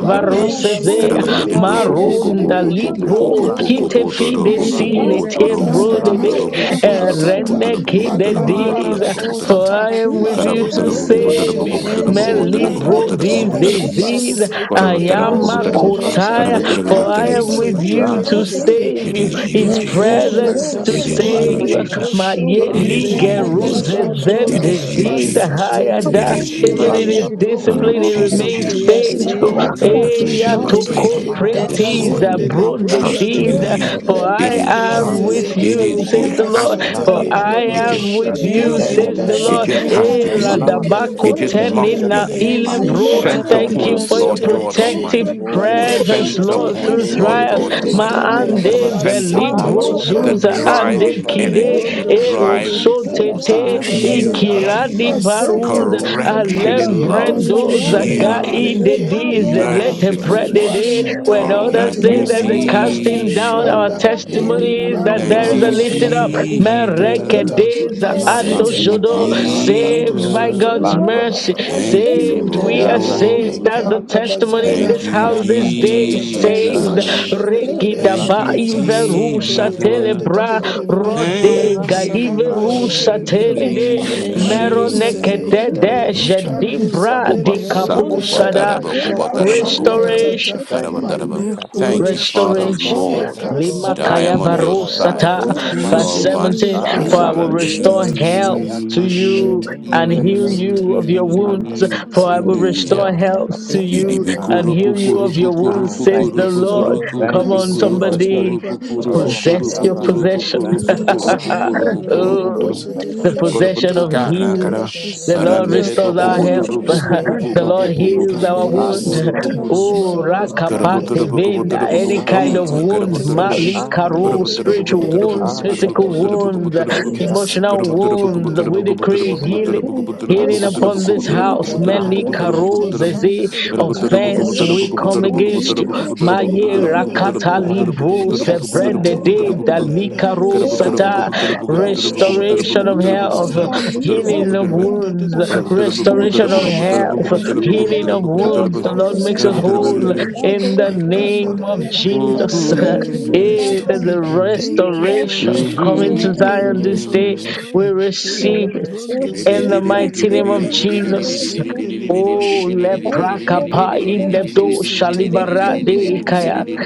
S2: In the
S1: varuseze
S4: Eshuzu
S2: name
S3: sedele
S2: of
S4: pala
S3: kende
S4: kota
S3: de
S2: Jesus.
S3: de
S1: maronda
S3: de.
S2: In
S3: La
S1: libro
S4: parashuzu
S2: the
S3: kondo
S2: name
S1: kite
S4: zedede.
S2: of
S1: fide
S3: bojende
S2: Jesus.
S3: le
S1: sile te
S3: brokata
S2: In
S4: Eyezeketele
S2: the
S1: brode
S3: sata.
S1: de
S2: name of
S3: La
S4: presuzu
S1: eh,
S2: Jesus.
S3: katata.
S4: zedede.
S1: rene
S2: In
S1: kide
S2: the name
S4: Imala
S2: of
S1: dida.
S3: Malabrakata
S4: kota
S2: Jesus.
S1: For
S3: sata.
S1: I am with
S2: In
S4: parashuzu
S1: you
S2: the
S1: to
S2: name of
S4: zedede.
S3: Malebrondo
S2: Jesus.
S1: save you.
S3: jere.
S1: Me
S3: Le
S2: In
S4: Ezemele
S3: kanda
S1: libro
S2: the
S3: da da
S2: name
S3: da
S2: of
S3: da.
S4: presuzu
S1: disease.
S2: Jesus.
S4: zedede.
S1: I
S3: Masete le
S2: In the
S1: am a
S3: bronda
S2: name
S7: Karabatarabakobotarabak-
S2: of
S4: Gazuzu
S3: jere.
S6: Ranta
S2: Jesus.
S3: Le
S6: Kuzanta
S1: kotaya. For
S7: Karabatarabakotarabak-
S1: I
S7: It
S3: kato
S4: zedeshedele
S1: am
S7: is
S2: Rima
S7: you,
S1: with you
S2: Baba
S7: Jesus.
S6: Yara
S1: to
S4: zedede.
S6: Katan
S2: Santa
S3: setelentete.
S1: save
S7: It
S2: Lama
S1: you.
S3: Li
S7: is you,
S2: Ribu
S1: His
S2: Guru
S7: Jesus.
S3: prakanda
S4: Yazime
S1: presence
S3: jada.
S1: to
S6: Lankara
S2: Bosuntuli
S7: It
S1: save
S7: is
S4: sasuza
S7: you,
S2: Baba
S1: save us.
S4: lakara.
S3: Malebro
S7: Jesus.
S1: my
S7: It
S3: shedele
S1: yeli
S6: Ranta
S7: is
S2: Ribu
S3: jere.
S7: you,
S2: Guru
S4: Iketepele
S3: Li
S7: Jesus.
S1: geruzes
S6: Katabanta
S2: Bosuntuli
S1: then
S7: It
S4: susuza
S3: prakata.
S7: is you,
S2: Baba
S4: lakara.
S1: disease
S2: Santa
S7: Jesus.
S6: Landa
S3: Masete
S2: Lama
S1: higher
S4: We
S1: da
S7: It
S4: are
S3: tete.
S2: Ribu
S7: is you,
S1: even in his
S6: Lanta
S7: Jesus.
S4: saved, O
S2: Guru
S3: Malebron
S7: I look
S1: discipline
S6: Kasan
S1: he
S7: to
S3: canto
S4: Lord.
S7: you,
S1: remains
S6: Hiranama
S2: Eba
S3: sete,
S4: We are
S7: Jesus,
S2: baba
S6: Kasan
S7: the
S2: santa
S1: faithful
S3: lipra
S2: la
S7: author
S6: in
S7: and
S4: saved,
S6: the
S7: the
S3: canto
S2: marebo
S1: eya
S7: finisher
S6: Kasin
S7: of
S6: the
S7: my
S2: boro
S3: shere,
S4: Jesus.
S1: toko
S6: Delta
S7: faith
S2: santo dia
S6: Baradu
S7: this
S2: baba.
S1: pretis
S5: Master,
S1: the
S4: Ezuni
S3: hedabazende
S7: morning,
S6: in the
S2: Ebo boro
S5: Thank
S6: Kasikra
S3: lebronda da
S7: trusting
S3: da da,
S2: santo
S4: mapashusu
S7: in
S3: da
S2: dia
S6: Kaban
S7: you.
S2: baba
S1: for
S4: lakara.
S1: I
S7: It is
S3: lekando
S2: santa la
S1: am
S7: you.
S6: Randa
S3: zere,
S1: with
S6: Rakas
S7: It
S4: Ezeze
S2: marebo.
S1: you
S7: is you. It
S1: says the
S4: kota
S3: lipra
S7: has
S1: Lord
S7: to be
S3: sata
S1: for
S7: you.
S4: palakanda
S6: Lambara
S1: I
S7: It
S3: lebronda
S1: am
S4: lakara.
S7: just
S1: with
S7: has
S3: shere,
S7: to be
S1: you
S7: you.
S1: says
S4: Ezime
S1: the
S7: It
S1: Lord
S3: endazada,
S7: just
S4: shetele
S6: Zambarapadakadushkava,
S7: has to be
S1: era
S7: you.
S4: pesusu
S2: Eba
S1: dabako
S3: malekende
S7: It
S6: Panamakasand,
S2: santa
S7: just
S4: lakara.
S3: bojere
S2: baba.
S7: must be
S1: tenina
S3: legere,
S7: you.
S6: Basindabakasand,
S1: ilevro
S3: lipra
S4: Ezekete
S2: Ora
S7: Center
S1: thank
S3: canto
S1: you
S4: pepele
S6: Zambarakatu
S7: points,
S1: for your your
S7: Lord
S2: tiene
S3: sete,
S7: God
S6: Kupalakatush,
S2: shibe.
S1: protective
S7: Almighty.
S3: elibranda
S1: presence,
S6: Imasanda
S7: Center
S3: shete,
S1: Lord, through
S7: points,
S3: e de
S7: Lord
S4: Ezele
S1: trials.
S7: God
S3: de
S6: Baramanavasandana,
S3: de de
S2: Lord,
S7: Almighty.
S1: Ma
S4: mesuza
S2: we
S3: de
S6: Randa
S4: la
S7: The
S1: ande
S2: believe
S3: la
S4: karada.
S2: in
S7: center
S6: Barabasandana,
S2: you.
S3: sete
S1: velibro
S7: points,
S6: Barabarabarabara,
S4: Ratsuru
S7: the
S2: How
S3: lekede
S2: you
S1: zuza
S2: will
S4: futa
S3: bozene,
S4: la
S2: we
S1: ande
S7: driving
S6: Orankasum,
S2: know
S4: prashel.
S1: kide
S7: energy, the
S3: lebrondo
S2: that
S6: Sangarish,
S3: jende,
S2: you
S7: driving
S2: will
S3: la
S2: not
S7: force.
S2: put
S1: erosotete
S2: to
S3: canta
S2: shame,
S6: Arakata,
S2: O
S7: You,
S3: bazada,
S4: Yasiru.
S2: God.
S1: ikiradi
S6: Karatakata,
S7: Jesus.
S2: You will
S1: baruza
S3: masatata.
S2: not
S7: Correction
S6: Orakabisha,
S7: in
S2: put
S7: love.
S2: us
S3: Malebranda
S2: to
S1: alembrendo
S6: Bishagabi,
S3: jere
S2: shame.
S1: zaga
S7: You, Jesus.
S2: You
S1: ide
S4: Yasiru.
S6: Asekunda,
S3: lekende
S2: will
S1: dize
S2: not
S3: dede
S4: We
S1: lete
S2: put
S5: you.
S2: us
S7: Merciful
S2: to
S6: Asekunda,
S4: give
S7: one.
S1: today.
S2: shame.
S4: you
S3: liprashete
S1: When
S7: Come,
S4: all
S2: You
S1: others
S3: lekete
S5: Thank
S7: Thank
S1: say
S7: you,
S2: will
S4: the
S6: Etekabikata,
S1: that the
S2: not
S3: boseta
S2: put us to
S1: casting
S4: glory.
S1: down, our
S2: shame.
S3: lepranda
S7: Jesus.
S2: You
S1: testimony
S6: Lantakasand,
S2: will
S1: is
S2: not
S1: that
S3: elibrando
S2: put
S7: Thank
S1: there's a
S2: us
S7: you,
S2: to
S3: zere
S1: lifting up
S2: shame.
S4: Yasiru.
S6: Barabarabasandakata.
S3: lekanta
S2: You will
S3: tatata
S2: not
S7: Jesus.
S1: their days
S2: put
S1: and
S2: us to
S4: Exu
S1: under
S7: Thank
S6: Nakamba
S3: masete
S7: you,
S2: shame.
S6: bara
S1: shadow,
S4: shapala
S6: sanda
S2: Riba
S4: susu
S3: eprakato
S1: saved
S6: kabara
S2: Boroba
S1: by
S7: Jesus.
S3: soto
S1: God's
S2: Santoli
S6: landa
S3: lepro
S4: sedededede.
S6: bara
S1: mercy,
S2: Mama
S6: bara
S7: Thank
S2: Baraba
S7: you,
S1: saved.
S2: Santa
S3: elembronda
S1: We
S2: Baba
S4: Imbele
S6: ya
S1: are
S3: jere
S6: brata
S1: saved.
S4: futi
S6: kaba
S1: That's
S7: Lord.
S1: the
S6: saka
S3: ekanda
S4: pala
S6: kaba
S1: testimony
S4: shada
S1: in
S3: bazada
S7: Thank
S1: this
S7: you,
S1: house
S6: ya
S4: sedededede.
S1: this
S6: krata
S3: lekata
S1: day.
S6: kata
S2: Riba
S3: tata
S2: Baraba
S4: Rezo
S1: Saved.
S2: Santa
S6: rakata
S7: Jesus.
S2: Lama
S6: kata
S3: mashere
S4: ruza
S2: Riba
S1: Reki
S3: legere
S7: Thank
S1: daba
S7: you,
S4: peshede
S6: rakata kata
S3: lekasonto
S1: inverusa
S4: suzu
S6: rakata
S3: lebronda
S6: kata
S3: dede
S1: telebra
S7: Jesus.
S2: Father,
S3: dede
S2: we
S3: dede
S6: rakata
S2: pray.
S1: rodega
S6: kata
S7: Thank
S1: ga
S4: Imarasa
S7: you,
S3: leprakanda
S4: Suze
S6: rakata
S2: Oh,
S1: inverusa
S3: shere
S2: let
S6: kata
S2: your
S3: legere
S2: glory
S1: telede
S3: Le
S6: lakata
S2: shine.
S6: kata
S3: Lekando
S4: Yeshita
S6: kata
S3: sede,
S2: Let
S1: meronekete
S2: your
S3: la
S6: eh
S7: Jesus.
S2: glory
S4: Kasus
S1: deje
S6: tekati kata
S3: ricando
S2: shine.
S6: kata
S1: dibra
S3: zede
S7: Kopa
S1: di
S2: Let
S6: tekati
S2: your glory
S3: lebronda
S7: sakupa
S6: eh
S4: Yandifera
S3: shada,
S1: kapusada
S2: shine
S7: taraba,
S6: tekati
S4: Suza
S7: kopa
S3: la
S7: taraba,
S6: tekati
S4: Pashata
S2: upon
S7: kopa
S6: tekati
S7: taraba,
S1: restoration
S2: every
S3: prakantata,
S6: thank
S7: taraba,
S6: you
S3: ma
S6: ji
S2: family
S7: taraba.
S3: le
S7: Thank
S3: lebronde
S7: you,
S6: kasiva
S4: Rakusapa
S2: connected
S7: Father
S2: to
S3: shede,
S1: Restoration
S6: rata
S2: this
S6: bara
S7: Lord,
S2: altar,
S6: dande
S1: Lima
S7: that
S2: God.
S7: I
S6: oh
S7: am
S3: ekasotole,
S7: on your
S2: In
S1: Kayavaru
S6: marataba
S2: the
S7: side
S1: Sata,
S2: name
S3: patata,
S6: oh
S2: of
S7: because you are
S1: verse
S7: on
S6: marataba
S2: Jesus.
S7: my
S4: Rasulu
S1: 17.
S7: side.
S1: For
S6: ara
S4: Suza
S1: I
S2: In
S6: bara
S2: the
S1: will
S6: bara
S3: lekatata,
S2: name
S1: restore
S4: Pashata
S2: of
S1: health
S2: Jesus.
S1: to
S6: Ayakanda,
S2: In
S1: you
S3: ekashete
S2: the
S1: and
S4: Yes,
S3: libranda
S1: heal
S6: Intakasanta,
S3: sote,
S1: you of your wounds.
S3: lende
S1: For I
S6: Arakatanda,
S1: will
S3: bozende le
S1: restore
S7: Hallelujah.
S3: kanta.
S1: health to
S4: yes,
S6: Alakatada,
S1: you and
S2: name
S7: Kiribikuru
S2: of
S3: Malibra
S1: heal you
S6: Atakara.
S7: pukuru
S1: of
S2: Jesus,
S1: your
S7: pukuru
S1: wounds,
S6: Ah,
S1: says
S2: you
S3: Dashidele
S6: thank you,
S1: the
S7: pukuru
S6: Jesus.
S1: Lord.
S7: pukuru
S3: Lepra
S2: restore
S7: pukuru
S6: Thank
S1: Come
S6: you,
S1: on,
S6: Jesus,
S7: pukuru
S3: Casun
S6: for
S4: yes,
S3: to
S7: pukuru
S2: everyone
S1: somebody.
S6: restoration.
S3: Libra
S7: pukuru
S2: lost,
S6: Oh,
S1: Possess
S7: pukuru
S6: Master
S5: you.
S1: your
S3: Mashitele
S2: everything
S7: pukuru
S6: Brother,
S2: that
S1: possession.
S2: was
S6: thank
S2: also
S6: you,
S3: Catatata
S7: pukuru
S2: gone
S6: Father.
S7: pukuru pukuru
S3: Malibra
S2: in
S4: yes,
S2: the
S1: Oh,
S5: Thank
S7: pukuru
S2: name
S1: the
S2: of
S6: Ratakasakata,
S3: Dosedelegede
S1: possession
S2: Jesus,
S1: of
S3: Ekanda
S1: healing.
S6: Atakanta,
S2: in
S7: pukuru.
S2: the
S4: the
S3: Bash
S1: The
S6: we
S2: name
S1: Lord
S4: sense
S2: of
S3: Delegede
S4: of
S7: Arandere
S6: possess
S1: restores
S7: poco
S6: our
S1: our
S2: Jesus,
S3: Father
S1: health.
S3: we
S6: possession
S7: potoro
S4: possession
S7: poco
S6: by
S4: Lord.
S2: in
S6: the
S7: poco
S1: the
S2: the
S3: restoke
S6: blood
S1: Lord
S7: poco
S6: of
S2: name
S4: and
S2: of
S6: Jesus.
S1: heals
S7: poco
S4: the
S1: our
S3: Ekanda
S7: guru
S2: Jesus,
S4: old
S1: wound.
S7: guru
S3: Basente
S2: you will
S4: powers
S7: guru
S6: Azokopeta,
S1: Oh,
S4: to
S2: restore our
S4: the
S3: Malibra
S2: health,
S7: karapotoro
S1: rakapate
S7: poco
S2: you
S6: Ikantokosaka,
S2: will
S7: potoro
S1: venda,
S7: poco
S3: Nazadelegede
S1: any
S4: egg
S2: restore
S1: kind
S3: La
S2: all
S1: of
S4: at
S2: our
S7: potom
S1: wound,
S6: Antekatata,
S3: Kente
S7: karapotoro poco
S2: blessing,
S4: the
S3: Bush
S1: mali karo,
S2: in
S3: Delegede
S7: karapotoro
S6: Arakatina.
S2: the
S7: poco
S1: spiritual
S7: potoro
S2: name
S7: poco
S1: wounds,
S2: of
S3: Lekanda
S7: potoro
S1: physical
S4: We
S2: Jesus,
S4: are
S7: poco
S6: Arakatokatana,
S1: wounds,
S7: potoro poco
S2: in
S7: potoro poco
S4: saved,
S2: the
S1: emotional
S2: name
S3: Ekasanta
S2: of
S6: Irakatakatar,
S7: karapotoro poco
S3: Likanda
S1: wounds.
S2: Jesus,
S7: potoro
S1: We
S7: poco potoro
S1: decree
S7: poco
S2: in the
S1: healing.
S6: Erakatakatakatana,
S3: Malibra
S2: name of
S4: we
S1: Healing
S7: potoro poco potoro
S4: are
S3: Caso
S1: upon
S2: Jesus,
S1: this
S4: saved,
S6: Arakatakatar,
S1: house,
S7: poco
S2: in
S4: Lord,
S7: potoro
S2: the
S7: poco
S1: many
S3: Ekanda
S4: we
S7: potoro
S6: Azakat,
S4: are
S7: poco
S2: name
S7: potoro poco potoro poco
S2: of
S7: potoro
S1: karozes,
S2: Jesus,
S7: karapotoro
S6: Izakat,
S7: poco
S2: in
S1: offense,
S4: healed
S2: the
S7: potoro
S4: of
S1: we
S7: poco
S4: God,
S1: come
S7: potoro
S2: name
S4: healed
S2: of
S4: of
S3: Mashitilika,
S1: against you.
S7: poco potoro poco
S2: Jesus,
S4: God,
S3: he
S7: potoro
S1: Maye
S7: poco potoro
S4: healed
S2: in
S6: Aranda,
S7: poco
S4: of
S2: the
S1: rakata
S4: God,
S3: candida,
S2: name of
S6: Aranda,
S1: libro
S3: he
S7: potoro poco potoro poco potoro poco potoro poco
S2: Jesus,
S4: all
S1: sevrende
S4: our
S1: de
S7: potoro
S3: cassitilika,
S7: poco
S6: Izagatanis,
S2: in the
S7: potoro
S4: lives,
S1: dalika
S2: name of
S4: healed of
S7: karapotoro
S3: he
S6: Izagatanis,
S2: Jesus,
S7: poco
S4: God.
S1: rosata.
S3: la
S7: potoro poco
S6: Antek,
S4: And
S2: in
S7: potoro
S2: the
S7: poco potoro
S2: name
S4: social
S7: poco
S1: Restoration
S3: prakatoshitili
S2: of
S1: of
S4: for us,
S2: Jesus.
S1: health,
S7: potoro poco potoro poco potoro
S3: brazada,
S6: Uza
S7: poco
S4: social
S7: potoro
S3: he
S7: poco
S4: system.
S1: healing
S2: In
S1: of
S2: the
S7: potoro
S6: Izagatanis,
S3: libron da
S2: name
S3: da
S1: wounds,
S2: of
S3: da da da da
S6: Aranda,
S2: Jesus.
S7: Mm-hmm.
S4: Let there
S1: restoration
S4: be a
S1: of health,
S3: mashadaliga da
S2: Restoration,
S4: restoration
S3: da
S6: Ayantis,
S3: la
S2: O
S3: da
S4: of,
S1: healing
S2: Lord.
S1: of wounds. The
S3: ekandadadadada,
S6: Matanda,
S1: Lord
S4: let there
S1: makes us
S4: be
S2: Restoration,
S3: ekasitilikanadada,
S2: O
S1: whole
S2: God.
S3: elaprakatushitilibrazada,
S4: restoration of
S1: in
S3: elibrondadadadada,
S1: the
S6: Izakatan,
S4: life.
S6: the
S3: mashadaligadadada, da
S4: In
S6: Kretan,
S1: name of
S5: you.
S3: da
S6: and the
S4: the
S2: Restoration.
S3: Father,
S1: Jesus.
S5: Thank
S3: thank you
S4: name
S3: for
S4: of
S1: Eh, there's
S6: Izakati,
S2: Restoration.
S1: a
S3: restoring.
S4: Jesus,
S3: Thank you for
S1: restoration
S4: restoration.
S3: restoring.
S2: Restoration.
S1: coming to
S3: Thank
S1: Zion
S3: you
S1: this
S3: for
S1: day. We
S3: restoring.
S2: Restoration.
S3: He
S1: receive it
S3: libron da
S1: in
S3: Elibrondazede,
S1: the
S2: Restoration.
S1: mighty name of Jesus.
S2: Restoration, O God.
S1: Oh,
S2: In
S3: lekandabazindilibroshidiligadada,
S2: the name
S1: leprakapa in
S2: of
S4: And
S1: the
S3: Leprakato
S2: Jesus.
S1: do
S3: setele
S4: suppression,
S1: shalibara
S2: In
S3: kende
S1: de
S2: the
S4: suppression,
S1: ikaya.
S3: bozele
S2: name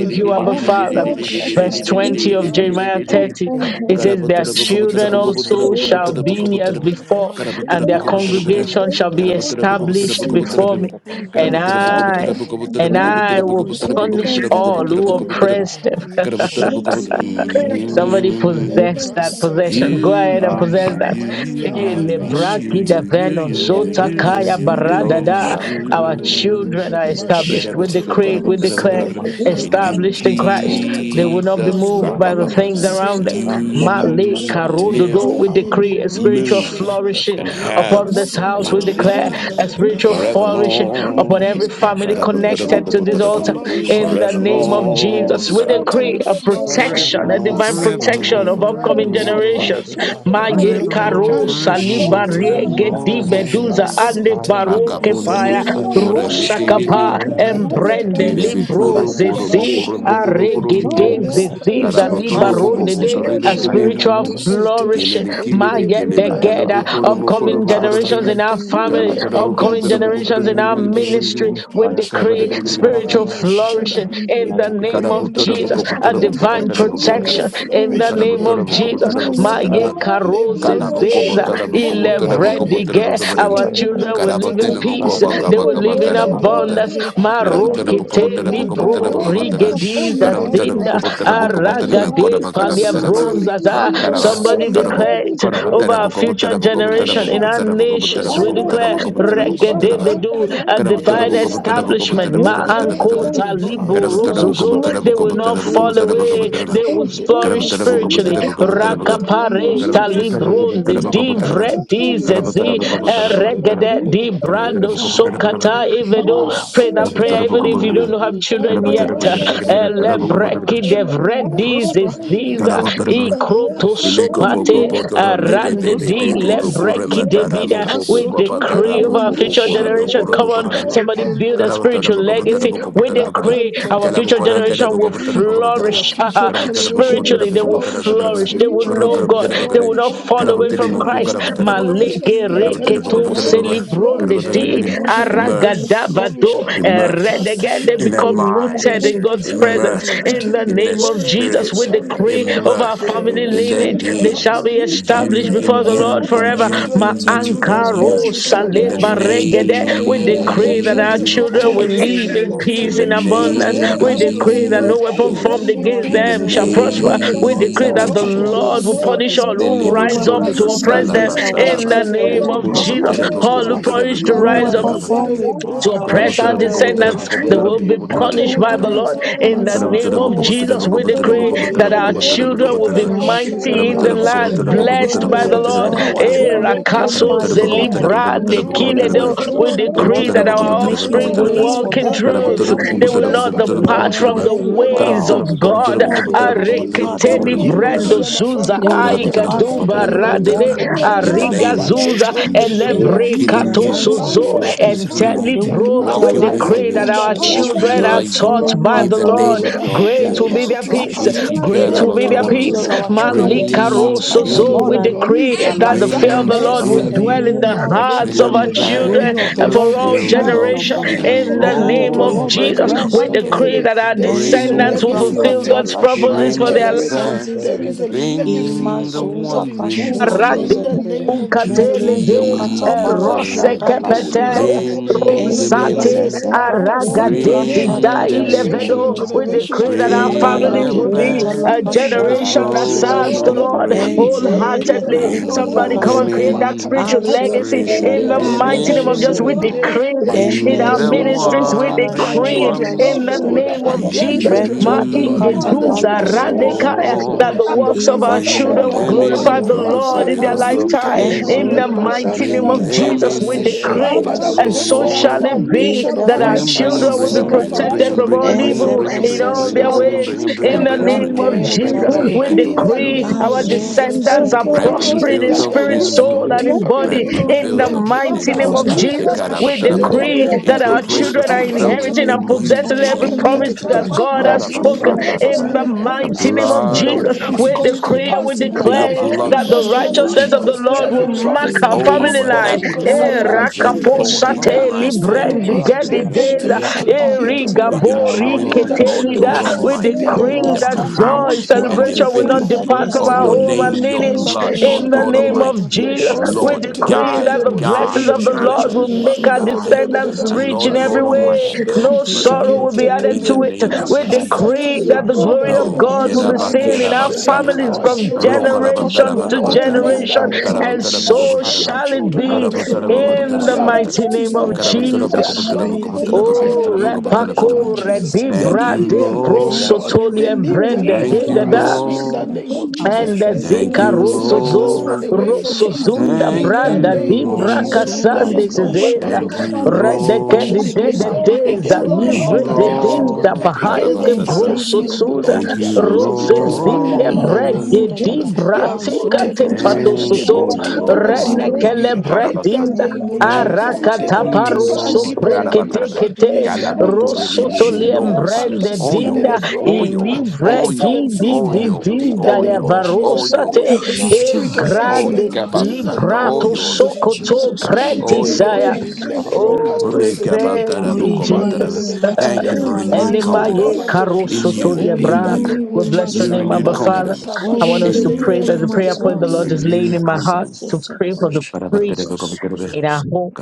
S2: of
S3: da
S2: Jesus.
S1: you,
S3: da
S1: Abba
S3: da
S6: and the
S1: Father.
S2: In the
S4: suppression,
S1: Verse
S3: mashete
S2: name
S1: 20
S2: of
S1: of
S4: of
S3: libranda
S2: Jesus.
S1: Jeremiah 30,
S2: In
S7: you
S1: it
S2: the
S1: says, Their
S2: name of
S1: children
S2: Jesus.
S3: Satani
S4: Yes, those
S1: also
S6: Izakatan,
S1: shall
S3: prakata
S4: who
S2: In
S3: da
S2: the
S3: da
S1: be
S3: da
S1: as
S2: name
S6: the
S2: of
S1: before,
S3: mali
S2: Jesus.
S1: and their
S3: bushi
S6: Barakata,
S2: Our
S1: congregation shall
S2: life
S3: delegede
S1: be
S2: will not
S6: Barakata,
S2: remain
S1: established
S2: the
S3: masete
S2: same.
S1: before
S3: le
S1: me.
S6: Rantakata,
S1: And
S2: Our
S6: Sagata,
S3: brunkanta da da
S2: children
S3: da
S1: I,
S2: have
S6: Sakata,
S2: not
S1: and
S2: remained
S1: I
S3: mande
S1: will
S2: there.
S3: busin
S1: punish
S3: delegede da
S1: all
S2: Our
S3: da
S1: who
S3: da
S2: family
S3: da
S2: have
S3: da
S2: not
S1: oppress them
S2: remained
S6: Barakata,
S2: in.
S6: we
S3: mashete le
S2: We
S3: brunda da
S2: shall
S3: da da
S2: not
S1: Somebody
S2: fall.
S1: possess
S3: lepra
S1: that
S2: We
S3: sata
S1: possession.
S2: shall
S3: le
S1: Go
S2: not
S1: ahead
S3: branga
S1: and
S3: da
S1: possess
S2: fall.
S1: that.
S2: We
S1: Eh,
S3: makada
S2: shall not
S1: lebraki
S2: fall.
S1: da
S3: bashinte
S1: venon
S2: We
S6: possess
S2: shall
S3: e
S1: zota
S6: our
S2: not
S3: la
S6: possess.
S1: kaya
S2: fall.
S3: zende
S1: barada
S3: bi
S6: Oh, my
S1: da.
S2: We
S3: kada
S2: shall
S3: ba da
S2: not
S3: da
S1: Our
S3: da da
S6: Atacapanda.
S2: fall.
S3: da da.
S1: children
S6: It
S5: you.
S1: are
S6: is a
S1: established. We
S3: mashete le
S6: restoration.
S1: decree, it, we
S3: bronze
S1: declare
S6: Oh,
S3: de
S6: my
S7: in
S2: We
S5: Thank
S2: shall
S3: he
S2: not
S6: Atacapanda.
S7: you,
S2: fall.
S1: established
S3: kanta
S1: in
S6: Oh,
S1: Christ.
S3: ta ta
S2: We
S3: ta
S1: They will
S2: shall
S1: not
S6: Bacapanda.
S2: not
S1: be
S7: Jesus,
S2: fall.
S1: moved
S6: By the
S1: by the
S6: blood of
S3: Malibronda
S7: Sakababam,
S1: things
S2: We
S6: Jesus.
S1: around
S2: shall
S1: them.
S3: sente
S2: not fall. We shall not fall.
S6: Rasako
S3: librocato
S1: Male
S7: you
S6: Prataya.
S2: We
S3: sente
S2: shall
S1: karododo,
S2: not
S1: we
S7: live,
S3: e
S6: Rakato
S2: fall.
S1: decree a
S6: Compass.
S3: libronda
S1: spiritual
S2: Our
S3: shede
S7: move,
S2: children
S1: flourishing
S2: shall
S7: and
S6: Enfercom
S2: not
S3: e
S2: fall.
S1: upon
S7: have
S6: Pratanda.
S1: this
S7: an
S1: house.
S3: casete
S1: We
S2: Our
S6: Lanto
S1: declare
S2: children shall
S4: question
S3: libranda
S1: a
S3: da
S2: not
S7: existence
S6: Pratanda.
S3: da da.
S2: fall.
S1: spiritual
S4: to
S3: I
S6: Azoko
S1: flourishing
S2: Our
S6: Santa.
S2: husband
S3: decree
S1: upon
S7: forevermore.
S2: shall
S1: every
S4: Reso
S2: not fall.
S1: family
S3: that my
S4: shata
S6: Mantete.
S1: connected
S2: Our
S1: to
S3: children
S4: bata,
S2: land
S3: will
S1: this
S2: shall not
S1: altar.
S7: Karabatarabakobotarabakam,
S3: flourish.
S6: Enfercom
S2: fall.
S4: iro
S1: In the
S3: Every
S1: name
S4: shata
S1: of
S2: In
S3: family
S2: the
S6: the
S3: on
S7: Forevermore.
S1: Jesus,
S3: this
S1: we
S6: name of
S3: altar
S6: Jesus.
S1: decree
S3: will
S7: Karabatarabam,
S1: a
S2: name
S3: flourish.
S6: Amen.
S1: protection,
S4: reso
S1: a
S7: Forevermore,
S6: Makuba,
S1: divine
S2: In
S4: shata
S2: the
S3: Masete
S1: protection
S7: forevermore,
S6: Makuba,
S1: of
S2: name
S1: upcoming
S3: limbrando
S2: of Jesus,
S7: forevermore,
S3: zede
S1: generations.
S6: Badu Kanda,
S2: we
S1: Maye
S3: lepranda
S2: do
S7: forevermore,
S6: Ensa,
S1: karo
S4: bata,
S2: pray.
S3: lecanto
S7: forevermore,
S2: We
S3: shete
S2: do
S1: salibare
S4: Divine
S2: need the
S3: libronda
S1: gedi
S6: Ayakata,
S7: forevermore.
S2: protection
S4: possession
S1: beduza
S2: of
S4: of
S1: ande
S2: God
S3: masete
S1: baro
S6: Ayakata,
S4: the
S2: over
S3: libranda
S7: Akapone
S6: Kata,
S3: da da
S1: paya
S2: us
S3: da
S2: and
S7: musu
S3: da.
S2: our
S4: soul of
S7: kore
S6: Ayakata, Kata,
S1: rosa
S2: family.
S3: Ah,
S4: Pasha
S1: kapa
S3: leproca
S7: meteribim.
S6: Ayakata,
S3: da
S2: In
S3: da
S2: the
S3: da
S6: Kata,
S3: da
S1: embrende
S6: Kata,
S3: da.
S4: as
S2: mighty
S7: Kirebe
S4: a
S2: name
S1: libro
S7: turu
S3: Let
S2: of
S3: that
S6: Ayakata,
S4: Pakota
S7: kuru
S6: Kata,
S2: Jesus.
S1: zezi
S6: Kata,
S7: mukuru mukuru
S6: Kata,
S3: bashendelegede.
S2: In
S3: You
S1: aregede
S3: will
S7: kurum.
S6: Ayakata,
S2: the
S4: and
S2: name of
S6: Kata,
S4: receive
S3: establish
S1: zeziza
S3: our
S6: Kata, Kata,
S7: Karabatoro
S4: divine
S2: Jesus.
S3: children
S6: Kata,
S7: buko
S1: libaronde
S3: as
S1: de
S4: protection
S1: a
S7: butorebe
S4: of
S2: In
S3: nation.
S2: the
S1: spiritual
S6: Ayakata,
S7: kibim.
S2: mighty
S6: Kota,
S2: name
S6: Kati,
S2: of
S3: Ekatosete,
S5: you.
S6: Kata,
S1: flourishing
S7: Kilebe
S2: Jesus.
S6: Kota,
S1: my
S7: kilebe
S1: yet
S7: kilebe
S3: elebrunda,
S2: In
S1: together
S7: kilobu
S3: And
S2: the
S6: Ayakabara,
S7: kuru
S6: Sara,
S2: mighty
S3: anyone
S7: mukuru
S3: who
S1: upcoming
S2: name
S3: tries
S7: mukuru
S2: of
S3: to
S1: generations
S6: Arakaba,
S1: in
S7: mukuru.
S3: hurt
S1: our
S6: Sara,
S2: Jesus.
S3: them, you
S1: family
S7: Karabatoro
S2: In
S7: buko
S6: Ayakabara,
S2: the
S1: upcoming
S7: butoro buko
S2: mighty
S1: generations
S7: butoro
S1: in
S6: Kabara, Kabara,
S1: our
S3: ekazondolebrunda, she-
S6: Kabara,
S3: you
S1: ministry
S3: will
S1: we
S3: punish.
S1: decree
S6: Ayakabara, Kabara,
S2: in the mighty name of Jesus. In the
S6: Kabara,
S2: name of Jesus.
S1: spiritual
S7: Karabatoro
S3: Elibranda
S6: Kabara,
S3: shada.
S1: flourishing
S6: Kabara,
S3: We
S1: in the name
S6: Ayakata,
S3: decree
S1: of
S3: and
S6: Kota,
S7: Karabutora
S6: Kati,
S7: buko
S1: Jesus
S3: declare
S6: Kata,
S1: a
S7: butoro
S6: Kota,
S3: that
S7: buko
S3: our
S1: divine
S7: butoro buko
S3: children will
S1: protection
S7: butoro.
S6: Ayakata,
S1: in the
S3: flourish.
S2: In
S1: name
S2: the
S7: Karabutora
S1: of
S7: buko
S2: name
S1: Jesus
S2: of
S7: butoro buko
S1: my
S2: Jesus.
S1: ye
S3: Ekandabazende,
S7: butoro.
S1: karo
S2: In
S3: lebrunda,
S2: the
S1: zezeza
S3: shededededede,
S2: protection.
S1: ilevredige
S2: Over
S1: our
S7: Kalabokobotarabokobotarabokobotarabokobotarabokobotaram.
S5: Thank
S2: us
S3: ekaseteli
S2: and
S1: children
S2: our
S1: will live in
S3: katatata,
S2: family.
S1: peace they will
S2: In
S1: live
S3: elebronda,
S2: the
S1: in
S2: name
S7: Karabotelamokobakabakabatarabokobotar.
S2: of
S1: abundance
S3: jedelegedegede.
S2: Jesus,
S1: My
S3: Lepro
S1: rokete
S2: in
S3: kanda da da
S2: the
S3: da da.
S1: libro
S7: Karabotarabokobotarabokobotarabokobotara.
S1: rigediza
S2: Jesus,
S3: Mashede
S7: Karabotarabokobotarabokobotaramakorabakarabotarabara.
S3: libra.
S1: zinda
S2: in the
S3: Lep
S2: name
S1: aragade
S2: of Jesus,
S3: satali
S1: paliavronza za.
S3: prando
S2: Father,
S1: Somebody
S2: we
S7: Karaba,
S6: Ayakata,
S1: declare
S3: sendele
S1: it
S2: declare,
S1: over our future
S2: we
S1: generation
S6: Ayakata,
S1: in
S2: declare
S1: our
S3: Kasheta
S1: nations. We
S2: over
S3: Embrasada,
S2: our
S1: declare
S3: in
S2: future
S3: the
S6: Ayakatara,
S3: nation will
S7: karabo,
S2: generation,
S1: regedevedu
S3: decree
S6: Ayabantara,
S1: a
S3: and
S2: they will
S1: divine
S3: declare
S2: serve the
S6: Oyakabir,
S1: establishment.
S2: Lord.
S1: Ma
S3: Makantata
S7: korabotarabokobotarabokobotarabokobotarabokobotarabokobotarabokobotarabokobotaraba.
S2: We
S3: that
S6: Kondakabir,
S3: the
S1: ankota
S3: Lord
S7: Karabotarabokobotarabokobotarabokobotarabokobotarabokaba.
S3: will
S1: libro
S2: declare
S3: establish
S1: rozozo.
S3: them.
S1: They
S2: over
S6: Antokobantakabir,
S2: our
S1: will not
S2: coming
S1: fall
S6: Katura,
S3: Lepronza da da da
S1: away.
S3: da
S2: generation,
S3: da
S7: Karabotarabokobotarabokobotarabokobotarabokobotarabokobotarabokobotaraba.
S1: They will
S2: they
S6: Endokobansakabir,
S1: flourish
S2: will serve
S1: spiritually.
S3: Leprasanta
S2: you, God.
S7: Karabotarabokobotarabokobotarabokobotarabokobotarabokobotarabokobotarabokaba.
S3: Male
S6: Lantokopanda,
S3: Brandos
S7: Imeko
S2: They
S1: Rakapareta
S2: will serve
S3: Edelegede
S6: Rantokopanda,
S1: libron
S2: you,
S1: de
S2: God.
S1: divre
S6: Enzakabir,
S3: Lekanta da da da
S2: They
S3: da
S2: will
S1: dizezi
S2: serve you,
S6: Rantokopera,
S2: God.
S1: regede di
S3: Mashedelegede
S6: Rakotaka,
S2: They
S5: you.
S2: will
S1: brando
S2: serve
S3: Lekanta da
S2: you,
S3: da
S6: Ara,
S3: da
S1: sokata
S3: da da
S2: God.
S5: Thank
S1: evedo Pray
S2: They
S6: Araka,
S1: that
S3: Masete
S2: will
S1: prayer
S2: serve
S1: even if
S2: you,
S1: you
S3: Lipranda
S1: don't
S6: Araka,
S2: God.
S1: have children
S3: Lekanda
S1: yet.
S6: Yaka,
S2: They will serve
S3: Mashedelegede
S2: you, God.
S3: Our
S1: Elebreki
S6: Lantobankara,
S3: children will
S2: They will
S1: devredi
S2: serve
S3: prosper
S1: is
S2: you,
S6: Lantakara,
S2: God.
S3: in
S1: diza
S3: the day
S2: They will serve you,
S6: Lantabakara,
S2: God.
S1: ikrotosopate
S3: Hallelujah. They will
S1: arande
S2: In
S6: Machidanakisar,
S2: the
S3: prosper
S1: di
S3: on all
S6: the
S2: name of
S1: lebreki
S3: sides.
S6: people of
S1: devida.
S2: Jesus.
S1: We
S3: Matasoto
S1: decree over
S2: In
S1: our
S3: lembron de
S1: future
S2: the
S6: Machidanakisar,
S2: name
S1: generation.
S3: shedelegede
S1: Come
S6: My
S1: on,
S2: of
S6: blood
S2: Jesus.
S1: somebody
S6: man,
S1: build
S3: lekende.
S1: a
S7: Immersed,
S3: I
S1: spiritual
S2: In the
S1: legacy.
S3: decree
S1: We
S2: name
S3: la
S1: decree
S2: of
S1: our
S2: Jesus.
S3: cantata.
S1: future
S3: I
S6: uh,
S1: generation
S2: Oh,
S1: will
S2: I
S3: decree
S2: promise
S3: that
S2: that
S3: our
S1: flourish
S6: uh,
S2: we
S3: future
S2: shall have a
S3: generation will
S1: spiritually. They
S2: generation.
S1: will
S3: flourish
S2: They
S1: flourish.
S2: will
S1: They will
S3: spiritually.
S2: flourish
S3: They
S1: know
S3: will
S1: God.
S2: around.
S1: They will not
S3: flourish
S1: fall
S2: They will
S1: away
S6: prevent
S1: from
S3: maritally. They
S2: flourish
S1: Christ.
S6: that
S3: will
S6: Lord.
S2: around.
S6: There
S3: flourish
S6: will never
S2: They will
S6: be
S2: not
S1: Malegereketo
S3: intelligently. They will
S6: unity.
S2: fall.
S1: selibronde
S3: flourish
S2: They
S6: I
S2: will
S6: can
S2: not
S6: stand back
S3: emotionally. They
S2: fail.
S6: and
S1: di
S3: will
S6: let
S3: flourish.
S6: go
S1: Ragadavado,
S6: of
S2: Our
S1: eh,
S2: coming
S6: that.
S7: immersed
S1: They
S7: in
S3: Matasanto
S2: generation,
S7: their
S1: become
S3: lebron
S6: That
S3: de
S2: we
S1: rooted
S7: minds,
S1: in
S6: that
S3: jede.
S6: the
S1: God's
S6: blood
S3: They
S6: of
S2: declare
S3: will
S1: presence.
S2: their
S3: be
S6: Jesus
S7: immersed
S1: In
S3: rooted
S2: life.
S1: the
S3: in
S7: in
S3: your
S7: their
S1: name
S6: is
S1: of
S2: They
S3: word.
S2: will
S6: at
S1: Jesus, we
S7: spirits,
S6: look
S3: Ekanda da
S1: decree
S2: flourish.
S3: da
S6: back
S3: da.
S1: over
S6: over
S1: our
S3: They
S6: our
S3: will
S7: immersed
S2: They
S3: be
S1: family
S6: time.
S2: will
S7: in
S3: rooted
S7: their
S2: serve
S6: Let
S3: in
S1: lineage,
S2: the
S3: your
S1: they
S7: being,
S1: shall
S3: house.
S2: Lord.
S6: us
S1: be
S7: in
S6: the
S7: you,
S1: established
S3: Ikanda
S2: They
S4: gospel.
S3: da
S2: will
S1: before
S3: da
S7: in
S1: the
S3: da.
S1: Lord
S6: arrow
S7: you,
S2: serve the
S3: My
S5: you.
S7: in
S6: that
S1: forever.
S4: Come
S7: you,
S2: Lord.
S3: children
S7: in
S3: and my
S4: rooted to
S7: you,
S6: bends
S3: children
S6: over
S2: In
S7: in
S4: God's
S2: the
S3: and their
S7: you.
S1: Maankaro
S5: Thank
S2: mighty
S4: presence
S3: children
S4: in
S3: and
S2: name
S4: the
S7: In
S3: their
S2: of
S7: the
S4: name
S1: saleba
S4: of
S3: children
S2: Jesus.
S3: and
S4: Jesus.
S3: their
S1: regede.
S3: children
S1: We
S4: They
S2: In the
S4: will
S3: and
S6: massive.
S3: their
S4: be
S1: decree
S2: mighty
S1: that
S6: Look at
S1: our
S2: name
S4: rooted
S7: name
S3: children,
S4: to
S2: of
S7: of
S1: children will
S4: God in the
S1: live
S7: Jesus.
S3: generations
S4: name
S1: in
S3: and
S4: of
S2: Jesus,
S7: In
S1: peace,
S7: the
S1: in
S6: the
S3: generations.
S1: abundance.
S6: hope
S1: We
S4: Jesus.
S3: Ikando
S1: decree that
S7: name
S6: of
S1: no
S3: zinde.
S7: of
S3: They
S1: weapon
S3: will
S1: formed
S7: Jesus.
S3: live in
S4: Our
S1: against
S7: In the
S3: peace.
S1: them
S4: children
S1: shall
S3: They
S4: will
S3: will know
S1: prosper.
S4: live
S3: the
S4: in
S1: We
S6: the
S3: Lord
S4: peace.
S1: decree
S3: their
S7: name
S4: Our
S1: that
S7: of
S1: the
S3: God.
S4: children
S6: O
S3: They
S4: will
S3: will
S1: Lord
S7: Jesus.
S1: will
S4: live
S6: Makoba,
S4: in
S3: serve the
S1: punish
S4: peace.
S1: all
S6: they
S5: you.
S3: Lord
S1: who
S4: No
S3: their
S7: Celebo
S6: prosper in
S1: rise
S5: I
S1: up
S3: God.
S4: weapon
S6: heaven
S1: to
S7: soleba
S4: formed
S3: In
S5: need
S6: in
S3: the
S1: oppress
S6: the
S5: you
S1: them
S6: name
S7: salaba
S4: against
S6: of
S3: name
S5: to
S3: of
S4: our
S5: focus
S1: in
S6: Jesus.
S7: salaba.
S1: the
S3: Jesus,
S6: They
S4: children
S5: on
S6: are
S3: they
S4: will
S1: name
S3: will
S5: Lord.
S1: of
S3: be
S6: spirit
S5: My
S4: prosper
S1: Jesus.
S6: Christian.
S3: rooted
S4: in
S5: Lord,
S7: Kurabaterebo
S3: in
S1: All who
S4: Jesus.
S3: Christ.
S4: name.
S5: Papa,
S6: Stature
S7: koboterebe
S1: perish to
S5: you
S4: No
S6: in the
S5: must
S1: rise
S3: Manda
S6: name of
S7: kaboterebe
S1: up
S4: weapon
S5: take
S6: Jesus.
S5: by
S4: formed
S5: the
S7: kaboterebe.
S3: bazedele
S5: hand
S4: against
S1: to
S6: Ah,
S5: of
S3: broka
S6: last
S4: our
S6: one
S1: oppress our
S6: to
S5: Jesus.
S7: Kurabaterebo
S4: children will
S3: tosherelegere.
S5: I
S7: koboterebo
S1: descendants,
S6: My
S5: do
S3: They
S1: they
S3: will
S5: not
S1: will
S6: children,
S7: koboterebo
S3: be
S1: be
S6: they are
S5: stand
S7: koboterebo
S3: rooted
S1: punished
S5: there to
S3: in
S1: by the
S7: koboterebe.
S6: preserved.
S5: the
S3: Christ.
S1: Lord.
S5: son
S4: our
S6: They
S5: of
S1: In the
S4: prayers,
S6: are
S5: life,
S1: name
S5: O
S4: Lord,
S1: of
S3: Malibranda
S5: Lord.
S6: Makoba,
S4: over the
S1: Jesus, we
S5: If
S4: lives
S3: Santa
S5: I
S4: of
S1: decree
S4: our
S3: Likede.
S5: hear
S1: that
S6: Makoba,
S4: children
S5: that
S1: our
S4: in the
S6: Kaba.
S3: Levi
S4: name of
S5: only
S6: They
S1: children
S6: will
S1: will
S5: was
S1: be
S4: Jesus.
S6: know
S3: Kedaba
S6: God,
S4: Our
S5: from
S6: they
S5: my
S6: will
S4: children
S1: mighty in
S3: Shedede,
S1: the
S6: serve
S5: hand
S4: will,
S6: God,
S5: of
S1: land,
S6: they
S4: our
S6: are
S5: Jesus, I
S1: blessed
S4: children
S3: Lebronda
S1: by the
S4: will
S5: will
S6: talented,
S1: Lord.
S5: not
S3: Zadada,
S4: excel.
S6: they
S4: Our
S6: are
S1: Eh,
S4: children
S5: endure,
S6: flourishing.
S5: I
S4: will
S3: Ole
S6: My
S5: will
S3: Kende
S1: rakaso
S4: prosper in
S6: children
S4: all
S3: Bozede.
S6: are
S4: that
S5: endure.
S4: they
S6: blessed
S1: zelibra
S4: do
S3: My
S4: in
S6: in
S5: I
S4: the
S6: the
S3: children
S4: name
S6: name
S3: and
S6: of
S5: will
S4: of
S3: their
S1: nekiledo.
S6: Jesus.
S1: We
S4: Jesus.
S5: endure,
S3: children and
S4: The
S5: let
S3: their
S6: Oh,
S4: Lord
S1: decree
S4: will
S3: children
S1: that
S3: will be
S4: keep
S6: Zakadaba,
S5: people
S1: our
S6: they are
S1: offspring
S4: making
S3: mighty
S5: endure,
S6: blessed.
S1: will
S6: in
S4: ways
S3: in
S5: my
S3: the
S4: for
S1: walk in
S5: Jesus,
S4: them
S3: land.
S4: in
S6: They
S4: the
S6: are
S3: They
S1: truth.
S5: Papa,
S4: name
S3: will
S6: blessed in
S3: be
S4: of
S1: They
S5: you
S6: all that
S1: will
S4: Jesus.
S6: we
S3: blessed
S6: do.
S1: not
S3: by the
S5: must
S1: depart
S3: Lord.
S1: from
S4: Lord,
S6: Oh,
S1: the
S4: every
S3: Everywhere
S4: of
S5: Thank
S3: their
S6: Zakadaba,
S1: ways
S4: our
S3: fruit
S1: of
S4: obstacles,
S3: touch
S1: God.
S6: bless
S3: in the
S4: Lord,
S6: me.
S4: they will
S3: name of
S4: not
S3: Jesus,
S4: depart
S3: you will
S4: from
S1: Areketeli
S4: you.
S3: give
S4: Lord.
S3: unto
S1: brando
S3: them a an
S1: zuza
S4: They will
S7: In
S4: not depart
S3: inheritance
S4: from
S1: aigaduba
S4: you,
S3: in
S4: O
S3: the
S6: Zakadaba.
S4: Lord.
S3: name
S4: They
S7: the
S3: of
S4: will not
S1: radede
S3: Jesus.
S4: depart from
S7: name of
S4: your
S1: rigazuza
S4: ways, O Lord.
S3: Malebron
S6: la
S7: Jesus,
S4: They
S6: kumba
S4: will
S3: dejere,
S7: walking
S4: live
S3: You
S7: in
S3: will
S4: their
S6: la
S3: take
S7: you,
S4: life for
S3: land
S6: kunda
S1: elebrikatosozo
S4: you,
S3: for them.
S7: walking
S6: hakata
S1: and
S4: Jesus.
S3: You
S7: through
S3: will
S4: They
S6: anto
S7: you,
S4: will
S6: ko
S3: take
S4: live
S1: telibro
S3: land
S4: their
S1: we
S6: parada
S3: for
S7: walking
S4: life
S3: them
S6: la
S4: for
S7: with
S1: decree
S6: ko
S4: you,
S1: that
S7: you,
S3: in the
S1: our
S6: barada
S3: name
S4: Jesus.
S6: la
S3: of
S7: walking
S4: They
S1: children
S7: by
S1: are
S4: will
S3: Jesus.
S7: you.
S1: taught
S4: follow you
S1: by
S4: and
S7: In
S1: the
S7: the
S3: Makande
S4: follow
S7: name
S1: Lord
S7: of
S4: every
S3: bajada,
S4: all
S6: kato
S3: Their
S1: great
S4: your
S1: will be
S7: Jesus.
S3: health
S1: their
S3: is
S6: la
S1: peace
S4: instructions.
S6: siko
S3: perfect.
S4: In
S3: They
S1: great
S4: the
S3: are
S1: will be
S4: name
S1: their
S3: taught
S4: of
S3: of
S6: inte
S3: the
S7: Ishikarabatoraba.
S6: ko
S1: peace
S4: Jesus,
S3: Lord.
S4: our
S6: parada
S4: children
S3: Their
S4: will be
S3: desire
S6: anako
S7: Bring
S4: taught by
S7: them
S4: the
S3: is to
S1: malikarosozo
S4: Lord
S1: we
S3: know
S4: and
S7: in,
S3: God.
S4: live
S6: jadi
S1: decree
S3: Their
S4: their
S6: saka
S1: that
S4: life
S1: the
S4: for
S1: fear
S3: desire
S1: of
S4: God.
S7: bring
S6: uno
S1: the
S3: is
S6: ko
S3: to
S7: them
S1: Lord will
S4: In
S6: bahari
S3: serve
S4: the
S3: you.
S1: dwell in the
S4: name
S7: in,
S4: of
S7: bring
S1: hearts
S4: Jesus,
S6: ishinda
S1: of
S3: Malebron
S1: our
S7: them
S3: de
S6: kati
S4: the
S7: back
S4: glory
S3: Jere,
S1: children
S4: of
S7: from
S4: the
S6: anaka
S3: they
S7: the
S1: for
S4: Lord
S6: tini
S4: will
S3: fear
S1: all
S7: fields
S3: you.
S4: shine
S7: of
S1: generation
S4: upon them.
S6: esila
S7: sin,
S1: in
S4: The
S3: Makanto
S1: the
S3: to
S4: hand
S3: to
S4: of
S1: name
S4: the
S3: to,
S1: of
S7: Lord,
S4: Lord
S6: etarita
S4: will
S7: like
S6: ba
S1: Jesus
S7: only
S1: we
S4: rest
S7: you
S6: inde
S3: Levibrando
S4: upon
S1: decree
S7: can.
S4: them.
S3: Zere.
S1: that
S6: hikatu
S1: our
S3: There
S4: And
S3: is a
S6: inde
S7: Bring
S4: so,
S1: descendants
S7: them
S1: will
S6: huko
S3: legacy of
S1: fulfill
S4: prakata
S7: in,
S1: God's
S3: faith
S4: la
S6: ima
S3: in
S1: purposes
S3: our
S6: anaka
S1: for
S7: bring
S4: shanda
S1: their lives.
S4: la
S7: them back
S3: generation.
S4: sazi
S6: inde
S3: There
S4: zedede.
S3: is
S5: you.
S3: a
S6: zente
S3: legacy
S6: inde
S7: Bring the
S3: of
S6: gerede
S4: Imazuza
S3: loving
S7: wandering
S6: inde
S5: Yes,
S3: Jesus.
S4: Prashozo
S5: yes,
S1: Rade
S3: In the
S5: yes,
S7: ones
S4: Zedede,
S3: name of
S6: gerede
S7: to
S3: Jesus,
S1: Ukatele
S3: they
S4: Melozu
S6: In
S1: de
S3: will love
S1: eh,
S3: the
S4: Katapara
S3: Lord
S1: Rose
S3: now.
S4: Shada
S7: Jesus.
S4: La
S3: They will
S4: Suza
S3: love
S1: Capitale
S3: Him
S4: Dede,
S3: all the
S7: Bring
S3: days
S5: yes,
S3: of
S7: them
S3: their
S5: yes,
S3: life.
S4: Eyeze
S1: Rosate
S7: in.
S5: yes, yes,
S3: Mata
S5: I
S1: Araga
S4: Zebrakudi
S5: need
S3: Sata
S1: de
S4: La
S5: your
S3: Libra,
S5: grace.
S7: Bring
S1: Dida
S4: Shadele
S7: them
S5: And
S3: generation and
S4: Suzo
S1: Ilevedo.
S7: in.
S1: We
S4: Zedede,
S3: generation
S1: decree
S3: after
S1: that
S3: them.
S1: our
S7: Bring
S4: Imana
S5: thank
S1: families will
S7: them
S5: you
S3: Lakede
S5: for
S1: be
S4: Kota
S7: back
S4: La
S5: so
S1: a
S3: Bozinda
S5: much
S7: to the
S5: that
S4: Pashada
S3: Libranda
S1: generation
S4: La
S3: da da
S1: that
S5: every
S3: da da.
S4: Suza
S7: throne
S1: serves
S5: God
S4: Dede,
S1: the
S3: We
S7: of
S5: that
S3: will
S5: has
S1: Lord
S5: been
S3: be
S5: so
S7: grace.
S3: a
S4: Ezeze
S3: people
S5: grace,
S1: wholeheartedly.
S3: that
S5: my
S4: Koti
S3: love the
S5: life
S1: Somebody
S7: Bring
S5: is
S4: Pala
S1: come
S3: Lord.
S7: them
S1: and
S4: Sadada,
S1: create
S5: open.
S1: that
S7: in.
S1: spiritual
S5: And
S3: Makatatata,
S5: the
S1: legacy
S4: Azozo
S5: door is
S1: in
S7: Bring
S4: Sede
S1: the
S5: open,
S7: them
S5: and
S3: elebronda
S1: mighty name
S4: Sosu
S1: of Jesus. We
S5: God
S7: in.
S4: Sedede,
S3: jendelegere.
S5: door
S1: decree
S5: so
S1: it
S3: My
S5: grace,
S1: in
S5: my
S7: Bring
S1: our
S3: children
S7: the
S3: love the
S4: Emezoza
S5: children
S1: ministries.
S5: and
S3: Lord.
S1: We
S5: grace,
S4: Papara
S5: my
S3: Their
S7: wandering
S1: decree
S4: Shada
S1: it
S5: husband is
S4: La
S3: children
S1: in
S3: love
S7: ones
S3: the
S1: the
S5: open
S4: Suza
S5: in
S3: Lord.
S5: the
S1: name
S5: name
S7: to
S4: Dede.
S1: of
S3: And
S5: of
S3: their
S1: Jesus.
S5: Jesus.
S3: children
S4: Reto
S1: Ma
S3: love the Lord.
S4: bukata
S5: Stop
S3: And the
S5: off
S6: the
S7: you,
S1: ingeduza
S4: pala
S5: for
S3: children
S6: name
S5: their,
S4: so
S6: of
S3: after them
S6: Jesus,
S1: radekaya,
S3: love the
S6: I
S4: suzadada.
S3: Lord.
S1: That
S7: Lord.
S5: their
S1: the
S3: And the
S5: Papa,
S6: decree
S1: works of
S3: ones
S4: Ima
S1: our
S3: after
S6: My
S3: them
S1: children
S7: Bring
S4: shada
S1: will
S3: love
S6: bloodline,
S3: the
S7: them
S4: la
S6: I
S3: Lord.
S6: pray,
S4: so
S1: glorify
S7: in
S1: the
S6: God.
S7: from the
S5: Papa,
S6: My
S1: Lord in their
S3: Makato
S6: children, I
S7: fields
S4: suzadada.
S6: pray,
S7: of
S6: God.
S1: lifetime.
S6: For
S1: In
S4: Ezo
S3: sentelebronda
S7: sin.
S1: the
S6: every
S3: da da
S5: Papa,
S3: da
S6: accident,
S3: da.
S1: mighty
S4: zuzada
S1: name
S6: for
S7: Bring
S1: of
S6: every
S5: Papa,
S7: them
S4: katala
S1: Jesus,
S6: accident,
S1: we
S7: into
S6: by
S3: Iprakasede.
S6: the
S4: pashada
S1: decree,
S4: la
S6: blood
S5: Papa
S6: of
S3: Father,
S7: you,
S3: we
S1: and
S7: O
S6: Jesus.
S1: so
S4: suzadada.
S5: Sota
S3: saw
S6: I
S3: a
S1: shall it
S6: call
S7: Lord.
S6: it a
S1: be
S5: Talita
S6: good
S3: foundation
S4: Ida
S3: of
S1: that
S6: God.
S7: Bring
S1: our
S7: them,
S3: faith.
S4: pasa
S6: They
S5: Palepa
S7: bring
S6: are
S3: We
S1: children
S7: them,
S1: will
S7: bring
S1: be
S3: saw
S6: filled
S7: them,
S6: with
S3: a
S5: Sota
S6: the
S7: bring them,
S4: suzadada.
S6: Spirit of
S7: bring
S1: protected
S3: foundation
S6: God.
S7: them,
S1: from
S3: of
S7: bring
S1: all
S7: them,
S3: love
S7: bring
S3: for
S4: Eze
S6: Allah
S7: them,
S1: evil
S7: bring
S6: took
S7: them,
S5: Yaka
S3: Christ
S1: in
S7: bring
S6: them
S4: pasa
S7: them,
S6: there
S1: all
S7: bring
S3: in
S6: and
S7: them, bring them,
S1: their
S7: bring
S3: our
S7: them,
S6: covered
S4: suzadada.
S1: ways.
S7: bring
S1: In
S6: them.
S3: children
S7: them, bring them,
S1: the
S7: bring them,
S6: God.
S7: bring
S1: name
S7: them,
S1: of
S3: today
S6: They
S7: bring them,
S3: and
S4: Rako
S6: obey
S3: every
S1: Jesus,
S4: tala
S7: bring
S6: God.
S7: them
S3: day.
S1: we
S7: back from
S4: bapapa.
S3: In
S6: They
S7: the
S5: Continue
S3: the
S6: follow
S1: decree
S7: fields
S6: His
S7: of
S3: name
S1: our
S3: of
S6: commandments.
S4: Azo
S7: sin,
S3: Jesus. Jesus,
S6: I
S3: we
S5: to
S1: descendants
S6: yield
S1: are
S4: zuzada
S6: fast
S7: back
S6: to
S7: from the
S3: decree
S4: koti
S5: fall
S6: the
S1: prospering in
S7: fields
S5: into
S3: that
S6: Father.
S7: of
S3: their
S6: They are you faithful? We
S1: spirit,
S4: paragada.
S6: are
S3: roots
S5: the
S6: God
S1: soul,
S3: go
S7: sin,
S4: We
S1: and
S6: fearing.
S1: in
S3: deeper
S5: protection
S3: in
S1: body.
S7: back
S5: of
S6: The
S7: from
S3: you.
S7: the
S5: Lord.
S1: In
S6: name of
S1: the
S7: fields of
S6: Jesus.
S1: mighty
S5: Masa
S4: we
S1: mighty
S3: Lebronda
S1: name
S6: Ah,
S7: sin.
S1: of
S3: zada,
S4: prosper.
S6: that's
S5: Palita
S7: It
S1: Jesus,
S6: the
S7: got up,
S1: we
S7: da, da, ba,
S4: In
S7: ba,
S4: the
S5: Basata
S6: that's the
S1: decree
S4: name
S6: cause.
S3: mashedelegede,
S4: of
S1: that
S5: Yaka
S7: into a
S3: They
S1: our
S6: That's
S3: go
S4: Jesus,
S7: place of
S6: the
S1: children
S5: Talita
S1: are
S4: our
S6: cause.
S3: deeper
S5: Sota
S7: fulfillment
S4: children
S1: inheriting
S4: will
S6: That's
S1: and
S3: in
S7: in
S5: Yaka
S3: roots.
S7: you,
S4: prosper
S1: possessing
S4: in the
S1: every
S4: name
S1: promise
S4: of
S6: that's
S7: Jesus.
S5: Ayeta
S6: the
S1: that
S4: Jesus.
S3: Ekantatata,
S7: Into
S1: God
S5: Pasha
S3: la
S7: God,
S4: Our
S1: has
S7: da, ba,
S4: children
S7: sa,
S1: spoken.
S6: that's
S4: will
S5: Talia
S7: da,
S3: vibranda
S6: the
S7: da, ba.
S1: In
S3: zada.
S6: cause.
S1: the
S4: possess
S5: Yaka
S4: their
S7: the
S3: Every
S6: I
S1: mighty name
S5: Talita
S3: promise
S4: possession
S3: of
S1: of
S6: really
S3: the
S4: in
S7: blood
S6: hurt
S4: the
S7: of
S3: Lord
S1: Jesus,
S6: from
S4: name
S6: my
S5: Sota
S4: of
S3: is
S1: we
S4: Jesus.
S3: coming
S7: Jesus.
S3: to
S4: The
S1: decree and we
S3: pass
S4: mighty
S3: in
S5: the
S3: their
S7: May
S4: hand
S7: your
S4: of
S3: life
S1: declare
S4: God
S5: boss
S4: will
S7: blood
S6: students.
S3: in
S1: that
S3: the
S1: the
S5: of
S4: rest in the
S3: name of
S5: Kali
S4: life
S1: righteousness
S4: of
S7: speak
S1: of
S5: was
S1: the
S3: Jesus.
S4: our
S6: They
S5: so
S1: Lord will
S6: don't
S4: children.
S3: Every
S6: have
S5: tired.
S1: mark
S4: In the
S1: our
S3: prophecy
S6: heritage,
S5: I
S1: family
S4: name
S7: over
S4: of
S1: line.
S7: that
S3: spoken
S4: Jesus,
S6: inheritance
S5: said
S7: which
S4: no
S6: of
S5: the
S6: wealth,
S1: Eh,
S3: concerning
S5: boss
S3: our
S4: weapon
S7: concerns their
S4: formed
S5: of
S3: children,
S6: inheritance
S4: against
S5: the
S6: of
S7: thoughts,
S4: them
S5: year
S4: will
S7: even
S6: abundance.
S1: rakaposate
S3: Ikato
S7: right
S5: to
S4: prosper in
S6: Oh,
S7: now,
S1: librendi
S3: sete,
S7: in
S4: Jesus'
S7: the
S3: they
S4: name.
S6: Malapukaba.
S7: name of
S3: enter
S1: gedideza,
S6: Yes,
S5: Thank
S3: into
S6: yes,
S5: you.
S3: the
S1: eh,
S6: yes,
S7: Jesus.
S6: yes,
S3: into
S4: Isabakoti
S6: yes,
S3: it
S7: May
S3: right
S7: the
S3: now
S6: our
S4: lapasha
S1: rigabori
S4: da da
S3: in
S6: God,
S4: da
S5: go
S4: da.
S3: the
S7: anointing,
S5: to the
S7: Lord
S6: we
S3: name
S4: They
S3: of
S6: know
S7: God
S4: will
S1: ketenida.
S6: God,
S1: We
S3: Jesus.
S5: Sunday,
S4: fulfill
S3: Their
S7: Almighty,
S5: there
S4: that
S6: Adona
S1: decree
S5: was
S7: the
S3: roots
S1: that
S5: one
S4: destiny,
S3: goes
S4: O
S3: deep,
S6: Mahasangara,
S4: Lord.
S7: power
S1: joy,
S5: in
S6: for
S5: the
S4: They
S3: deeper
S4: will
S1: celebration,
S7: and
S5: boss
S7: the
S6: themselves,
S1: shall we
S5: of
S1: not
S4: fulfill that
S5: Kali. I
S7: efficacy
S3: Malébron
S1: depart from
S6: Adebra
S7: of
S1: our
S4: destiny,
S7: your
S3: Lebrondigere,
S4: O
S5: was
S1: home
S4: Lord.
S7: name
S1: and
S7: and
S6: Hatokapara,
S7: your
S5: so tired.
S1: lineage.
S3: Likataba
S6: Allah
S7: blood,
S5: I was
S1: In
S7: Lord
S1: the
S7: God
S1: name
S3: Shidelegere,
S6: Shabala.
S4: Ezobakata
S1: of
S7: Almighty.
S6: They will
S1: Jesus,
S6: not
S4: lapasha da
S6: fear
S1: we
S4: da da
S6: in
S7: Lord,
S4: da da
S6: destiny.
S1: decree that
S3: Leprosentelekede
S6: They
S1: the
S7: guide,
S6: will not fear
S7: guard,
S1: blessings
S6: in
S4: celebration,
S6: the
S1: of the
S6: calling
S4: the
S6: of
S1: Lord
S6: God
S7: challenge,
S6: for
S4: joy
S6: their
S1: will
S6: life.
S4: of the
S1: make our
S3: manda da da
S4: Lord
S6: Ako
S3: da
S7: inspire,
S4: will
S3: da da
S1: descendants
S3: da
S6: Sasun,
S7: and
S4: continue
S1: rich
S4: to
S1: in
S7: Lord
S1: every
S7: God
S3: malebron
S4: fill
S1: way.
S4: us.
S6: Masanda
S7: Almighty,
S3: shere
S6: Toya,
S1: No
S4: The
S7: comfort
S4: joy
S1: sorrow
S7: them
S6: Leto
S1: will
S4: of the
S1: be
S3: lekete
S1: added
S7: in
S6: Vekasa,
S4: Lord
S3: tete
S7: the
S1: to
S4: will
S1: it.
S7: name
S6: as
S7: of
S3: la
S6: you
S1: We
S6: are
S5: so
S6: not
S4: continue to
S6: blessed,
S3: kasata
S1: decree
S7: Jesus.
S4: fill
S1: that the
S4: us.
S1: glory
S3: lebronda
S1: of
S7: No,
S3: zada
S1: God
S6: Atabatokonda.
S1: will be
S4: Ezo
S7: Jeraba
S6: Every
S3: lando
S1: seen in
S6: child
S1: our
S7: Kieraba
S4: Pashata
S6: connected to
S3: shere.
S6: this
S1: families
S7: Saraba,
S3: Our
S6: altar,
S1: from
S4: Lasusede,
S6: they are
S3: children are
S6: blessed,
S7: Rokoraba
S3: taught of
S1: generation
S6: they
S3: the
S6: are
S4: Mele
S1: to
S4: de
S3: Lord
S6: preserved
S7: Taraba
S3: in
S4: Bele
S1: generation,
S3: the
S6: by the
S4: Hoti
S6: blood
S3: name
S5: tired.
S6: of
S1: and
S3: of
S6: Jesus.
S3: Jesus.
S1: so
S3: Their
S7: Karabatarabakopataraba.
S4: Palashede,
S1: shall
S6: Akasun
S1: it
S5: I
S3: children are
S1: be
S6: Pasagada,
S3: taught
S4: Azo
S3: of the Lord.
S5: Thank
S1: in the
S6: Isako
S3: Their
S7: Karabatarabakopatarabakopatara.
S1: mighty
S3: root is
S1: name of
S3: in
S4: Masususede,
S3: Christ.
S6: Sagada,
S3: Their
S1: Jesus.
S3: love is in
S4: Regedi
S3: Christ.
S6: Asakati
S1: Oh,
S4: La
S3: In
S6: kapara,
S3: the name of
S7: Karabatarabakopatarabakopatarabakopatarabakopatarabakopatarabakopatara.
S1: repako
S6: porota
S4: Paparashande
S3: Jesus,
S6: kapala
S3: they
S7: Thank
S1: redibra
S7: you,
S6: kapara,
S4: Sede,
S3: live
S1: de
S3: their life for God.
S4: Enzo
S6: yako,
S7: Lord.
S3: They
S1: prosotolia
S4: Mala
S3: live their
S1: vrende
S3: life for
S7: Thank you,
S4: Pashada
S1: da.
S6: lantana
S3: Christ.
S1: da
S6: masu
S3: In the name name
S6: kapara,
S4: Lasusede.
S7: Lord.
S3: of
S4: Our
S3: Jesus.
S1: and
S6: eka
S7: Thank
S6: bregadi
S1: zika
S4: children
S7: you,
S3: Nothing will
S4: will
S6: kapara,
S4: live
S3: snatch
S4: their
S3: this
S1: rosozo
S4: life
S3: one
S6: yaka
S4: for
S7: Lord.
S3: away
S6: baka
S4: you,
S6: baka
S3: from your
S6: baka,
S4: Jesus.
S3: hand.
S1: rosozunda
S7: Thank
S3: In
S6: yaka
S3: the
S1: branda
S6: baka
S7: you,
S1: di
S3: name
S6: baka
S3: of
S6: baka,
S1: braka
S3: Jesus,
S7: Lord.
S3: there
S1: sande
S3: is
S4: Ezozu
S6: haraka
S3: no
S6: baka
S1: zeda
S3: weapon, oh
S7: Thank
S4: bashatanda
S3: God,
S7: you,
S3: that
S4: kadada.
S3: is
S1: rede
S6: baka,
S1: kedi
S3: fashioned
S7: Lord.
S3: against
S1: dede
S4: Rezoza
S6: haraka
S3: them,
S6: baka
S1: deza
S4: pakata
S3: against the
S6: baka baka, haraka baka baka kapara
S7: Thank
S1: livre
S7: you,
S3: love that
S1: de
S3: they
S6: baka
S4: pashozu
S3: have
S6: kapara,
S3: for
S1: dinda
S3: God,
S7: Lord.
S4: zadadada.
S1: bahaya
S3: against
S6: haraka
S3: the
S1: ke
S6: baka
S7: Karabataraba.
S6: kapara
S1: broso
S3: fervency of
S4: Ezemele
S3: the
S6: baka
S1: suza
S3: Lord
S7: Thank
S3: in
S6: baka
S3: their
S7: you,
S4: porosu
S3: life that
S6: kapara,
S3: will
S1: rose
S4: zadadada.
S3: prosper.
S6: eraka shika
S3: In the
S6: baka baka
S3: name
S1: brede
S3: of
S4: Ikanda
S6: shika
S1: di
S7: Lord.
S4: dada.
S3: Jesus, they are
S1: brateka
S3: rooted
S1: te
S4: Azozo
S3: in Christ.
S1: fato
S4: zele
S3: They
S7: Thank
S1: soto
S3: go
S7: you,
S4: shetele
S3: deeper and
S1: rene
S3: deeper
S7: Lord.
S3: in
S4: pesozu
S1: kele
S5: you.
S3: you.
S4: zadada.
S3: In
S7: Garabasa.
S3: the
S1: bredinda
S3: name of
S4: Emeye
S3: Jesus,
S4: kote
S3: they
S7: Thank
S3: go
S1: Arakatapa
S4: pala
S7: you,
S3: deeper and
S1: rosso
S7: Lord.
S4: sasu
S3: deeper in
S4: zadada.
S3: you,
S1: prekete
S3: oh
S7: Garabatarada.
S3: God.
S1: kete
S3: In the
S4: Rezo
S3: name
S7: Calamoto
S6: Thank
S4: kata
S3: of
S1: rosoto
S3: Jesus.
S7: remini
S4: pashada la
S7: yours.
S4: so
S3: Pata
S1: liembrende
S7: All
S4: zadada.
S3: sendele
S1: dinda
S7: yours, all
S3: brokata.
S7: yours,
S1: ilivre
S7: all
S3: Excellence
S7: yours,
S1: gidi
S3: is
S7: all
S1: di
S3: there
S7: yours,
S3: in the
S1: dinda
S7: all
S3: name of
S7: yours, all
S3: Jesus.
S1: yavarosa
S3: They
S4: You
S1: te
S3: have
S7: yours,
S3: the
S1: e
S4: lift your
S7: Jesus.
S3: spirit of
S4: life for
S7: Oh,
S4: you,
S1: grande
S3: excellence
S4: God. You
S3: in the
S4: lift
S7: Gabasaka,
S4: your
S3: name
S7: all
S3: of
S1: librato
S4: life for
S7: yours,
S3: Jesus.
S4: you,
S7: Jesus.
S1: sokoto
S4: Jesus.
S3: Mata
S4: Only
S7: All
S3: shedele
S4: you
S7: yours,
S4: and
S1: pretisaya.
S3: gere,
S4: you
S7: Jesus.
S4: will
S1: Oh,
S4: matter.
S3: leprokato
S1: we
S3: sete,
S1: thank
S7: Rekabatara,
S4: Only
S1: you,
S4: you and
S3: lipranda
S4: you
S3: da
S7: bokobatara.
S4: will
S1: Jesus.
S3: da da.
S4: matter
S7: Thank
S3: Their
S7: you
S4: in
S7: for
S4: our
S3: desire
S7: renewed
S4: life,
S3: is
S4: in
S3: to
S4: our
S3: love
S1: Enemaye
S3: and
S5: Thank
S7: confidence
S3: to
S4: family.
S7: in
S3: please you
S1: karosoto
S7: you,
S4: Only
S3: in
S7: in
S4: you
S1: liebra.
S3: the
S7: you.
S3: name
S1: We
S4: will
S3: of
S1: bless your
S3: Jesus.
S7: New
S4: matter,
S1: name,
S4: O
S7: renewed
S1: Abba
S4: Lord.
S1: Father.
S3: Makata ba
S7: confidence
S1: I
S4: Only
S1: want us
S7: in
S1: to
S4: you
S3: shedele
S7: you,
S1: pray.
S3: gere,
S4: will
S1: There's a prayer
S7: Jesus
S4: matter,
S1: point
S4: O
S1: the Lord
S3: lepras-
S1: is
S4: Lord.
S1: laying
S7: renewed
S1: in my heart to
S7: confidence.
S4: Zakota
S1: pray
S3: s-
S1: for the
S7: Bad
S4: Pashata
S1: priests in our
S4: Pasos.
S1: home,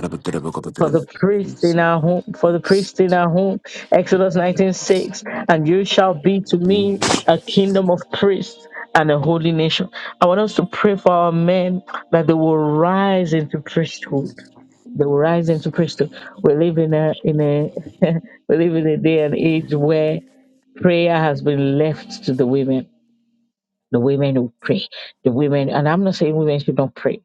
S1: for the priest
S4: Yes,
S1: in our
S4: it
S1: home, for the priest in
S3: s-
S1: our home. Exodus
S3: hindi
S1: 19
S3: bo-
S1: 6,
S3: hindi
S1: And you shall be to me a
S4: is.
S1: kingdom of priests and a holy nation. I want us to pray for our men that they will rise into priesthood.
S3: bo-
S1: They will rise into priesthood. We live in a in a we live in a day and age where prayer has been left to the women. The women who pray. The women and I'm not saying women should not pray.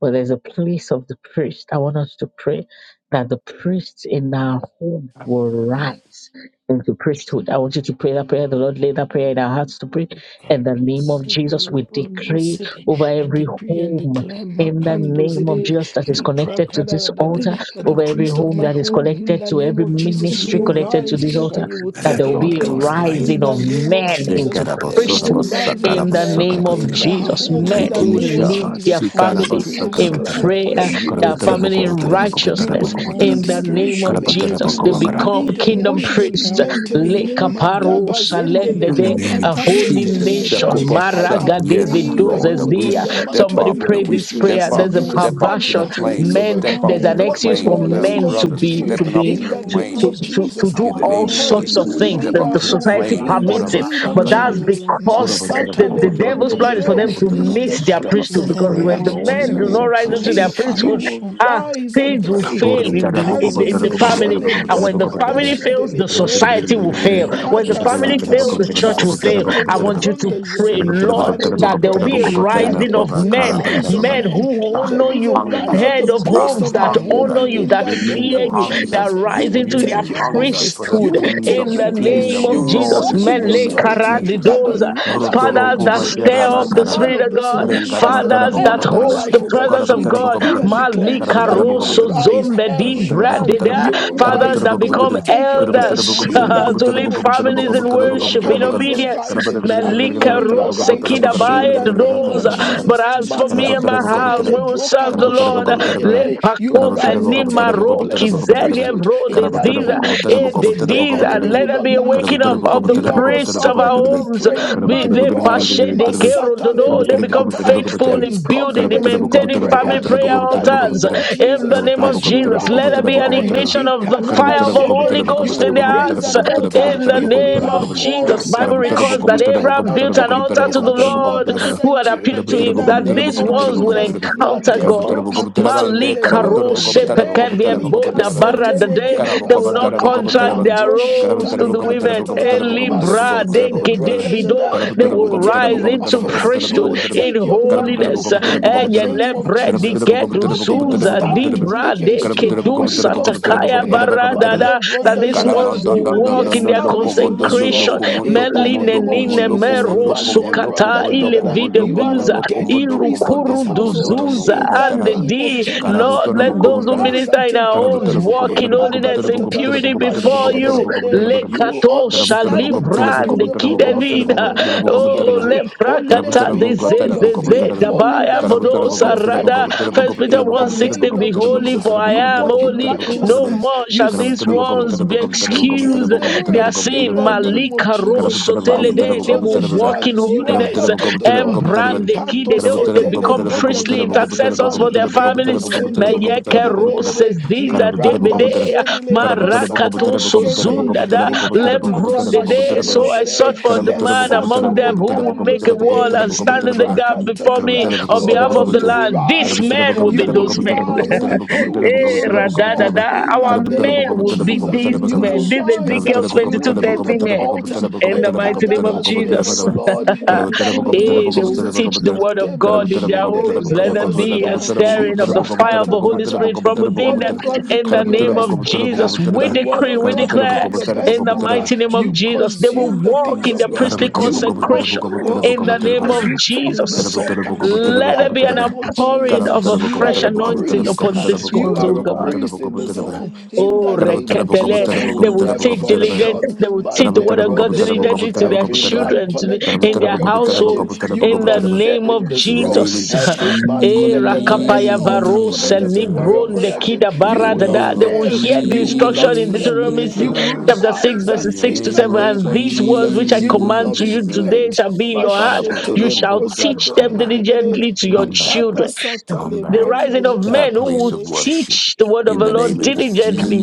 S1: But there's a place of the priest. I want us to pray that the priests in our home will rise into priesthood. I want you to pray that prayer. The Lord laid that prayer in our hearts to pray.
S3: I
S1: In
S3: decree
S1: the name of Jesus, we decree over every
S3: and
S1: home
S3: declare
S1: in the name of
S3: Makandozide
S1: Jesus that is connected to this
S3: Liprakada that the,
S1: altar,
S3: that the
S1: over every
S3: priest of
S1: home
S3: my
S1: that is
S3: home, in
S1: connected
S3: the
S1: to
S3: name
S1: every
S3: of
S4: Your
S3: Jesus, you
S4: home
S1: ministry
S3: will
S1: connected to
S3: rise
S1: this
S4: environment.
S1: altar,
S3: and you will
S1: that there
S3: take
S1: will
S3: your
S4: We
S7: Lord
S1: be a
S7: God
S3: place.
S7: Almighty.
S3: In
S1: rising
S3: the
S1: of
S4: decrease
S3: name of
S1: men
S3: Jesus,
S1: into
S3: there is a
S1: priesthood
S4: every
S3: rising of
S1: in the
S4: rising
S3: men
S1: name
S4: of
S1: of
S3: in
S7: Sekarabasodabasakarabasakarabasara.
S4: sin
S3: the
S4: in
S1: Jesus.
S4: the
S3: home in
S4: name
S1: Men
S3: the
S4: of
S1: who
S7: Taking
S3: name of
S4: Jesus.
S1: lead
S7: charge.
S3: Jesus.
S1: their
S3: I
S4: Eza
S1: families
S3: decree and
S4: braso
S1: in
S3: declare
S7: Sikarabasakarabasara.
S4: sopa
S3: that
S1: prayer,
S3: you
S4: shata
S1: they
S3: will
S1: are
S5: you.
S4: la
S3: take
S1: family in
S3: your
S4: sozo
S3: place.
S4: zedede.
S3: You will
S1: righteousness.
S5: Thank
S1: In
S3: lead
S4: Eze
S1: the
S5: you.
S4: ma
S1: name of
S4: shata
S3: spiritually.
S4: la
S3: You
S1: Jesus, they
S3: will
S4: braso
S7: Karabatarabakobotarabakobotarabakobotarabakara.
S1: become
S3: lead
S1: kingdom
S4: zedede.
S3: emotionally,
S4: There
S1: priests.
S4: will be a
S3: mentally.
S4: rising to
S1: Lekaparo
S4: become
S3: Madabazendele
S7: In the
S1: shalendede,
S7: name
S4: kingdom
S7: of
S1: A
S4: priests
S1: holy
S4: in the
S7: Jesus,
S4: name of
S1: nation.
S3: brokatasetelekete.
S4: Jesus.
S3: I
S7: Sekopasa.
S4: Our
S1: Maraga David
S7: yes,
S3: decree
S4: men
S3: that
S4: will
S7: Lord,
S3: you
S7: that
S3: will
S7: we
S3: take
S1: dozezia.
S4: become
S3: the
S7: step
S3: mantle
S1: Somebody
S3: of
S7: up,
S3: your
S7: that
S4: kingdom
S1: pray
S7: we
S1: this
S3: priesthood
S7: step
S1: prayer.
S4: this
S3: and
S1: There's
S7: up,
S3: you
S1: a
S4: the
S3: will
S7: step
S4: name of
S7: up
S3: stand
S7: to
S3: in
S7: the
S1: perversion.
S4: Jesus. They will
S7: plane,
S3: office, oh
S1: Men,
S3: God,
S7: step up
S1: there's
S3: of
S7: to
S1: an
S4: become
S7: the
S3: what the
S1: excuse for
S3: Lord
S7: plane.
S4: holy
S7: My
S3: has
S1: men
S3: called
S1: to
S3: you
S7: brothers,
S4: nation
S3: to
S1: be
S4: in
S3: do
S1: to
S4: the
S7: stepping up
S1: be
S7: to
S3: in
S7: the
S4: name
S3: the
S1: to
S4: of
S3: name
S1: to
S7: plane.
S3: of
S1: to,
S4: Jesus.
S1: to
S3: Jesus.
S1: do
S7: In
S4: Our
S7: the
S1: all
S7: name of
S4: men
S3: Oluwakayode,
S1: sorts
S3: you
S7: Jesus,
S1: of
S4: will
S7: to
S3: will
S1: things
S7: step
S4: become
S3: lead
S1: that
S7: up
S3: our
S1: the
S7: to the
S3: home
S1: society
S4: kingdom
S7: plane.
S3: in the
S4: priests
S1: permits it.
S3: name
S7: Korabasa,
S3: of
S4: in
S1: But
S4: the
S1: that's
S3: Jesus.
S4: name of Jesus.
S1: because
S7: Korabasa.
S4: They will
S3: Masata
S1: the, the
S4: become
S1: devil's
S3: lebronde
S1: plan is challenge for
S3: jere,
S1: them
S4: king
S1: to
S3: in
S1: meet
S3: the
S1: their
S7: Step up
S3: place
S1: priesthood
S7: to
S4: in
S3: of
S7: the
S4: the
S1: because
S4: name
S3: prayer,
S1: when
S7: plane,
S1: the
S4: of
S7: Lord, in
S1: men
S7: the
S3: you
S1: do
S4: Jesus.
S7: name
S1: not
S3: will
S7: of
S1: rise into
S4: Zakoti
S1: their
S3: pray,
S7: Jesus.
S3: you
S4: Pala
S1: priesthood,
S3: will
S4: Shada.
S1: ah,
S3: rise and
S1: things will
S3: pray.
S7: Thank
S4: Sudedede.
S7: you.
S1: fail in the, in,
S3: Ikando
S1: the, in the
S4: Ezeme
S1: family.
S3: zendele
S4: Shadele
S1: And
S3: bro
S1: when the family
S3: katashe
S4: Suza.
S1: fails, the
S3: delegere,
S1: society will fail. When the
S3: likata
S1: family
S4: Imashapala
S3: sata.
S1: fails, the
S4: susu
S1: church will fail.
S3: Masete
S1: I
S4: sededed.
S1: want you to
S3: lebronda
S4: Ezu
S1: pray,
S3: jede.
S1: Lord,
S3: Father,
S4: bakota
S3: we
S1: that there will be a
S3: pray that
S4: parashanded.
S1: rising
S3: there
S1: of
S3: is a
S1: men,
S3: rise
S4: Ezu
S3: of
S1: men
S3: men,
S1: who
S3: that
S4: bakadada.
S3: there
S1: honor
S3: is a
S7: A
S1: you,
S4: They will be
S3: rise
S7: hunger,
S3: of the
S1: head of
S4: rising
S7: a
S3: priest
S4: and will
S1: homes
S3: of
S4: be
S3: my
S1: that
S3: home
S1: honor
S7: hunger,
S4: merry,
S1: you,
S3: in
S1: that
S3: the
S4: and they will
S7: renewed
S3: name
S1: fear
S3: of
S1: you,
S4: become the
S7: hunger,
S1: that
S3: Jesus. You
S1: rise
S3: will
S1: into
S4: priesthood
S7: renewed
S1: their
S4: in
S3: take
S4: the
S3: your
S4: name
S7: hunger
S4: of
S3: office,
S7: for the
S4: Jesus.
S3: you
S1: priesthood
S3: will
S7: things of
S3: take
S1: in
S7: the
S3: your
S1: the
S4: Ezu
S3: place,
S7: kingdom,
S1: name of
S3: you
S1: of
S4: mashada
S3: will
S7: Lord,
S1: Jesus.
S7: in
S3: walk
S7: the
S3: in
S4: sasu
S3: the
S7: name
S1: Mele
S7: of
S3: authority
S4: sededed.
S7: Jesus.
S3: that the
S1: karadidoza.
S3: Lord has
S4: Egedele
S3: given
S1: Fathers
S3: to
S1: that
S3: you
S1: stir
S4: susu
S3: as
S7: Rotoropopateraba
S1: up
S3: the
S1: the
S3: man
S7: karaba,
S1: Spirit
S4: sededed.
S3: of
S1: of
S3: this
S1: God.
S3: home, as
S7: rengaraba
S3: the
S4: Eshuda
S1: Fathers
S7: taraba
S3: men
S1: that
S3: of
S4: para
S3: our
S1: host
S3: life,
S1: the
S3: oh
S4: susu
S3: God.
S1: presence
S3: We
S1: of God.
S3: decree
S4: sededed.
S7: kopateraba,
S3: and
S7: Karabutara
S3: declare
S1: Malika
S3: that
S4: Ezu
S3: you will
S1: rosso
S3: rise,
S4: makadala
S1: zombe di
S3: every
S4: bashaded.
S3: man,
S5: Thank
S1: bradida.
S3: you
S4: They
S3: will
S4: will be
S1: Fathers
S3: rise,
S1: that
S3: you
S4: rising
S3: will
S1: become
S3: take
S4: up and
S3: your
S4: they
S3: place
S4: will
S3: place
S4: be
S1: elders
S3: in
S4: rising
S3: the
S1: to
S4: up.
S3: name
S1: lead
S3: of
S1: families
S3: Jesus.
S4: In
S1: in
S4: the
S1: worship,
S4: name
S1: in
S3: Oluwakade,
S4: of
S3: you are
S1: obedience.
S4: Jesus,
S3: rising.
S1: Melika
S3: Akiyemi,
S4: Ezo
S3: you are
S1: rose
S3: rising
S4: Bakuta
S3: in
S1: kidabaye
S3: the name of
S4: Ezo
S1: doza, But
S3: Jesus.
S1: as for
S3: Manda
S1: me and my house,
S3: bazedele
S1: we will serve the Lord.
S3: brokatoshedele
S1: Le
S3: gede. You
S1: pakofe
S3: rise
S1: ni
S3: and take your place of
S1: Zelia
S3: priesthood
S1: bro,
S3: in the
S1: disease,
S3: name of
S1: eh,
S3: Jesus.
S1: the
S3: The
S1: disease, and
S3: enemy will
S1: let there
S3: not
S1: be a
S3: lie to
S1: waking up
S3: you.
S1: of the
S3: You are a
S1: priests of our
S3: fervently
S1: homes.
S7: Karabu
S3: praying
S1: Be
S3: man of
S1: they
S3: God.
S1: pashe de kero
S3: Masata
S1: do
S3: le
S1: They become
S3: brokata. There
S1: faithful
S3: is
S1: in building, in
S3: confidence in your
S1: maintaining
S3: prayer
S1: family prayer
S3: in the
S1: altars.
S3: name of
S1: In the
S3: Jesus.
S1: name of
S3: As you
S1: Jesus,
S3: rise
S1: let
S3: rise
S1: there
S3: and
S1: be an
S3: pray.
S1: ignition of the fire of the
S3: Ikadabashende.
S1: Holy
S3: You
S1: Ghost in
S3: will
S1: their
S3: raise
S1: hearts.
S3: an altar
S1: In the
S3: even in
S1: name
S3: our
S1: of
S3: home,
S1: Jesus,
S3: on
S1: Bible records that
S4: Shut
S3: every
S1: Abraham
S3: on
S6: you.
S1: built an
S3: every
S1: altar
S3: place
S1: to the
S3: that the Lord
S1: Lord
S3: has
S1: who had
S3: sent you.
S1: appeared to
S3: In
S1: him.
S3: the
S1: That
S4: Be
S3: name
S1: these
S3: of
S4: Lord, O
S1: ones will
S3: Jesus.
S4: Lord, you
S1: encounter
S4: give
S1: God.
S4: prayer
S3: Madebrokatos
S4: altar will
S1: Malika
S4: burn for
S1: Rose
S4: you.
S1: Pekevie
S4: It will
S1: Bo
S4: be
S1: da Barra
S4: born
S1: da
S4: for
S1: De.
S4: you, O
S1: They will
S4: Lord. Your
S1: not
S3: Likasetelekedebazanda,
S4: prayer
S1: contract their
S4: altar will
S1: roles
S4: burn
S1: to the
S4: for you, O
S1: women.
S3: lambroshatalikatatatata,
S1: Eli
S4: Lord. Ezo
S1: Bra De
S4: Bakuta
S1: Gede
S3: masetelebronda
S4: Shut
S1: Bido.
S7: Carabotero,
S3: jada.
S1: They
S3: You
S1: will
S3: will take
S1: rise
S3: your
S1: into
S3: office, you will
S1: priesthood in
S3: take
S4: It
S3: your
S4: will rise
S3: mantle
S1: holiness.
S4: into
S3: in the
S1: Enye
S4: Jesus
S3: name
S4: in
S3: of
S4: the
S1: Lebre
S3: Jesus.
S1: Di
S4: name.
S3: Jesus,
S1: Gedu
S3: nothing
S4: They
S3: will
S1: Zuza Di
S4: will
S3: stand
S4: rise up
S1: Bra
S4: to
S1: De
S3: against
S4: praise
S3: you
S4: our
S1: Kedu
S3: when it
S4: men, will
S3: comes to
S4: rise
S1: Satakaya
S3: prayer.
S4: up to
S1: Barra
S3: But
S1: da
S4: praise
S1: Da. That
S3: Lebronda
S1: these
S4: every
S3: Jada,
S1: ones
S3: you
S1: will
S3: will
S4: family
S3: be
S1: walk in their
S4: head, will
S3: established in this
S4: rise up to
S1: consecration.
S3: role
S4: praise
S3: in the
S1: Meli
S3: name of
S4: in
S1: Nenine
S4: the
S1: Me
S3: Jesus.
S1: Vero
S4: name
S3: But
S4: of
S3: Lebronda, da,
S1: sukata
S4: Jesus.
S3: da, da,
S1: ile
S3: da,
S4: My soul,
S3: you are an
S1: videbuza
S3: ordained priest of this
S1: irukuru
S3: household
S4: rest,
S1: duzuza
S4: soul,
S3: in the
S1: and
S4: soul,
S3: name of
S1: di.
S4: soul,
S3: Jesus.
S1: Lord,
S3: You
S1: let
S4: my
S3: will
S1: those who
S4: Lord,
S3: rise
S1: minister
S4: shut
S3: and
S1: in
S4: up,
S3: take
S1: our
S3: your
S4: rest,
S1: homes
S3: place.
S4: soul,
S1: walk in
S3: Eka, ta,
S1: holiness
S3: ta, ta,
S1: and
S3: ta,
S1: purity
S4: soul,
S1: before
S4: rest,
S1: you.
S3: mashedelegede. You will
S4: soul,
S1: Lekato
S3: understand the
S1: shalibra
S3: task
S1: and
S3: of the, of the office that the
S1: kidevida.
S3: Lord has given
S1: Oh,
S4: Lord,
S3: you.
S4: help,
S3: Holiness
S1: leprakata
S3: becomes become
S7: Carabotera,
S3: your
S4: Lord,
S3: thing.
S1: dezezeze
S4: help, the
S1: dabaya
S3: Holiness become
S1: vodosa
S3: your
S1: rada.
S3: favorite thing.
S1: First Peter
S3: In the
S5: you.
S3: name
S1: 1.16, be
S3: of
S1: holy
S4: peace
S3: Jesus,
S4: of
S1: for I
S3: you
S1: am
S3: walk
S4: the
S3: in
S1: holy.
S5: Thank
S1: No
S3: righteousness.
S1: more
S3: You
S1: shall
S4: Lord,
S1: these
S3: speak the
S4: help,
S1: ones be
S3: word.
S4: the
S1: excused
S4: peace
S3: You
S4: of
S1: excuse
S3: drink
S4: the
S3: the
S4: Lord.
S1: their
S3: word. In
S1: sin.
S3: the name of
S1: Malika
S4: In
S3: Jesus,
S4: the
S1: rosso
S4: name
S3: my
S4: of
S1: telede. They will
S4: Jesus,
S1: walk
S3: jeda,
S4: my
S1: in
S7: Carabotera,
S3: you
S4: soul,
S3: are
S4: my
S1: holiness.
S3: helped
S4: God.
S3: of the
S1: And
S3: Lord.
S1: brand the
S4: You
S1: key.
S3: Ikato
S1: They, do- they
S3: setele
S4: will
S1: become
S4: be
S3: bronda
S1: priestly
S4: like a
S3: jeda,
S4: wave.
S3: ma
S1: intercessors for their
S3: lede
S4: You
S1: families.
S4: will wake up
S3: bosentele
S1: Meyeke
S4: with
S3: kedededede,
S1: roses
S4: princesses.
S1: diza
S4: You
S3: libranda
S1: debede.
S4: will wake up
S3: jedele
S4: every
S1: Marakato
S4: story
S3: brosatale
S4: from
S3: kende,
S1: sozunda
S4: your
S1: da.
S4: My
S3: likatata
S1: Lembronde
S4: soul
S1: de. So
S3: mashedele
S1: I
S4: passion
S3: gere,
S1: sought for
S4: is
S1: the
S4: so
S1: man
S4: so
S3: Sata
S1: among
S3: le
S1: them
S4: simple.
S1: who will
S3: kando
S1: make a
S3: zede,
S1: wall and
S4: Is
S1: stand in
S4: it
S1: the
S3: lipra
S1: gap
S4: better
S3: kanta
S1: before
S4: than the
S1: me
S3: tata.
S1: on
S4: first so
S1: behalf
S3: Oh,
S1: of the
S3: you
S4: so
S3: will
S1: land. These
S4: simple?
S3: rise, uh,
S1: men will
S3: you
S1: be
S3: will
S1: those men.
S4: Even
S3: rise, uh,
S4: that
S3: you
S4: shit
S3: will
S4: is
S1: Eh,
S3: build
S4: so
S3: a
S4: so
S3: wall
S4: simple.
S1: radadada.
S3: in the
S1: Our
S3: name
S1: men
S3: of
S1: will
S4: My
S1: be
S3: Jesus.
S1: these
S3: You
S4: rule is
S1: men,
S3: will
S1: these
S4: so
S7: Karabutere
S3: rise, uh,
S1: Ezekiel
S3: you
S4: simple.
S3: will
S1: 22 30
S4: May
S3: build an
S1: men.
S4: Lord bless.
S3: altar
S1: In
S3: eh,
S1: the mighty
S3: kada
S1: name of
S4: They
S3: bazede
S4: will
S3: for
S1: Jesus.
S3: the
S4: serve
S3: Lord
S4: you. They will
S3: in the
S4: become the
S3: name of
S1: hey, they
S4: priest.
S1: will
S3: Jesus.
S1: teach the
S4: after
S1: word
S4: you.
S1: of
S3: Latebo
S1: God in their
S3: jende
S1: homes. Let
S3: legede
S1: there
S4: in the
S1: be a
S4: name
S3: bazida,
S4: of
S1: stirring of the
S3: lipra
S4: Jesus.
S1: fire of
S3: kata
S1: the Holy
S3: tata.
S1: Spirit from
S3: The
S1: within
S3: word
S4: And
S1: them.
S3: of
S4: in
S3: God
S1: In
S3: become
S1: the
S3: your
S1: name of
S3: best book. uh,
S1: Jesus, we
S3: The word
S1: decree,
S3: of
S1: we
S4: their
S3: God
S1: declare,
S3: become
S4: lives,
S3: your
S4: in
S3: best
S1: in
S4: the
S1: the
S4: name of
S3: Boka,
S1: mighty name of
S3: you
S4: Jesus,
S1: Jesus, they will
S4: their
S3: consume the
S1: walk
S3: things
S1: in
S4: hearts
S1: the
S3: of
S4: will
S3: God.
S1: priestly
S3: You
S4: continue to
S3: walk
S1: consecration.
S3: the
S4: burn
S3: walk
S4: for
S1: In the
S3: uh,
S4: you.
S1: name
S4: Lord.
S3: as
S1: of
S3: you
S4: They
S3: talk the
S4: will
S1: Jesus,
S4: walk
S3: talk. uh,
S4: in the
S3: In
S1: let
S3: the
S1: there
S4: fresh
S1: be an
S3: name of
S4: river.
S1: outpouring
S3: Jesus,
S1: of a
S4: Yes,
S3: you are
S1: fresh
S4: who
S3: a
S1: anointing
S3: priest.
S4: Bakata
S1: upon
S3: uh,
S1: this
S3: You
S1: ones,
S3: are
S1: oh
S3: a
S4: Shadada,
S1: God.
S3: priest in
S4: let
S3: this
S4: there be
S3: home.
S4: a
S3: In
S1: Oh,
S3: the
S4: scorpion,
S3: name
S4: Lord.
S3: of
S1: reketele.
S3: Jesus, you
S4: let
S3: will
S1: They
S4: there
S1: will
S4: be
S3: never
S4: a
S1: seek
S3: fall
S1: diligent.
S3: short.
S1: They will
S4: scorpion,
S3: My
S7: In the
S1: seek the word of
S3: liberal,
S1: God
S3: da, da,
S4: Master
S3: da,
S1: diligently to their
S3: every
S4: Shadada,
S3: man
S1: children, to the,
S3: connected to
S1: in their
S3: Warrior Prayer Gym,
S4: Emo
S1: households,
S3: you will
S1: in the
S3: not fail
S1: name
S3: in
S1: of
S3: this role.
S7: name of
S4: Shadada,
S1: Jesus.
S3: Every
S7: Jesus.
S3: man
S1: Eh,
S3: connected to any
S1: rakapaya
S3: altar
S1: varo
S3: connected to
S4: Ezizeketela
S3: Warrior
S1: selibron de
S3: Prayer Gym,
S1: kida
S7: In
S3: you
S7: your
S1: bara
S3: will not
S4: peshuzuzaga
S7: name,
S1: They
S7: Lord
S1: will
S3: fail
S1: hear the
S3: you will
S1: instruction
S3: not
S1: in
S3: fail.
S1: Deuteronomy
S3: You
S1: 6,
S3: will
S7: Jesus.
S1: chapter
S4: iyamashitabarasas
S1: 6,
S3: rise uh,
S7: In
S1: verses
S7: your
S1: 6
S3: in
S1: to
S7: name,
S3: the
S1: 7.
S7: Lord
S3: name
S1: And
S3: of
S1: these words
S3: Jesus.
S1: which I
S3: You will
S1: command
S3: not
S1: to
S3: be
S1: you
S4: esifishita
S1: today
S3: plagued.
S1: shall be in
S7: Jesus.
S1: your
S7: God, I
S1: heart.
S7: put-
S1: You
S3: Mashetele
S1: shall
S3: broza
S1: teach
S3: dole
S7: Come
S1: them
S7: back.
S3: degede
S1: diligently to your
S7: Come back.
S3: likata
S1: children
S3: sata
S7: Come
S1: the
S4: in
S7: back
S4: the
S3: lebronda
S1: rising of
S7: to
S4: name
S3: jada.
S7: that
S1: men
S4: of
S1: who
S7: place
S1: will
S4: Jesus.
S7: of
S3: Le-
S7: worship
S1: teach the word of
S7: in
S1: the
S7: the
S3: Yes,
S7: name
S1: Lord
S3: Lord
S7: of
S3: Jesus.
S1: diligently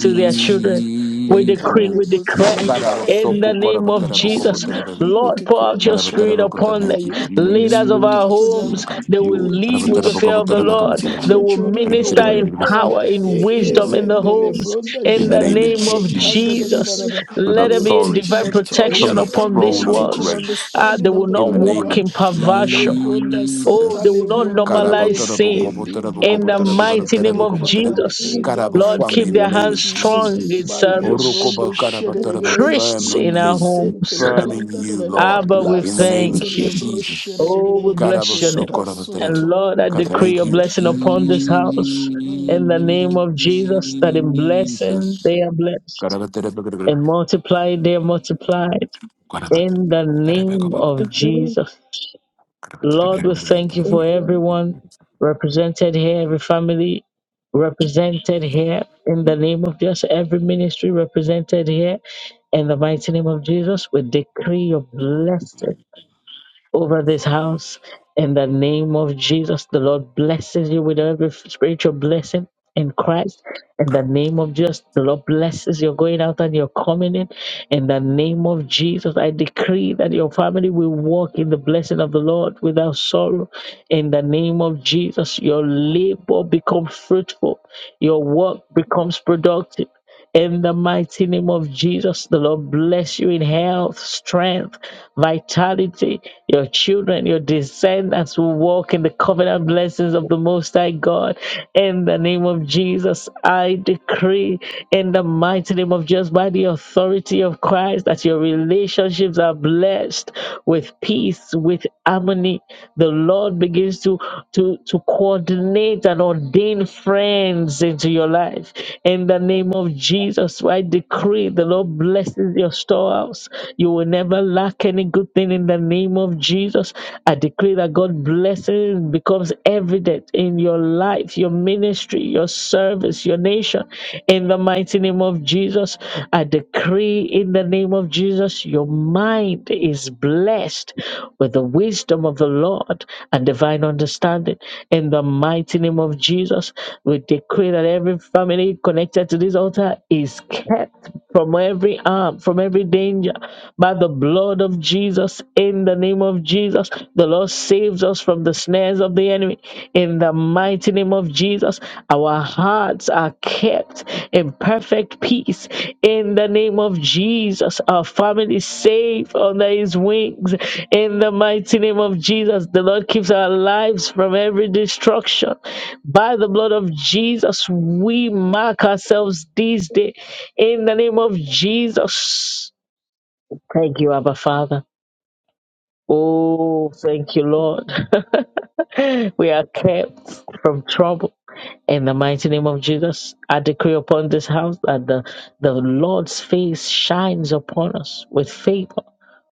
S1: to their children.
S3: Mashet.
S1: We decree, we declare in the
S7: Karabosopo,
S1: name of
S7: karaboterebo,
S1: Jesus.
S3: Ikatabasanda,
S7: koboterebo,
S3: We
S1: Lord, pour
S3: decree
S1: out
S3: and
S1: your spirit
S3: declare
S7: karaboterebo, koboterebo.
S1: upon
S3: that
S7: Thank you,
S3: you
S1: the
S3: will pour your
S1: leaders of
S3: spirit
S1: our
S3: out to
S7: Jesus.
S1: homes.
S3: them.
S1: They
S3: You
S1: will
S3: will
S1: lead with the
S7: Karaboterebo,
S3: teach,
S1: fear of the
S3: you
S7: koboterebo,
S3: will
S1: Lord.
S3: teach
S1: They
S3: your
S1: will
S3: children the
S1: minister
S3: word
S1: in
S3: of
S7: koboterebo
S3: God.
S1: power, in wisdom in the homes.
S3: Ikezendelebronda
S1: In
S7: in the
S1: the
S3: shara,
S7: name of
S1: name of Jesus,
S7: Jesus
S3: ikandadadadadada.
S7: with
S1: let
S3: You
S1: there
S3: will
S1: be a
S3: teach in
S1: divine
S7: authority from
S1: protection
S3: authority.
S7: the
S1: upon
S3: You
S1: these
S3: will
S7: throne of
S3: teach in
S1: walls. Ah,
S7: grace
S1: they
S3: understanding of
S1: will
S3: the
S7: in
S1: not
S3: word
S7: the
S3: of
S7: name
S1: walk
S3: God.
S7: of
S1: in perversion.
S3: Malebronda
S1: Oh, they
S7: Jesus.
S1: will not
S3: satalebronda
S1: normalize
S3: yere,
S1: sin in the
S3: elibranda
S1: mighty name of
S3: shetelekanda.
S1: Jesus.
S3: In the
S1: Lord,
S3: mighty
S7: Karabotarabokobotarabokobotarabokobotarabokobotarabokobotarab-
S1: keep
S7: In the
S1: their
S3: name
S7: name
S3: of
S1: hands
S7: of
S3: Jesus.
S1: strong in
S7: Jesus.
S1: service.
S3: Malebrondo
S7: Orokobokarabotarabokobo,
S3: shetelegere.
S7: Firm
S1: Priests
S7: on
S1: in our
S7: you,
S1: homes.
S7: firm in
S3: Kesentelebronda da
S7: you,
S3: da da.
S7: Lord,
S1: Abba, we
S7: in the
S3: Las
S7: name
S1: thank
S7: of
S1: you.
S3: etelebro
S7: Jesus.
S1: Oh,
S3: sherelegere.
S1: we
S3: e
S1: bless
S3: etelebroshelelegede.
S1: your name.
S7: Karabosokorabotarabi.
S1: And Lord, I
S7: God,
S3: Ekasotolebronda.
S1: decree
S7: thank
S1: your
S7: you,
S1: blessing
S3: Thank you,
S1: upon this
S3: Jesus.
S1: house in the name
S3: Malikit.
S1: of Jesus, that in blessing
S7: Jesus.
S1: they are blessed, and multiply they are multiplied in the name of Jesus. Lord, we thank you for
S5: you.
S1: everyone represented here, every family represented here in the name of Jesus, every ministry represented here in the mighty name of Jesus. We decree your blessing over this house in the name of Jesus. The Lord blesses you with every spiritual blessing in Christ. In the name of Jesus, the Lord blesses your going out and your coming in. In the name of Jesus, I decree that your family will walk in the blessing of the Lord without sorrow. In the name of Jesus, your labor becomes fruitful, your work becomes productive. In the mighty name of Jesus, the Lord bless you in health, strength, vitality. Your children, your descendants will walk in the covenant blessings of the Most High God. In the name of Jesus, I decree in the mighty name of Jesus, by the authority of Christ, that your relationships are blessed with peace, with harmony. The Lord begins to to to coordinate and ordain friends into your life. In the name of Jesus, I decree the Lord blesses your storehouse. You will never lack any good thing in the name of Jesus. I decree that God blessing becomes evident in your life, your ministry, your service, your nation. In the mighty name of Jesus, I. I decree in the name of Jesus, your mind is blessed with the wisdom of the Lord and divine understanding. In the mighty name of Jesus, we decree that every family connected to this altar is kept from every harm, from every danger by the blood of Jesus. In the name of Jesus, the Lord saves us from the snares of the enemy in the mighty name of Jesus, our hearts are kept in perfect peace. In the name of Jesus, our family is safe under his wings. In the mighty name of Jesus, the Lord keeps our lives from every destruction. By the blood of Jesus, we mark ourselves this day. In the name of Jesus. Thank you, Abba Father. Oh, thank you, Lord. we are kept from trouble. In the mighty name of Jesus, I decree upon this house that the, the Lord's face shines upon us with favor,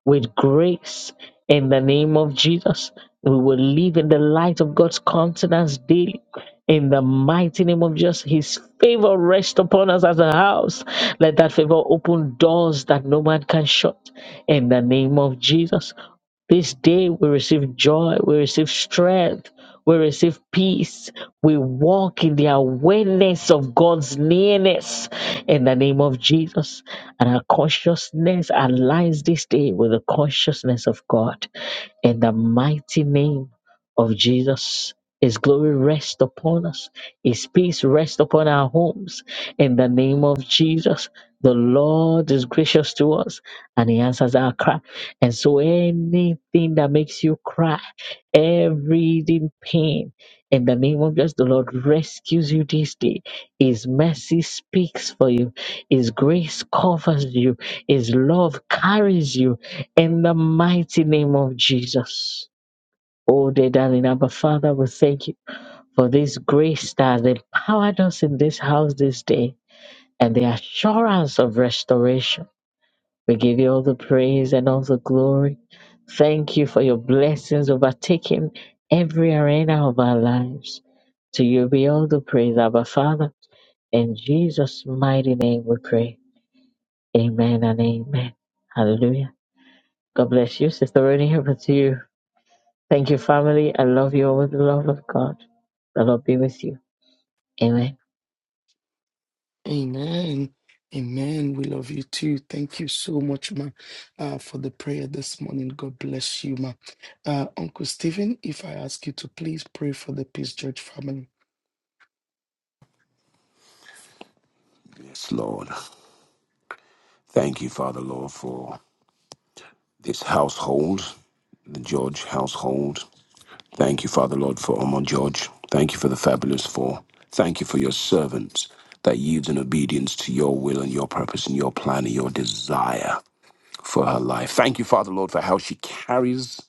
S1: with grace. In the name of Jesus, we will live in the light of God's countenance daily. In the mighty name of Jesus, His favor rest upon us as a house. Let that favor open doors that no man can shut. In the name of Jesus, this day we receive joy, we receive strength, we receive peace. We walk in the awareness of God's nearness in the name of Jesus. And our consciousness aligns this day with the consciousness of God in the mighty name of Jesus. His glory rest upon us. His peace rest upon our homes. In the name of Jesus, the Lord is gracious to us and he answers our cry. And so anything that makes you cry, every pain, in the name of Jesus, the Lord rescues you this day. His mercy speaks for you. His grace covers you. His love carries you in the mighty name of Jesus. Oh, dear darling Abba Father, we thank you for this grace that has empowered us in this house this day and the assurance of restoration. We give you all the praise and all the glory. Thank you for your blessings overtaking every arena of our lives. To you be all the praise, Abba Father. In Jesus' mighty name we pray. Amen and amen. Hallelujah. God bless you, Sister Roni. Over to you. Thank you, family. I love you all with the love of God. The Lord be with you. Amen.
S3: Amen. Amen. We love you too. Thank you so much, ma, uh, for the prayer this morning. God bless you, ma. Uh, Uncle Stephen, if I ask you to please pray for the Peace Church family.
S7: Yes, Lord. Thank you, Father, Lord, for this household, the George household. Thank you, Father, Lord, for Omar George. Thank you for the fabulous four. Thank you for your servants that yields in obedience to your will and your purpose and your plan and your desire. for her life. Thank you, Father Lord, for how she carries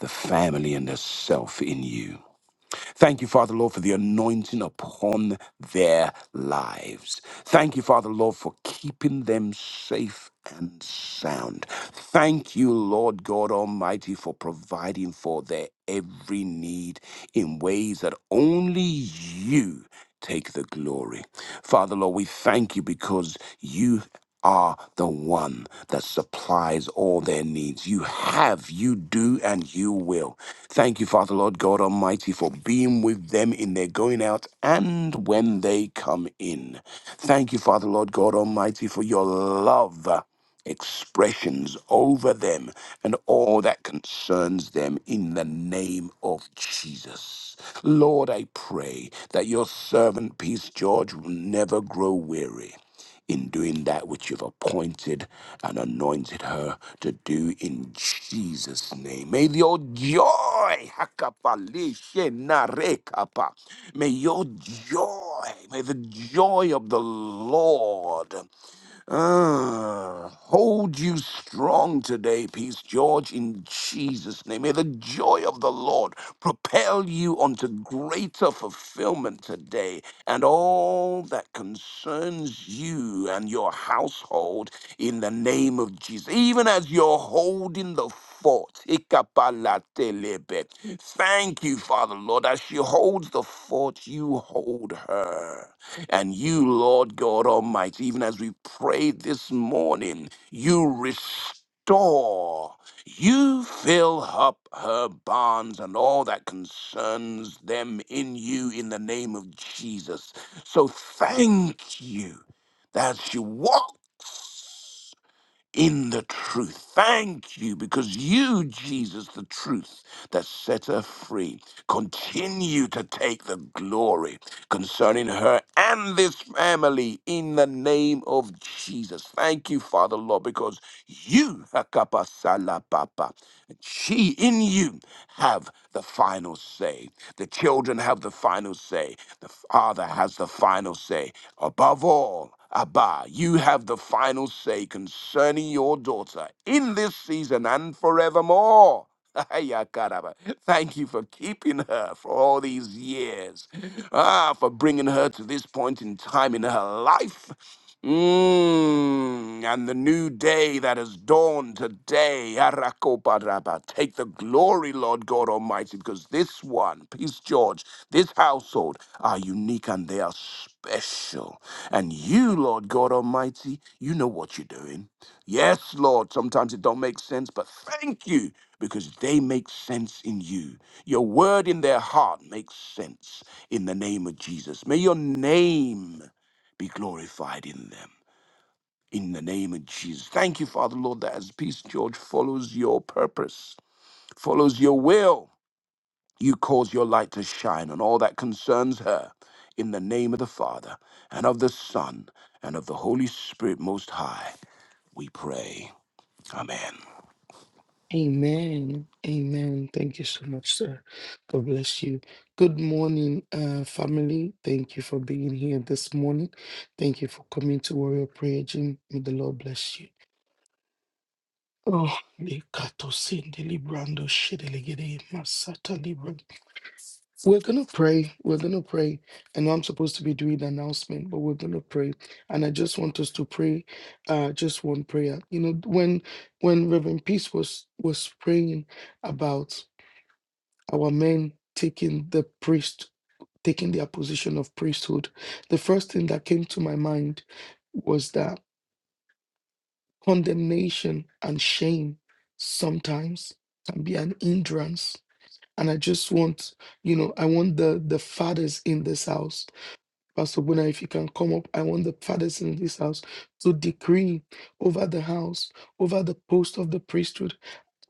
S7: the family and herself in you. Thank you, Father, Lord, for the anointing upon their lives. Thank you, Father, Lord, for keeping them safe and sound. Thank you, Lord God Almighty, for providing for their every need in ways that only you take the glory. Father, Lord, we thank you because you are the one that supplies all their needs. You have, you do, and you will. Thank you, Father, Lord God Almighty, for being with them in their going out and when they come in. Thank you, Father, Lord God Almighty, for your love expressions over them and all that concerns them in the name of Jesus. Lord, I pray that your servant, Peace George, will never grow weary in doing that which you've appointed and anointed her to do in Jesus' name. May your joy, Hakapalishenarekapa. may your joy, may the joy of the Lord Ah, hold you strong today, Peace George, in Jesus' name. May the joy of the Lord propel you onto greater fulfillment today, and all that concerns you and your household in the name of Jesus. Even as you're holding the fort, Ikapalatelebe. thank you, Father Lord. As she holds the fort, you hold her. And you, Lord God Almighty, even as we prayed this morning, you restore, you fill up her barns and all that concerns them in you in the name of Jesus. So thank you that she walks in the truth. Thank you because you, Jesus, the truth that set her free, continue to take the glory concerning her and this family in the name of Jesus. Thank you, Father, Lord, because you, Hakapa Salapapa, she in you have the final say. The children have the final say. The father has the final say. Above all, Abba, you have the final say concerning your daughter in this season and forevermore. Yakaraba. Thank you for keeping her for all these years. Ah, for bringing her to this point in time in her life. Mm, and the new day that has dawned today. Arakobaraba. Take the glory, Lord God Almighty, because this one, Peace George, this household are unique and they are special. And you, Lord God Almighty, you know what you're doing. Yes, Lord, sometimes it don't make sense, but thank you because they make sense in you. Your word in their heart makes sense in the name of Jesus. May your name be glorified in them in the name of Jesus. Thank you, Father, Lord, that as Peace George follows your purpose, follows your will, you cause your light to shine on all that concerns her. In the name of the Father, and of the Son, and of the Holy Spirit Most High, we pray. Amen.
S3: Amen. Amen. Thank you so much, sir. God bless you. Good morning, uh, family. Thank you for being here this morning. Thank you for coming to Warrior Prayer Gym. May the Lord bless you. Oh, likato sende librando shedelegede masata libra. we're gonna pray. We're gonna pray. I know I'm supposed to be doing the announcement, but we're gonna pray. And I just want us to pray uh just one prayer. You know, when when Reverend Peace was was praying about our men taking the priest taking their position of priesthood the first thing that came to my mind was that condemnation and shame sometimes can be an hindrance and i just want you know i want the the fathers in this house pastor buna if you can come up i want the fathers in this house to decree over the house over the post of the priesthood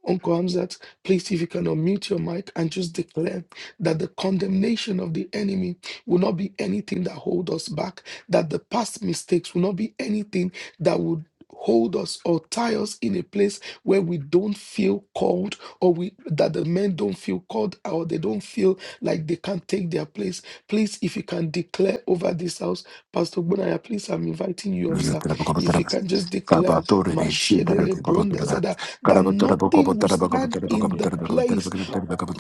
S3: Uncle Hamzat, please, if you can unmute your mic and just declare that the condemnation of the enemy will not be anything that hold us back, that the past mistakes will not be anything that would hold us or tie us in a place where we don't feel called or we that the men don't feel called or they don't feel like they can take their place please if you can declare over this house pastor Bunaya, please i'm inviting you up
S7: Mm. Mm,
S3: sir if you can just declare "Mashedele Brondazada," that nothing will stand in the place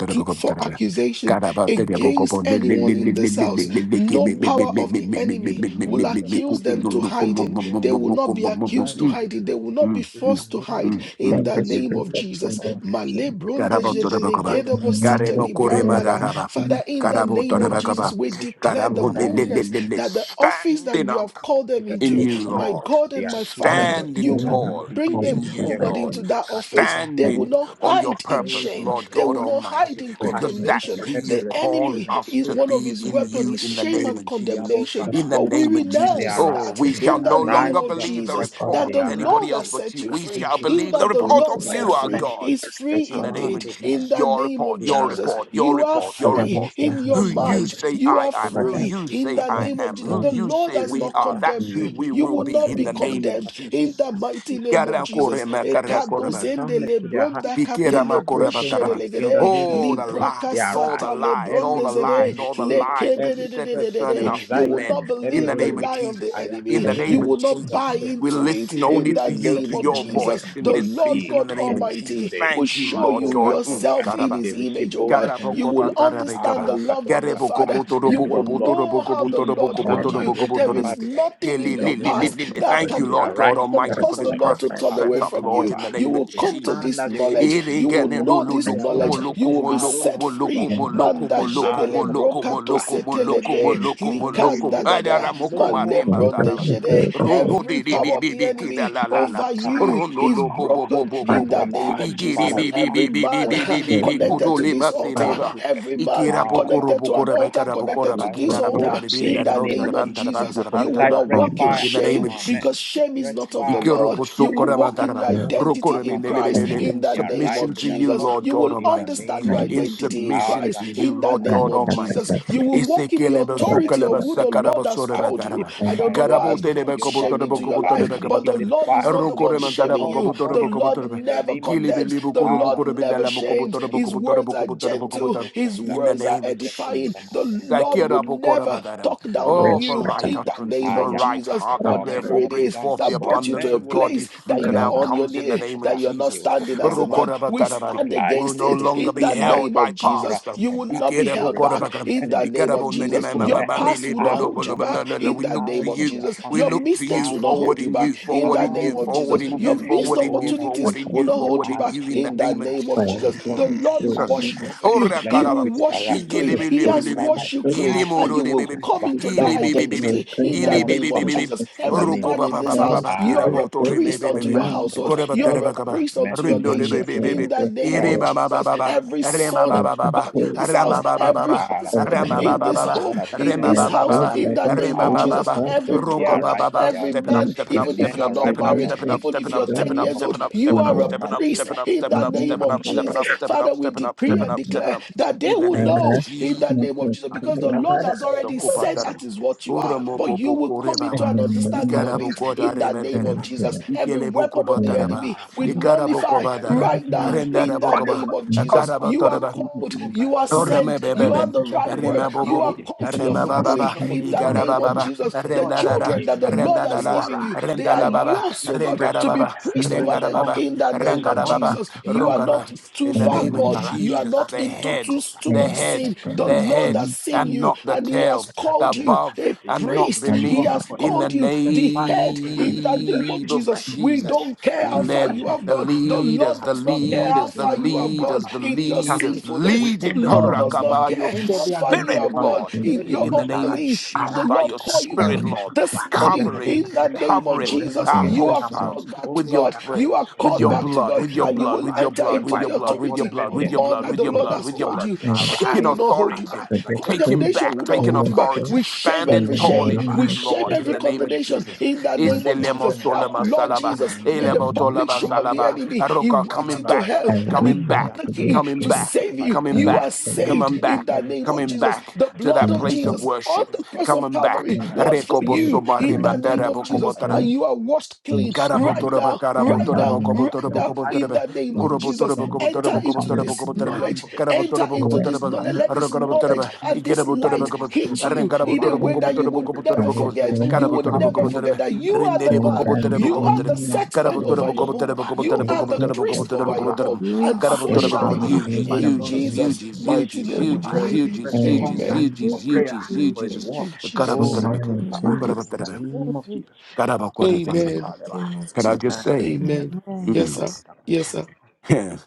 S3: to, for accusation against anyone in this house. No power of the enemy will accuse them to hiding. They will not be accused to hiding. They will not be
S6: In
S7: mm,
S3: forced to
S6: the name
S3: hide
S7: mm,
S6: of
S7: mm,
S3: in
S1: Thank
S3: the
S1: you,
S7: mm.
S3: name
S1: Spirit
S3: of
S1: of
S6: Jesus,
S1: God,
S3: Jesus.
S1: and thank you,
S3: Malebronda
S7: Carabo
S1: Lord.
S6: we
S7: Torabacaba,
S6: call the
S3: jedelegede
S1: In
S6: men
S1: the
S6: out.
S3: bosita
S1: name of
S7: Caremo
S6: We
S1: the
S7: Corema
S6: call
S1: Lord,
S6: them
S1: in
S3: librangada.
S6: to
S1: the
S6: the,
S7: Daraba,
S1: name
S3: Father,
S6: we
S3: in
S1: of
S3: the
S7: Carabo
S3: name
S6: call
S1: the
S3: of
S6: them to
S1: Lord.
S3: Jesus,
S7: Torabacaba,
S6: the
S3: we declare the
S1: in
S7: Caramo
S1: the
S6: nation.
S1: name
S3: boldness that the office that
S7: Stand
S3: you
S7: up
S3: have called
S6: In
S3: them
S6: the
S7: in
S3: into,
S1: of
S6: name of
S7: you,
S3: my
S6: Jesus,
S1: another
S7: Lord.
S3: God
S6: they
S3: and
S6: are
S3: my
S6: seeking
S3: Father,
S1: and
S6: for
S1: the
S3: you
S7: Standing
S6: you that
S3: will
S1: family
S6: cannot
S7: tall
S6: be
S3: Bring
S6: hidden.
S3: them,
S7: in
S1: calling the
S3: oh
S7: you,
S3: God,
S6: Therefore,
S7: Lord.
S3: into
S1: burden
S3: that office.
S6: Kadiza,
S3: They will
S1: and
S7: Standing
S3: not
S7: on your
S3: hide in
S6: every
S7: purpose,
S3: shame.
S7: Lord
S3: They
S7: God
S3: will not hide
S7: Almighty,
S6: every
S3: in
S7: because
S6: detachment,
S1: reclaim the
S7: that's
S3: condemnation.
S7: who
S1: first
S6: every
S3: The
S7: you've called
S6: restriction
S3: enemy,
S6: in the
S7: us
S3: he-
S1: fruits
S7: to
S6: spirit,
S1: that
S3: one
S1: I
S3: of
S7: be
S3: his
S6: let
S7: in
S6: it be
S3: weapons
S7: you
S3: is
S7: in
S6: taken
S7: the
S3: shame
S6: away.
S7: name
S3: and
S7: of Jesus.
S6: Yabo
S3: condemnation.
S1: can
S7: In
S6: Saba,
S7: the
S3: But we
S7: name
S6: our
S7: of
S1: speaking in
S6: men, they
S7: Jesus.
S1: the
S3: renounce
S6: arise.
S7: Oh,
S3: that
S7: we
S1: spirit
S7: shall
S6: They
S3: in
S1: to
S3: the
S7: no
S1: say,
S6: arise
S3: name
S7: longer
S6: to
S3: of
S6: their
S7: believe the
S3: Jesus,
S6: pursuit.
S1: just on
S3: that
S7: report
S1: that
S6: They
S3: the
S7: of
S6: arise.
S7: anybody
S3: Lord has
S7: else but
S3: set
S7: you.
S3: you
S7: We
S3: free.
S7: shall
S6: Akuzu
S3: He
S7: believe
S1: for
S7: the
S3: that the
S6: Saba,
S7: report
S1: those
S3: Lord
S7: of
S1: who
S6: with
S1: are
S6: the
S3: set
S7: you, our
S3: free
S6: name of
S1: affected
S7: God
S3: is
S1: as
S3: free
S1: this
S7: in the
S1: one
S7: name
S3: indeed.
S7: of
S6: Amatu
S3: In
S7: Jesus.
S3: the
S6: Barakata.
S7: Your
S3: name of
S7: report,
S6: They
S7: your
S3: Jesus,
S7: report,
S6: arise.
S7: your
S3: you are
S7: report,
S1: but
S7: your
S1: the
S3: free.
S6: Ayaka,
S7: report.
S1: rest of
S3: In your
S6: Akati,
S1: us
S7: Who
S1: not
S7: you
S3: mind,
S7: say
S3: you
S7: I
S3: are
S7: am,
S1: over
S7: who
S1: that
S3: free.
S7: you
S3: In
S7: say
S3: the
S7: I
S3: name
S1: and
S3: of
S7: am,
S3: Jesus,
S7: who
S1: now
S3: the
S7: you
S3: Lord
S7: say
S3: has
S1: this
S7: we
S3: not
S7: are,
S3: condemned
S7: that's who
S3: you.
S1: even
S7: we
S3: You
S7: will
S3: will will
S7: be
S3: not
S7: in
S3: be
S7: the
S1: portraying
S6: this
S7: name of
S3: condemned
S6: part
S3: in
S7: Jesus.
S3: the
S6: Somba. We
S3: mighty name of
S6: speak
S3: Jesus.
S6: goodness. We
S1: themselves
S6: speak
S3: Ekadozende
S6: soundness to their heart.
S3: lebronda
S7: Oh,
S3: katele
S6: Ikato
S1: with
S6: Somba, in the
S3: brosherelegede,
S6: name of
S7: the
S6: Jesus,
S1: the
S6: they
S7: lies, all the
S6: arise.
S3: liprakasata
S7: lies, all
S6: Every
S7: the
S6: weariness
S3: lebrondezede,
S1: faith
S7: lies,
S6: in the
S7: all the
S6: spirit,
S7: lies could
S6: every
S7: set
S6: stress,
S7: concerning
S3: lekedededededede.
S1: in
S7: us
S3: You
S1: the
S7: as
S3: will
S6: anxiety,
S7: men.
S3: not
S1: fair
S6: let be
S7: In the
S3: believe
S6: rolled
S3: the
S7: name
S6: away.
S7: of
S3: lie of the
S7: Jesus, in
S3: enemy.
S7: the
S1: there's
S6: Ayakato
S3: You
S7: name
S1: no
S7: of
S3: will not
S6: Kusonga
S3: buy
S7: Jesus,
S1: faith
S7: we
S6: Songaba.
S3: into it
S7: listen
S3: in
S7: only
S6: Every
S3: the
S7: to you,
S3: name
S7: to
S3: of
S7: your
S6: insufficiency
S1: in
S3: Jesus.
S1: the
S7: voice in
S6: we
S3: The
S7: this
S3: Lord
S7: season,
S6: decree
S7: in
S3: God
S7: the name
S6: it
S7: of
S1: faith
S6: ends
S7: Jesus.
S3: Almighty
S6: today.
S3: will
S7: Thank you,
S3: show
S7: Lord
S3: you
S7: God.
S6: Makobra
S7: Mm,
S6: Tonga.
S3: yourself in
S7: Karaba.
S6: They
S3: his
S6: receive
S3: image, oh
S6: boldness
S3: God.
S6: in the
S3: You will
S6: spirit.
S3: understand
S7: Karabokopatarabekaba.
S3: the love
S6: Arakato
S3: of the
S6: Sakaba.
S3: Father.
S6: The
S3: You
S1: there
S6: spirit
S3: will
S6: of love,
S3: know how
S6: peace,
S3: the Lord holds you
S6: sound
S1: and
S3: you.
S6: mind, rest
S1: the
S6: and
S3: There
S1: faith
S7: Kerebokobotorobokobotorobokobotorobokobotorobokobotorobokobotorobim.
S3: is
S6: abide with them
S3: nothing
S6: in
S3: in
S6: the
S3: your
S6: name
S1: so
S6: of
S3: past
S6: Jesus.
S7: Kelelelelelele.
S3: that
S1: for
S7: Thank you,
S3: can
S6: They
S7: Lord
S3: ho-
S6: arise
S7: God
S3: that
S6: to
S3: can
S6: their
S7: Almighty, for
S3: cause
S7: this
S3: the
S6: calling,
S3: Lord to
S7: perfect
S1: the
S3: turn away
S6: Akon
S7: setup,
S3: from
S7: Lord,
S3: you.
S7: in
S6: Sataba,
S7: the
S3: You
S7: name of
S1: I'm
S3: will
S6: to
S1: gonna
S3: come to
S6: stand
S3: this
S7: Jesus.
S6: as a watch,
S3: knowledge. You will
S6: as a
S7: Irigene do
S3: know
S6: watchman
S7: lo
S6: for
S3: this
S7: lo
S6: their
S7: komo
S3: knowledge.
S6: family.
S7: lo
S3: You will
S7: komo
S3: be
S7: lo
S3: set
S6: Aroto
S7: komo lo
S6: Koba
S3: free.
S7: komo lo
S6: Sataba.
S3: Manda
S7: komo lo
S6: Ah, no
S3: jedele
S7: komo
S6: more
S7: lo
S3: broka
S7: komo
S3: to
S7: lo
S6: Kusunaba,
S7: komo
S6: no
S7: lo
S6: more
S7: komo
S6: shame,
S7: lo
S6: no
S7: komo
S6: more
S7: lo komo.
S3: likanda
S6: reproach,
S3: da
S7: Adara mo
S6: no
S7: koma
S6: more.
S7: rema
S3: malebron de
S7: taraba.
S6: Aki
S3: jede.
S6: Bishikuba
S7: Rono
S3: Every
S7: di di
S3: power
S6: Hatakumba.
S7: di
S3: of
S7: di
S3: the
S7: di kida
S3: enemy
S7: la la
S6: Ah,
S7: la.
S3: over
S6: ah, ah,
S3: you
S7: Rono
S3: is
S7: lo
S6: ah,
S7: bo bo bo
S3: broken
S7: bo
S3: in the
S7: kobo.
S3: name
S6: Matama.
S3: of
S7: Igiri
S3: Jesus.
S6: Father,
S7: bi
S6: we
S7: bi
S6: ask
S3: Every
S7: bi bi bi
S3: man
S7: bi
S6: whatever
S7: bi
S6: you
S7: bi
S6: have
S7: bi
S3: connected
S7: kuto
S6: planted,
S3: to
S7: le
S3: this
S6: that you have
S3: altar,
S7: masileba.
S6: fruited.
S3: every man
S7: Ikira bokoro
S3: connected to an
S7: bokora ba
S6: Marakatakataka,
S3: altar
S7: ikara
S6: By the
S7: bokora
S3: connected to
S7: ba
S6: fire of the
S3: this
S7: kina ra
S6: Holy
S7: bo
S6: Ghost,
S3: altar
S7: ba di din da
S6: in
S3: in
S7: da
S6: the
S3: the
S7: bon
S6: name
S7: da da
S6: of
S3: name of
S7: ban
S6: Jesus,
S7: da da ban
S3: Jesus.
S7: da
S6: we
S7: da
S3: You
S7: ban da
S3: will
S7: da
S6: prophesy
S3: not
S7: ba.
S6: fresh
S3: walk in
S6: fire
S7: In the name
S3: shame
S6: on
S7: of
S6: our men,
S3: because
S7: Jesus.
S3: shame is
S6: fresh
S3: not of the
S6: fire,
S3: Lord. You
S6: fresh
S3: will walk
S6: fire.
S3: in your
S7: Ikorobosokoramandaraba,
S6: Moko
S3: identity in
S6: sabrato
S3: Christ
S7: rokoremenelebelelele,
S6: Sabratokova,
S3: in
S7: In
S3: the
S6: they
S3: name
S6: arise
S7: submission
S3: of
S6: to
S7: to
S6: their
S7: you,
S3: Jesus.
S6: calling
S7: Lord
S3: You
S7: God
S3: will
S6: in the
S7: Almighty.
S3: understand
S6: name
S3: your
S6: of
S7: In
S6: Jesus.
S3: identity in
S7: submission
S3: Christ
S7: to you,
S3: in the
S7: Lord
S6: Azakasagaba,
S3: name
S7: God
S3: of Jesus.
S7: Almighty.
S3: You will walk in the
S6: Zeketeketeketekete,
S3: authority of who the Lord has
S6: Lekopakatokopa.
S3: called
S6: They
S3: you.
S7: Isekelebesokelebesekarabasorebadaraba.
S6: put
S3: I don't
S6: fire
S3: know
S6: every
S3: what
S7: Garabo
S3: has
S6: day.
S7: Telebe
S3: brought
S6: Yomba
S3: shame
S7: Cobotorabo
S3: into your
S6: Songaba,
S3: life,
S7: Cobotoraba
S6: they
S3: but the
S6: keep the
S7: Cabatarme,
S3: Lord
S6: fire,
S3: is not the
S6: they
S3: one
S6: keep the
S3: shaming
S7: Rocoremantarabo
S6: altar
S3: you. The
S7: Cobotorabo
S6: burning
S3: Lord
S7: Cobotoraba,
S6: in the
S3: never
S6: name of Jesus.
S3: condemns,
S7: Gilibilibu
S3: the Lord never
S7: Corobocobindalamo
S6: Aratosamba,
S3: shames.
S7: Cobotorabo
S3: His
S6: Leko
S3: words
S7: Cobotorabo
S3: are
S6: Brahatogaba,
S7: Cobotorabo
S3: gentle
S7: Cobotorabo,
S3: you. His
S6: Yakonda,
S7: in the
S3: words are
S7: name of
S6: Anzeko
S3: edifying.
S7: Jesus.
S3: The
S6: Samande,
S3: Lord
S6: Rento
S3: will never
S6: Parada,
S7: Sakirabokorabadaram.
S3: talk down on
S7: Oh,
S6: Runto
S7: for
S3: you
S7: right
S3: in the
S6: Kupayagaba,
S7: utterances,
S3: name
S7: for
S3: of
S7: right
S6: Ayakata.
S3: Jesus.
S7: heart that
S6: Our men
S3: Whatever
S6: will
S7: therefore
S3: it
S6: not be
S7: bring
S3: is
S6: dumb.
S7: forth the
S3: that
S6: Our
S3: brought you
S7: abundance
S3: to a
S6: men
S7: of
S6: will not be
S7: godly
S3: place
S6: speechless.
S3: that
S7: fruit and
S3: you are on your
S7: outcomes in the
S3: knee,
S7: name of
S3: that
S6: Arakatokopa.
S3: you are not
S6: They
S7: Jesus.
S6: will
S3: standing
S6: open
S3: as
S6: their
S3: a
S6: mouths
S3: man, we
S6: to speak
S7: Rukorabatarabaram.
S3: stand
S6: life,
S7: We'll
S3: against
S7: no
S3: it
S6: to
S7: longer
S3: in
S6: speak
S7: be
S3: the
S7: held
S6: life.
S7: held
S3: name
S7: by
S3: of Jesus.
S7: past.
S3: You will
S6: Maratokomba,
S3: not be
S6: to
S7: Ikerebo
S3: held back
S6: resist
S7: korabagam.
S6: the
S3: in the
S6: enemy,
S3: name of
S7: Ikerebo
S6: to
S3: Jesus.
S6: rebuke
S3: Your
S6: death
S3: past will
S7: nenemamamamilebo
S3: not
S6: out of
S3: hold you
S6: their
S3: back
S6: family,
S7: lobolobololo.
S3: in
S7: We
S3: the
S7: look
S3: name
S7: to
S6: out
S3: of
S6: of
S7: you.
S6: their
S3: Jesus.
S7: We
S6: family,
S3: Your
S7: look to
S3: mistakes
S7: you.
S3: will
S6: out
S3: not
S6: of their
S7: Forward
S3: hold you
S7: in
S6: business,
S7: you.
S3: back in
S7: Forward
S3: the
S7: in
S3: name
S7: you.
S6: out
S3: of
S6: of
S7: Forward
S6: their
S3: Jesus.
S7: in
S6: family.
S3: Your
S7: you.
S3: missed
S7: Forward in
S6: Oh,
S7: you.
S6: Father,
S3: opportunities
S7: Forward in
S3: will
S7: you.
S3: not hold
S7: Forward
S3: you
S7: in
S3: back
S7: you. In the
S3: in the
S7: name of
S3: name of of
S6: Azakatakatara,
S3: Jesus, the Lord will
S7: Jesus.
S3: wash over
S6: antakatokombe.
S3: you.
S7: Ora
S6: Let
S3: He
S6: the
S7: karaba.
S3: will
S6: priest
S3: wash you
S6: arise.
S1: Thank
S3: clean.
S6: Let the
S3: He
S6: priest
S3: has
S7: Igelebelebelebe.
S3: washed
S6: arise.
S1: you.
S3: you clean, and you will
S7: Ilemororebe.
S3: come
S6: Asukesundaba.
S1: We
S3: into
S1: create
S3: that
S6: No more sleep.
S1: whatever
S7: Ilebebebebe.
S3: identity
S1: great
S3: in
S6: No
S3: the
S6: more
S1: effort
S3: name of
S1: for the
S6: slumbers.
S7: Ilebebebebe.
S3: Jesus.
S6: In the
S3: Every
S1: experts.
S6: name
S7: Oroko
S6: of
S3: man
S7: ba
S3: in
S7: ba
S6: Jesus.
S7: ba
S3: this
S1: There
S7: ba ba
S3: house,
S1: is
S7: ba.
S3: you
S6: Ah,
S3: are
S1: great
S7: Kirabo
S3: a
S1: data
S3: priest
S6: Ayekosunda.
S1: for
S3: unto
S7: toremebebebe.
S3: your
S1: mind that
S3: household.
S1: is
S3: You
S1: both
S3: are a
S6: Antekefretoda.
S7: Gorabatarabakaba.
S3: priest unto your
S1: in
S7: Rindo
S1: the
S7: de
S3: nation
S7: baby
S1: nature
S3: in
S7: baby.
S1: of
S6: Metokombreketela.
S3: the name
S7: Iri
S3: of
S1: the
S7: ba ba ba
S3: Jesus.
S7: ba ba.
S3: Every
S6: Rakatokusakataya.
S7: Rema
S3: son
S7: ba
S1: and
S7: ba
S1: the
S7: ba ba.
S3: born in
S1: code
S3: this
S7: Rama
S3: house,
S1: of
S7: ba ba
S1: the
S7: ba
S6: Rakatokusakataya.
S3: every
S7: ba.
S3: husband
S7: Rama
S6: Arakatagaraga.
S1: programming
S7: ba
S3: in
S7: ba
S3: this
S7: ba
S6: As
S7: ba.
S1: language.
S6: the Lord
S3: home,
S6: has made
S3: in
S6: them
S1: My
S7: Rema
S3: this
S7: ba
S6: Lord
S7: ba
S6: over
S7: ba
S6: the
S3: house,
S1: third
S7: ba.
S3: in
S6: family.
S3: the
S1: data
S3: name
S7: Rema
S3: of
S1: in
S7: ba
S6: Ah,
S1: the
S7: ba
S3: Jesus,
S7: ba.
S3: every
S1: project
S6: they
S7: Rogo
S3: brother,
S1: is
S7: ba
S6: arise
S7: ba
S6: to
S7: ba.
S6: their
S3: every
S7: Stepping
S6: ordination.
S7: up,
S3: man,
S1: in
S7: stepping
S6: The
S1: the
S7: up,
S3: even
S6: men
S3: if
S1: back
S7: stepping
S3: you're
S7: up,
S1: to
S6: arise
S3: not
S7: stepping
S6: to
S7: up,
S6: their
S1: learn
S3: married,
S7: stepping
S6: ordination.
S1: that
S7: up,
S3: even if
S1: the
S7: stepping
S3: you're
S6: In
S7: up,
S6: the
S3: 10
S7: stepping
S1: data
S7: up,
S6: name
S3: years
S6: of
S3: old,
S7: stepping
S6: Jesus.
S7: up,
S3: you you
S7: stepping
S1: from
S3: are
S7: up,
S3: a
S6: Oh,
S1: the
S7: stepping
S6: mercy,
S7: up,
S3: priest
S7: stepping up,
S3: in
S6: Brakatola.
S7: stepping
S3: the
S7: up,
S1: learning
S3: name
S7: stepping up, stepping
S6: Mercy,
S1: from
S3: of
S7: up,
S1: the
S7: stepping
S3: Jesus.
S7: up,
S6: Brakatola.
S7: stepping
S3: Father, we
S7: up,
S3: decree
S7: stepping
S3: and
S7: up,
S1: learning.
S7: stepping
S3: declare
S7: up.
S3: that they
S7: In the
S3: will
S7: name of
S1: There
S3: know in
S7: Jesus.
S3: the
S1: not
S3: name of
S1: the
S3: Jesus
S6: And the
S3: because the
S1: Kaya
S6: God.
S3: Lord has already
S6: What you want
S3: said
S7: Sokopataram.
S3: that is what you are, but you
S7: Uramopopo
S3: will come into
S7: Korebaba.
S1: and
S3: an
S1: then we
S6: to
S3: understanding
S1: want
S3: of
S1: to
S3: it
S1: see
S7: Ikarabokota
S3: in the name of
S7: Remeterebe.
S3: Jesus.
S1: the
S6: do?
S3: Every
S7: Ikeleboko
S3: weapon of the
S1: material.
S7: Bataraba.
S3: enemy will
S7: Ikaraboko
S3: nullify
S6: That is
S7: Batara.
S6: peace,
S3: right now
S6: arise. We
S3: in the
S6: call you
S7: Rendarabokoba.
S3: name
S6: forth.
S3: of
S6: Come
S3: Jesus.
S6: forth.
S3: You are
S7: Akarabatoraba.
S6: Amato
S3: called,
S6: kumba
S3: you are
S6: kadabara.
S7: Orame
S3: sent,
S6: Right.
S3: you
S7: bebebe,
S3: have
S6: It
S3: the
S6: is just on
S3: right
S6: the hill
S3: word,
S7: arema
S6: that cannot
S3: you
S6: be
S3: are
S7: bobobo,
S6: hidden.
S3: called to
S6: There is
S3: your
S7: arema
S6: no
S3: family
S7: bababa,
S6: condemnation for
S3: in
S6: those
S3: the
S6: who are in
S7: igara
S3: name
S6: Christ
S3: of
S6: Jesus.
S7: bababa,
S3: Jesus.
S6: The
S3: The
S6: Lord
S7: arenda
S6: has
S7: da, da,
S3: children
S6: redeemed
S3: that
S6: you.
S3: the
S7: arenda
S3: Lord
S6: So
S3: has
S6: you
S7: dada,
S3: given you,
S6: arise.
S3: they
S7: arenda
S3: are
S7: la
S6: You
S3: you
S7: baba,
S6: arise.
S3: yours, oh God,
S6: Fresh
S7: arengara
S3: to be
S7: baba,
S6: fire,
S3: priest
S6: fresh
S3: over
S7: arengara
S3: them
S7: baba,
S6: unction,
S3: in the
S6: fresh
S3: name of
S7: arengara
S6: anointing
S7: baba,
S3: Jesus.
S6: in the
S3: You are
S6: name of
S7: rongara.
S3: not
S6: Jesus.
S3: too
S7: In the
S6: Let the
S3: far
S7: name
S6: priest
S7: of
S3: God.
S6: arise.
S3: You are
S7: Jesus,
S3: not
S7: the
S6: Aki
S3: into
S7: head,
S3: too, too
S7: the
S3: much
S6: shakosa.
S7: head,
S3: sin. The
S7: the
S3: Lord
S7: head,
S3: has seen
S7: and
S3: you
S7: not the
S3: and He
S6: Yes.
S7: tail,
S3: has
S7: the
S3: called you
S7: above
S3: a
S7: and not
S3: priest.
S6: Fresh
S3: He
S7: beneath.
S6: hunger
S3: has
S1: and
S6: for the
S7: In
S6: word.
S7: the
S3: called you
S6: Fresh
S3: the
S6: fire for
S3: head
S6: prayer.
S3: in the name
S6: Fresh,
S3: of
S7: name of
S3: Jesus.
S6: fresh,
S3: We
S6: fresh,
S7: Jesus,
S3: don't care
S6: fresh,
S3: how far
S7: lend
S3: you
S6: freshness.
S3: have
S7: the
S3: gone. The
S6: Akashi
S3: Lord
S7: leaders, the
S3: does not
S6: kapsokopa.
S3: care how
S7: leaders, the
S3: far you have gone
S7: leaders,
S6: Intakuparabara.
S7: the
S3: in
S6: We
S3: your
S7: leaders us
S6: terminate.
S3: sinfulness.
S6: We
S3: The
S7: leading
S6: end every
S3: Lord does
S6: offense.
S7: Haraka
S3: not
S7: by
S6: We
S7: your
S3: care
S6: end
S3: how
S6: every
S3: far
S6: argument
S3: you
S6: in
S7: spirit,
S6: the
S3: have
S6: family.
S3: gone
S7: Lord.
S6: Let
S3: in
S6: the
S3: your
S7: In the
S6: priest
S7: name of
S6: arise.
S3: unbelief. But
S7: Jesus,
S3: the
S6: Arise.
S7: by
S3: Lord
S7: your
S3: called you
S7: spirit,
S3: back.
S7: Lord,
S3: The
S6: Akosokusakapa.
S3: this morning
S7: covering,
S3: in the
S6: Yakatakataka.
S3: name
S6: He
S3: of
S6: said,
S7: covering
S6: "We wrestle not
S3: Jesus.
S7: our
S6: against
S3: You
S6: flesh
S3: are
S6: and blood.
S7: households
S3: called back to
S7: with
S6: Oh,
S7: your
S6: my
S3: God.
S7: prayer,
S3: You are
S7: with
S3: called
S6: akatokosokoba.
S7: your
S3: back to
S7: blood,
S3: God
S7: with your
S3: and you
S7: blood,
S3: will
S6: Zekabrakaba.
S7: with your
S3: enter
S7: blood, with
S3: into
S6: Therefore, I
S7: your
S3: the
S7: blood,
S6: call
S7: with
S6: for
S7: your
S6: the
S3: authority
S6: men
S7: blood,
S3: of
S7: with
S6: here.
S7: your
S3: all
S7: blood,
S3: that
S7: with
S3: the
S7: your
S3: Lord
S7: blood,
S3: has
S7: with your
S6: Inkusukoba.
S3: called
S7: blood.
S3: you. Shame
S7: Taking
S3: will
S6: Arise.
S3: not hold you
S7: authority,
S3: back.
S6: Arise in the name of Jesus.
S7: taking
S3: Condemnation
S7: back,
S3: will not
S7: taking
S3: hold you back.
S7: authority,
S3: We shame
S1: In
S7: standing
S3: every
S1: the
S7: tall
S3: shame.
S7: in
S3: We
S7: you,
S1: morning of
S6: Let
S3: shame
S6: there
S7: Lord,
S1: Jesus,
S7: in
S6: be
S3: every
S6: a
S7: the name
S6: fresh
S7: of
S3: condemnation
S6: quickening,
S7: Jesus.
S3: in the
S6: fresh
S3: name
S1: and
S3: of
S1: the
S7: Isilemo
S3: Jesus.
S6: unction in that
S3: Our
S7: solema
S6: spirit
S3: Lord
S7: salaba,
S6: in the
S3: Jesus
S6: name of
S3: made a
S6: Jesus.
S7: elemo
S1: name
S3: public
S7: tolaba
S3: show
S6: I'm a
S3: of the
S6: slow
S7: salaba,
S6: bus of
S3: enemy.
S6: it.
S3: He
S7: aroka,
S6: We
S3: went
S7: Coming
S6: cast
S3: into
S7: back,
S3: hell
S1: and
S3: and he
S1: lead
S7: coming
S1: them
S3: got
S7: back,
S3: the
S1: to the
S3: key
S7: coming
S3: to
S1: good
S7: back,
S3: save you.
S7: coming
S3: You
S1: and
S3: are
S7: back,
S1: save
S3: saved
S7: coming
S1: the
S3: in
S7: back.
S3: the name
S1: others.
S3: of
S7: Coming
S3: Jesus.
S7: back
S3: The
S7: to
S3: blood
S7: that
S1: And
S3: of
S7: place
S1: the
S7: of
S1: others
S3: Jesus on
S7: worship.
S3: the cross of
S7: Coming back.
S3: Calvary
S1: and
S3: was for
S1: save
S3: you
S1: from
S3: in the name
S1: the
S3: of
S1: return
S3: Jesus. And you are washed
S1: and
S3: clean right
S1: shame
S7: Garabotoraba,
S3: now,
S6: away
S1: and
S3: right
S1: the
S7: garabotoraba,
S3: now,
S1: man
S3: right
S7: gobotoraba,
S3: now,
S6: every high
S3: in
S7: gobotoraba,
S3: the name
S1: and
S3: of Jesus.
S7: kurobotoraba,
S1: stand
S3: Enter
S7: gobotoraba,
S6: every
S1: unto
S6: thought
S3: into
S1: your
S7: gobotoraba,
S3: this
S6: in the
S7: gobotoraba,
S6: heart
S1: name.
S3: knowledge.
S6: of the priest.
S3: Enter
S7: garabotoraba,
S1: We
S3: into
S1: are
S3: this
S7: gobotoraba,
S3: knowledge.
S1: not
S6: partita in
S3: Let this
S6: the
S1: aware
S6: name
S1: of
S6: of
S3: knowledge
S7: aragarabotoraba,
S6: Christ
S1: my
S3: and
S6: Jesus.
S3: this
S7: igarabotoraba,
S3: light
S6: Oh,
S1: peace
S7: gobot-
S6: Macho
S1: and
S3: hit you
S6: Branto
S3: in a
S6: Cobale,
S7: arengarabotoraba,
S3: way
S1: peace
S3: that you
S7: gobotoraba,
S6: Lente
S3: will
S6: Bregda,
S3: never
S7: gobotoraba,
S1: and your
S7: gobot-
S6: you
S3: forget.
S6: know
S3: You
S6: what
S1: grace
S6: the
S3: will
S6: fact
S7: garabotoraba,
S1: and
S6: is.
S3: never
S1: wisdom
S3: forget
S7: gobotoraba,
S3: that
S6: You
S3: you
S6: know
S3: are the
S6: more.
S7: renderebo,
S1: and the
S3: man.
S7: gobotoraba,
S3: You
S6: Yakato
S3: are the
S7: gobotoraba,
S6: Kumba,
S1: name
S3: set man
S1: of
S6: Yetu
S3: over
S7: garabotoraba,
S3: your
S1: Jesus.
S3: home.
S7: gobotoraba,
S6: Sukaba,
S3: You
S6: you
S1: You
S7: gobotoraba,
S6: don't
S3: are
S6: know
S3: the
S1: take
S7: gobotoraba,
S6: reproach.
S1: your
S3: priest
S7: gobotoraba,
S3: over
S1: place
S3: your
S7: gobotoraba,
S3: home.
S6: Arakato
S4: Look
S3: And
S6: Kaba,
S3: so
S1: It's
S7: garabotoraba,
S3: shall
S7: gobot-
S3: it
S6: Marara,
S3: be.
S7: You,
S6: by the
S3: In
S1: overseen the
S6: blood of
S7: Jesus, you,
S6: Jesus,
S3: Jesus'
S1: industry.
S7: Jesus, you,
S3: mighty
S6: receive
S7: Jesus,
S4: in
S3: name
S6: fresh
S7: you,
S3: we
S4: the
S6: fire,
S7: Jesus,
S3: pray.
S7: you,
S4: name,
S6: fresh
S7: Jesus, you, Jesus,
S6: hunger
S3: Amen.
S7: you, Jesus, you,
S1: Amen.
S6: for
S7: Jesus,
S4: look
S7: you,
S4: on
S6: prayer,
S4: the
S7: Jesus, you,
S4: name,
S6: for His
S7: Jesus.
S3: Thank
S6: word.
S3: you,
S6: Oh,
S3: Jesus.
S7: Garabotoraba,
S6: Mato
S1: Amen.
S4: and
S6: Saba,
S4: you
S1: Jesus.
S6: in the
S7: garabotoraba,
S4: declare
S6: name of Jesus. Oh, Makata
S7: garabotoraba.
S3: Amen.
S4: the
S6: Kataleba.
S4: name of
S7: Can I
S4: Jesus.
S7: just
S6: Amen.
S7: say,
S6: Amen.
S3: Amen.
S4: Amen.
S3: Yes, sir.
S7: mm,
S3: Yes, sir.
S7: Yeah.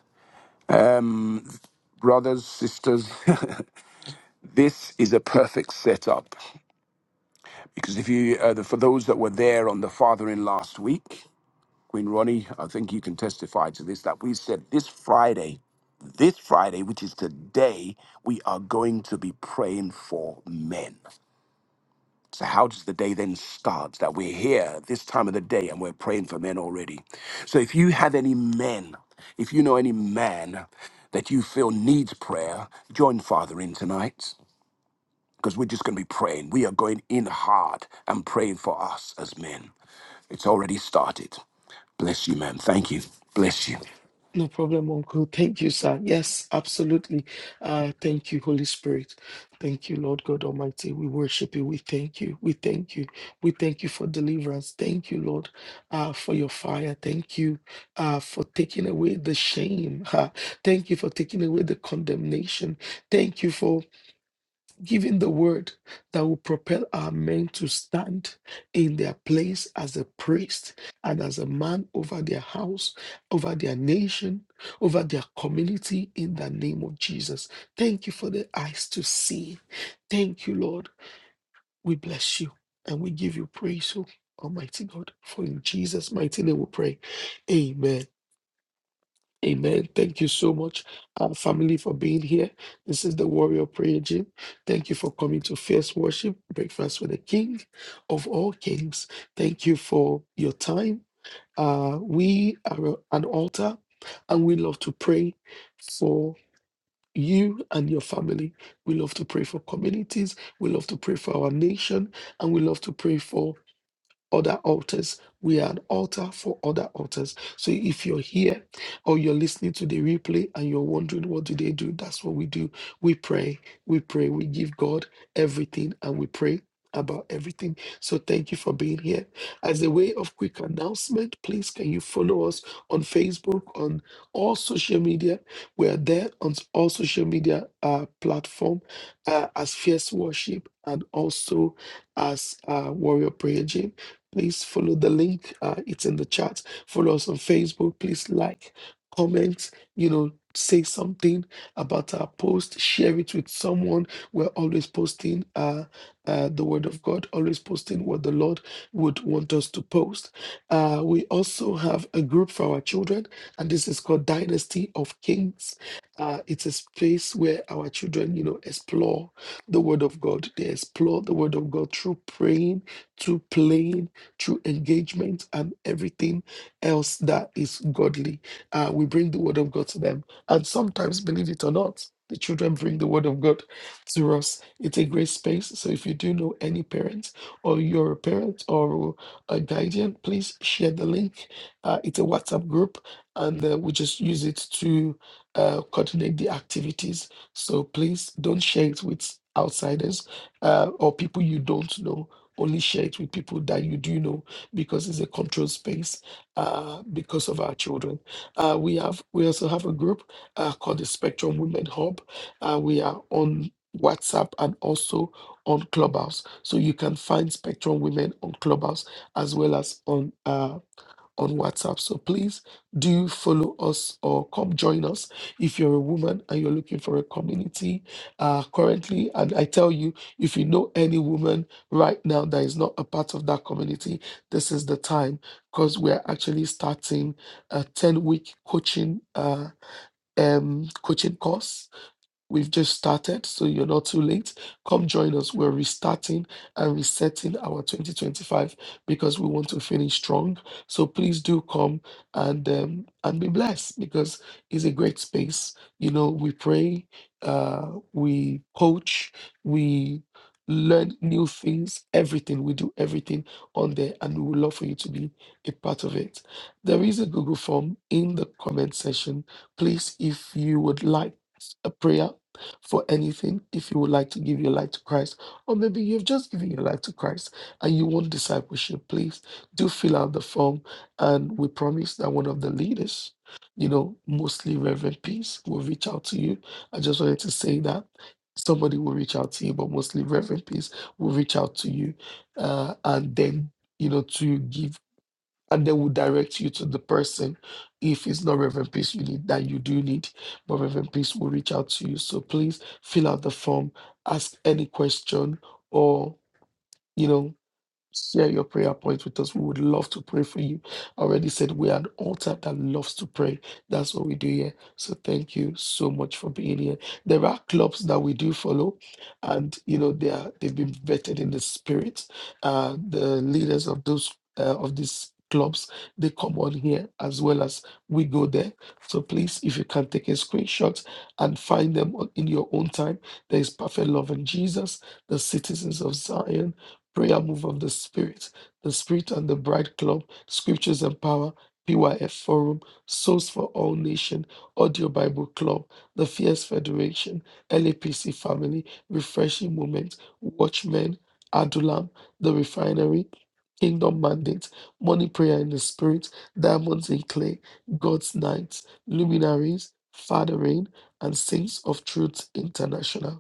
S7: um, brothers, sisters, this is a perfect setup because if you, uh, the, for those that were there on the fathering last week, Queen Ronnie, I think you can testify to this that we said this Friday, this Friday, which is today, we are going to be praying for men. So, how does the day then start that we're here this time of the day and we're praying for men already? So, if you have any men, if you know any man that you feel needs prayer, join Father in tonight because we're just going to be praying. We are going in hard and praying for us as men. It's already started. Bless you, man. Thank you. Bless you.
S3: No problem, Uncle. Thank you, sir. Yes, absolutely. Uh, thank you, Holy Spirit. Thank you, Lord God Almighty. We worship you. We thank you. We thank you. We thank you for deliverance. Thank you, Lord, uh, for your fire. Thank you uh, for taking away the shame. Ha. Thank you for taking away the condemnation. Thank you for Giving the word that will propel our men to stand in their place as a priest and as a man over their house, over their nation, over their community in the name of Jesus. Thank you for the eyes to see. Thank you, Lord. We bless you and we give you praise, O Almighty God. For in Jesus' mighty name we pray. Amen. Amen. Thank you so much, uh, family, for being here. This is the Warrior Prayer Gym. Thank you for coming to First Worship Breakfast with the King of all kings. Thank you for your time. Uh, we are a- an altar and we love to pray for you and your family. We love to pray for communities. We love to pray for our nation. And we love to pray for other altars. We are an altar for other altars. So if you're here or you're listening to the replay and you're wondering what do they do, that's what we do. We pray, we pray, we give God everything and we pray about everything. So thank you for being here. As a way of quick announcement, please can you follow us on Facebook, on all social media. We are there on all social media uh, platform uh, as Fierce Worship and also as uh, Warrior Prayer Gym. Please follow the link. Uh, it's in the chat. Follow us on Facebook. Please like, comment, you know, say something about our post, share it with someone. We're always posting uh, uh, the word of God, always posting what the Lord would want us to post. Uh, we also have a group for our children, and this is called Dynasty of Kings. Uh, it's a space where our children, you know, explore the word of God. They explore the word of God through praying, through playing, through engagement and everything else that is godly. Uh, we bring the word of God to them. And sometimes, believe it or not, the children bring the word of God to us. It's a great space. So if you do know any parents or you're a parent or a guardian, please share the link. Uh, it's a WhatsApp group and uh, we just use it to uh, coordinate the activities. So please don't share it with outsiders uh, or people you don't know only share it with people that you do know because it's a controlled space uh, because of our children. Uh, we have we also have a group uh, called the Spectrum Women Hub. Uh, we are on WhatsApp and also on Clubhouse. So you can find Spectrum Women on Clubhouse as well as on uh, on WhatsApp. So please do follow us or come join us if you're a woman and you're looking for a community uh, currently. And I tell you, if you know any woman right now that is not a part of that community, this is the time because we're actually starting a 10 week coaching. Uh, um coaching course We've just started, so you're not too late. Come join us. We're restarting and resetting our 2025 because we want to finish strong. So please do come and um, and be blessed because it's a great space. You know, we pray, uh, we coach, we learn new things. Everything we do, everything on there, and we would love for you to be a part of it. There is a Google form in the comment section. Please, if you would like a prayer for anything if you would like to give your life to Christ, or maybe you've just given your life to Christ and you want discipleship, please do fill out the form. And we promise that one of the leaders, you know, mostly Reverend Peace, will reach out to you. I just wanted to say that somebody will reach out to you, but mostly Reverend Peace will reach out to you. Uh, and then, you know, to give and they will direct you to the person. If it's not Reverend Peace you need, that you do need, but Reverend Peace will reach out to you. So please fill out the form, ask any question, or you know share your prayer point with us. We would love to pray for you. I already said we're an altar that loves to pray. That's what we do here. So thank you so much for being here. There are clubs that we do follow, and you know they are they've been vetted in the spirit. Uh, the leaders of those uh, of these clubs they come on here as well as we go there so please if you can take a screenshot and find them on- in your own time there is perfect love in jesus the citizens of zion prayer move of the Spirit, the Spirit and the Bride Club, Scriptures and Power, PYF Forum, Souls for All Nation, Audio Bible Club, the Fierce Federation, LAPC Family, Refreshing Moment, Watchmen, Adulam, The Refinery, Kingdom Mandate, Money Prayer in the Spirit, Diamonds in Clay, God's Knights, Luminaries, Father Rain, and Saints of Truth International.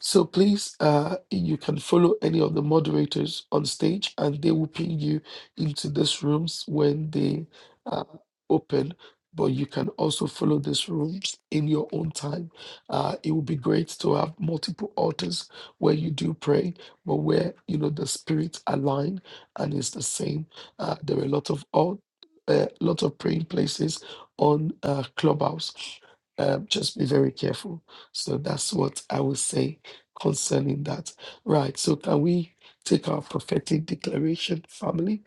S3: So please, uh, you can follow any of the moderators on stage, and they will ping you into these rooms when they uh, open. But you can also follow these rooms in your own time. Uh, it would be great to have multiple altars where you do pray, but where you know the spirit align and is the same. Uh, there are a lot of all, a lot of praying places on uh, Clubhouse. Um, just be very careful. So that's what I would say concerning that. Right. So can we take our prophetic declaration, family?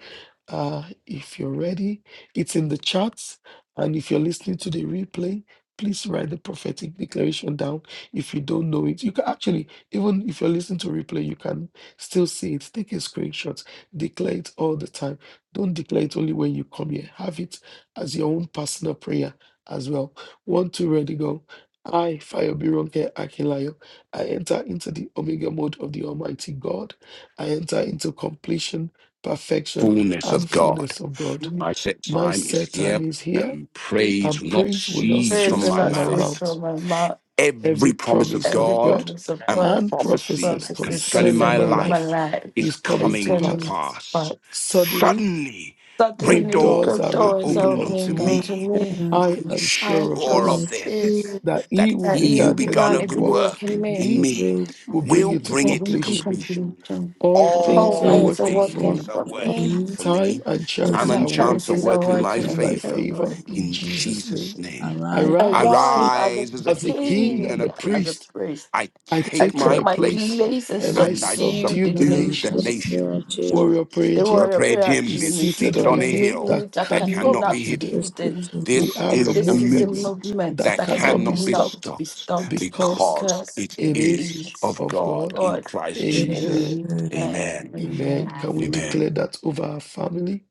S3: Uh, if you're ready, it's in the chat. And if you're listening to the replay, please write the prophetic declaration down. If you don't know it, you can actually, even if you're listening to replay, you can still see it. Take a screenshot, declare it all the time. Don't declare it only when you come here. Have it as your own personal prayer as well. One, two, ready, go. I, Fire Bironke I enter into the Omega mode of the Almighty God. I enter into completion, perfection,
S7: Fullness
S3: and
S7: of God.
S3: fullness of God.
S7: I set
S3: My
S7: time is
S3: set time
S7: here
S3: is here,
S7: and praise
S3: and
S7: will not
S3: praise will not
S7: cease
S8: Praise
S7: from
S3: cease
S8: the
S7: my
S3: from
S8: Lord
S3: my
S7: mouth.
S8: says
S3: mouth.
S8: from my mouth,
S3: Every
S7: every promise of
S3: promise
S8: every
S3: of
S7: God
S3: God
S8: promise of
S7: and
S8: God
S3: and
S8: and
S3: prophecies
S7: prophecy
S8: prophecies
S7: concerning
S3: concerning
S7: my
S3: my
S8: concerning my
S3: life
S7: life
S8: life
S7: is
S3: is coming
S8: is
S3: to
S7: coming to
S8: coming
S3: pass.
S8: to pass.
S7: pass.
S3: Suddenly,
S7: Suddenly, great
S3: great
S8: Suddenly,
S3: doors
S8: good
S3: are
S7: doors are
S8: doors
S3: opening
S8: are
S7: opening unto
S3: unto
S8: opening
S3: me.
S8: unto
S7: me.
S8: me.
S7: I
S3: I
S4: Actions
S7: am
S3: am
S8: I am
S3: sure of
S7: sure
S8: sure of
S7: of
S3: this,
S4: that
S7: this
S8: this,
S4: you
S3: that he
S7: that
S3: who
S8: that
S7: he who
S8: you
S3: began a
S7: begun
S8: began
S7: a
S3: good
S8: a
S7: good
S8: good
S4: Amen.
S3: work
S8: work
S7: work
S8: in
S3: in
S8: me,
S7: in
S4: will
S3: me
S7: me
S4: bring
S3: will bring
S7: will
S3: it to
S7: bring it to
S8: bringing to
S4: each
S3: completion.
S7: completion.
S8: completion.
S3: All
S4: all
S8: All
S3: things are
S7: All
S4: things
S8: things are
S4: to
S3: working for
S8: working
S4: work
S7: things
S3: me.
S7: are
S8: for
S4: for
S8: me,
S7: working
S4: me
S7: for
S3: Time
S7: me,
S3: and
S7: time
S3: chance
S8: and
S4: and
S8: my
S7: and
S3: are
S7: chance are
S8: chances
S3: working
S8: are
S7: working
S4: to
S7: in my
S3: in
S8: working
S3: my
S7: favor.
S8: for
S3: favor
S8: me.
S3: in
S7: In
S3: Jesus'
S7: Jesus'
S3: name.
S7: name.
S3: I
S4: arrive
S7: I
S3: rise
S4: in
S8: Arise as a
S7: rise as a
S3: as a king
S7: king
S8: king,
S3: and
S7: and a
S3: a
S8: as a
S7: priest.
S3: priest.
S8: priest.
S7: I
S3: I
S8: I
S7: take
S3: take
S7: my
S8: took
S3: my
S8: my
S3: place
S7: place
S8: place and
S4: the
S3: and I
S7: and I
S8: subdued
S3: subdue
S8: the
S3: the
S7: subdue the
S3: nations.
S8: nations.
S4: proper
S7: nations.
S4: chamber.
S3: Warrior Prayer
S8: They
S7: For a
S3: Gym
S8: were
S7: prayer
S8: appeared to
S7: gym
S3: is
S7: is
S8: me,
S3: seated
S7: seated
S3: on
S8: seated
S3: a
S7: on a
S8: on a
S3: hill
S7: hill
S3: that
S8: field that
S7: that
S3: cannot
S7: cannot
S3: be
S7: be
S8: cannot be
S3: hidden.
S7: hidden.
S4: This is
S8: hidden.
S4: a
S3: We
S7: This
S3: have
S4: man
S3: a
S7: is a
S8: This is a
S7: movement
S3: movement
S8: movement
S3: that
S7: that
S8: that
S3: cannot be
S7: cannot be
S3: stopped
S8: cannot be
S7: stopped
S8: stopped
S3: because
S7: because
S8: because
S7: it
S8: it
S3: it is
S7: is
S8: is
S7: of
S3: of
S8: of
S7: God
S3: God.
S7: in
S8: God.
S7: Christ
S4: with
S3: Amen.
S7: Jesus.
S8: Amen.
S7: Amen.
S3: Amen.
S8: Amen.
S3: Can we declare
S7: Amen.
S3: that over our family?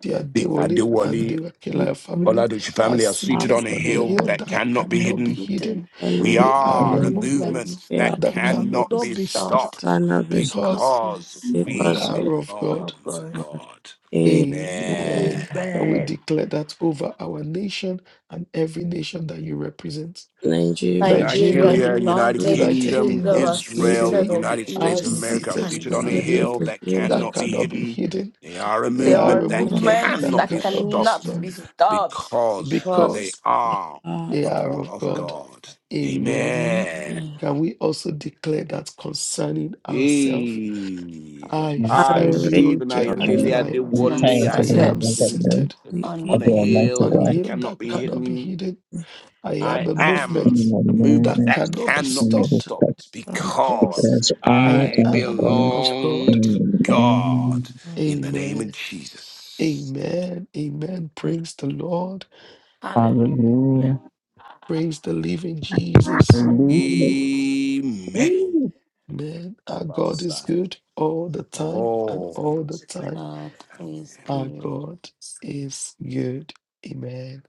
S3: Dear
S7: The
S3: Dewole and
S7: Adewale
S4: you
S3: Dewakilaya
S4: from
S3: family
S7: Oladoji
S3: are
S7: family are seated
S3: seated
S7: on a
S3: on a
S7: hill
S3: hill
S4: hospital
S7: that
S3: that
S8: That
S7: cannot be
S8: cannot
S3: cannot
S8: be
S3: be
S7: hidden.
S3: hidden.
S8: hidden.
S7: We
S4: alone.
S3: They are
S8: A
S3: a
S7: are a
S1: Amen.
S3: movement
S8: movement
S7: movement
S4: We
S7: that
S4: are
S8: that
S3: that
S4: on
S8: cannot
S4: this
S8: be
S7: cannot
S3: cannot
S7: be
S3: be
S4: as
S8: stopped.
S3: stopped
S7: stopped
S4: of us
S8: It
S3: because
S7: because
S8: is
S3: we
S7: we
S4: because we
S3: are of
S4: are
S3: God.
S8: of
S7: belong to
S8: God.
S4: God.
S7: God. Amen.
S3: Amen.
S4: Amen.
S3: Can we
S8: Amen.
S3: declare that over our nation and every nation that you represent?
S4: Nigeria, the
S8: Nigeria
S3: Nigeria,
S7: Nigeria, United
S8: United
S4: hospital
S3: United
S7: Kingdom,
S8: Kingdom
S3: Kingdom,
S8: are
S4: street,
S7: Israel,
S8: seated
S3: Italy
S8: on the
S7: United
S3: are
S7: States
S8: hill
S7: of
S8: that
S7: America are
S3: seated
S7: seated
S3: on
S7: on
S8: cannot
S7: a
S3: a
S4: assisted
S8: be
S4: and
S3: hill
S7: hill
S8: hidden.
S4: the
S7: that
S4: year
S3: that
S7: cannot
S4: that's
S7: be
S3: cannot be
S4: coming.
S7: hidden.
S3: hidden
S7: They
S4: to
S7: are a
S3: they
S8: There
S3: are
S8: are
S7: movement
S3: a
S7: that
S3: movement
S8: movements
S3: that
S7: cannot
S8: that
S7: be
S3: cannot be
S7: stopped
S8: cannot
S3: stopped
S8: be stopped
S7: because they
S8: because
S3: because
S7: are
S4: our
S3: they are
S7: all
S3: of
S7: of
S8: um,
S3: God.
S7: God.
S3: Amen.
S7: Amen.
S4: community.
S3: Can we also declare that concerning ourselves?
S7: Hey,
S3: I,
S4: I
S7: I,
S4: read
S7: Stephen, I,
S3: Fayobironke
S4: out
S1: Sure.
S7: Adelia, I
S3: Akilai,
S1: In
S8: I'm
S1: time
S7: Wally,
S3: I
S1: to
S7: I
S1: the
S8: seated
S7: am
S3: am
S1: remembrance of me,
S3: seated
S4: the
S8: on
S7: on
S1: of
S7: a
S1: the
S4: evil
S8: in.
S1: Almighty
S3: on
S7: hill
S3: a
S1: God.
S7: that
S3: hill
S7: cannot
S3: that
S7: be
S3: cannot be
S7: hidden.
S3: hidden. I am
S7: I
S3: a
S4: of
S7: am
S3: movement
S7: a
S3: that
S7: movement
S1: Amen.
S7: that
S3: cannot be
S7: cannot be
S3: stopped
S1: Respect
S7: stopped
S3: because
S7: because
S1: because I
S3: I
S7: I
S1: am a
S3: am
S1: God.
S3: of God.
S7: belong to God
S1: Amen.
S4: the
S7: in the name of
S3: Amen.
S7: Jesus.
S3: Amen. Amen. Praise the Lord.
S8: Hallelujah.
S1: Hallelujah.
S3: Praise the living Jesus.
S8: Hallelujah.
S1: Hallelujah.
S7: Amen.
S3: Man, our God is good all the time and
S7: Oh,
S3: all the
S7: that's-
S3: time.
S8: God is
S7: amen.
S3: Our God is good. Amen.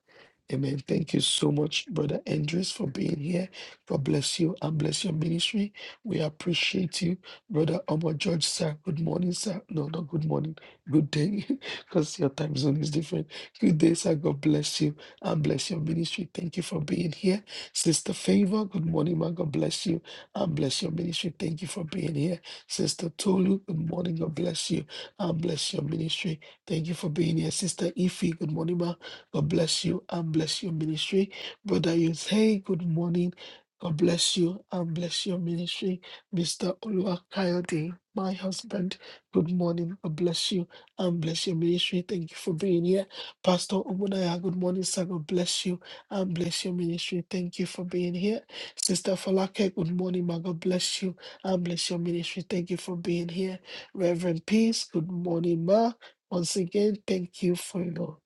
S3: Amen. Thank you so much, Brother Andres, for being here. God bless you and bless your ministry. We appreciate you, Brother Omar George, sir. Good morning, sir. No, not good morning. Good day, because your time zone is different. Good day, sir. God bless you and bless your ministry. Thank you for being here. Sister Favor, good morning, man. God bless you and bless your ministry. Thank you for being here. Sister Tolu, good morning. God bless you and bless your ministry. Thank you for being here. Sister Ife, good morning, ma. God bless you and bless your ministry. Brother Youth, hey, good morning. God bless you and bless your ministry. Mr. Olua Coyote, my husband, good morning. God bless you and bless your ministry. Thank you for being here. Pastor Omunaya, good morning, sir. God bless you and bless your ministry. Thank you for being here. Sister Falake, good morning, Ma. God bless you and bless your ministry. Thank you for being here. Reverend Peace, good morning, ma. Once again, thank you for your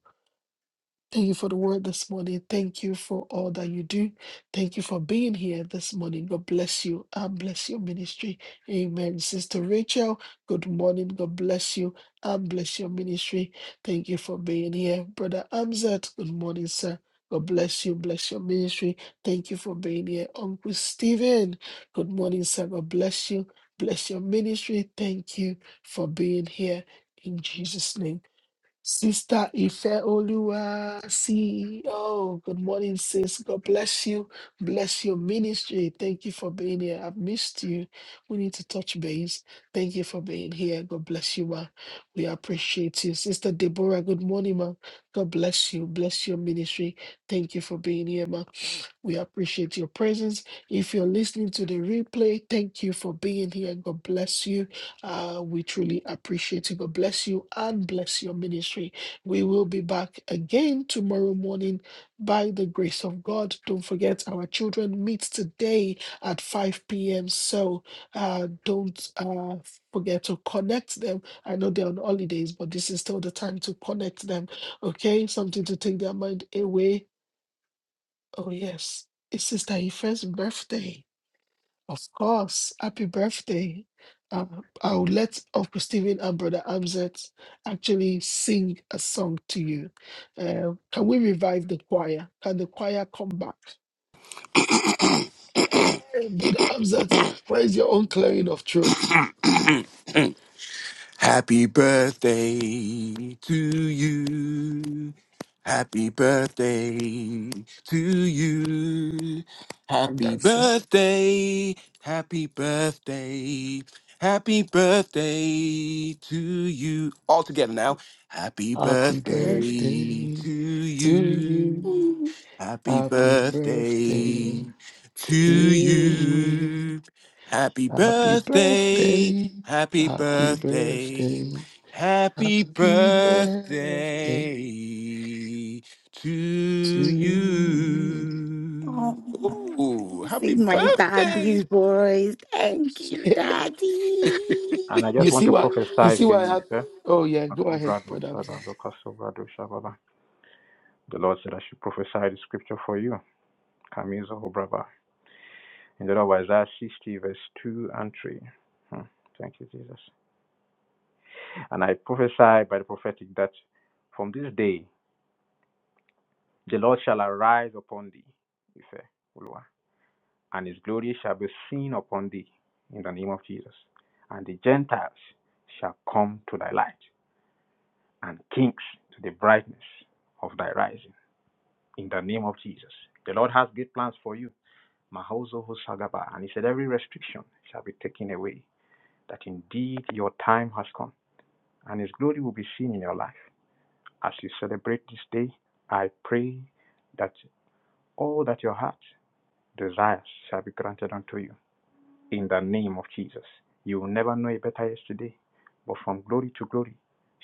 S3: Thank you for the word this morning. Thank you for all that you do. Thank you for being here this morning. God bless you and bless your ministry. Amen. Sister Rachel, good morning. God bless you and bless your ministry. Thank you for being here. Brother Amzat, good morning, sir. God bless you. Bless your ministry. Thank you for being here. Uncle Stephen, good morning, sir. God bless you. Bless your ministry. Thank you for being here. In Jesus' name. Sister Ife Olua, CEO. Good morning, sis. God bless you. Bless your ministry. Thank you for being here. I've missed you. We need to touch base. Thank you for being here. God bless you, ma. We appreciate you. Sister Deborah, good morning, ma. God bless you. Bless your ministry. Thank you for being here, ma. We appreciate your presence. If you're listening to the replay, thank you for being here. God bless you. Uh, we truly appreciate you. God bless you and bless your ministry. We will be back again tomorrow morning by the grace of God. Don't forget, our children meet today at 5 p.m. So uh, don't uh, forget to connect them. I know they're on holidays, but this is still the time to connect them. Okay, something to take their mind away Oh, yes. It's Sister Ife's birthday. Of course. Happy birthday. Um, I'll let Uncle Stephen and Brother Amzet actually sing a song to you. Uh, can we revive the choir? Can the choir come back? Hey, Brother Amzet, where is your own clearing of throat?
S7: Happy birthday to you. Happy birthday to you.
S3: I'm
S7: Happy
S3: dancing.
S7: birthday. Happy birthday. Happy birthday to you. All together now. Happy
S3: Happy
S7: birthday
S3: birthday
S7: to
S3: to you.
S7: you. Happy
S3: Happy
S7: birthday
S3: birthday
S7: to
S3: to
S8: good.
S3: you.
S7: you. Happy
S3: Happy
S7: birthday,
S3: birthday.
S7: happy
S3: Happy
S7: birthday,
S3: birthday.
S7: happy
S3: Happy birthday.
S7: birthday to
S3: to you.
S7: you.
S8: Oh,
S7: Ooh,
S8: see
S7: happy
S8: my
S7: birthday.
S8: daddy's voice. Thank you, daddy.
S6: And I
S3: You
S6: just want
S3: see
S6: to
S3: why? You
S6: prophesy
S3: see
S6: to
S3: why I
S6: you,
S3: have?
S6: if.
S3: Oh yeah, go ahead, brother Hamzat.
S6: The Lord said, I should prophesy the scripture for you. Kamizo Brava. In the Lord, Isaiah 60, verse 2 and 3. Hmm. Thank you, Jesus. And I prophesy by the prophetic that from this day the Lord shall arise upon thee, Ife, Uluwa, and his glory shall be seen upon thee in the name of Jesus. And the Gentiles shall come to thy light, and kings to the brightness of thy rising. in the name of Jesus. The Lord has great plans for you. Mahozo Hosagaba. And he said, Every restriction shall be taken away, that indeed your time has come, and his glory will be seen in your life. As you celebrate this day, I pray that all that your heart desires shall be granted unto you. In the name of Jesus. You will never know a better yesterday, but from glory to glory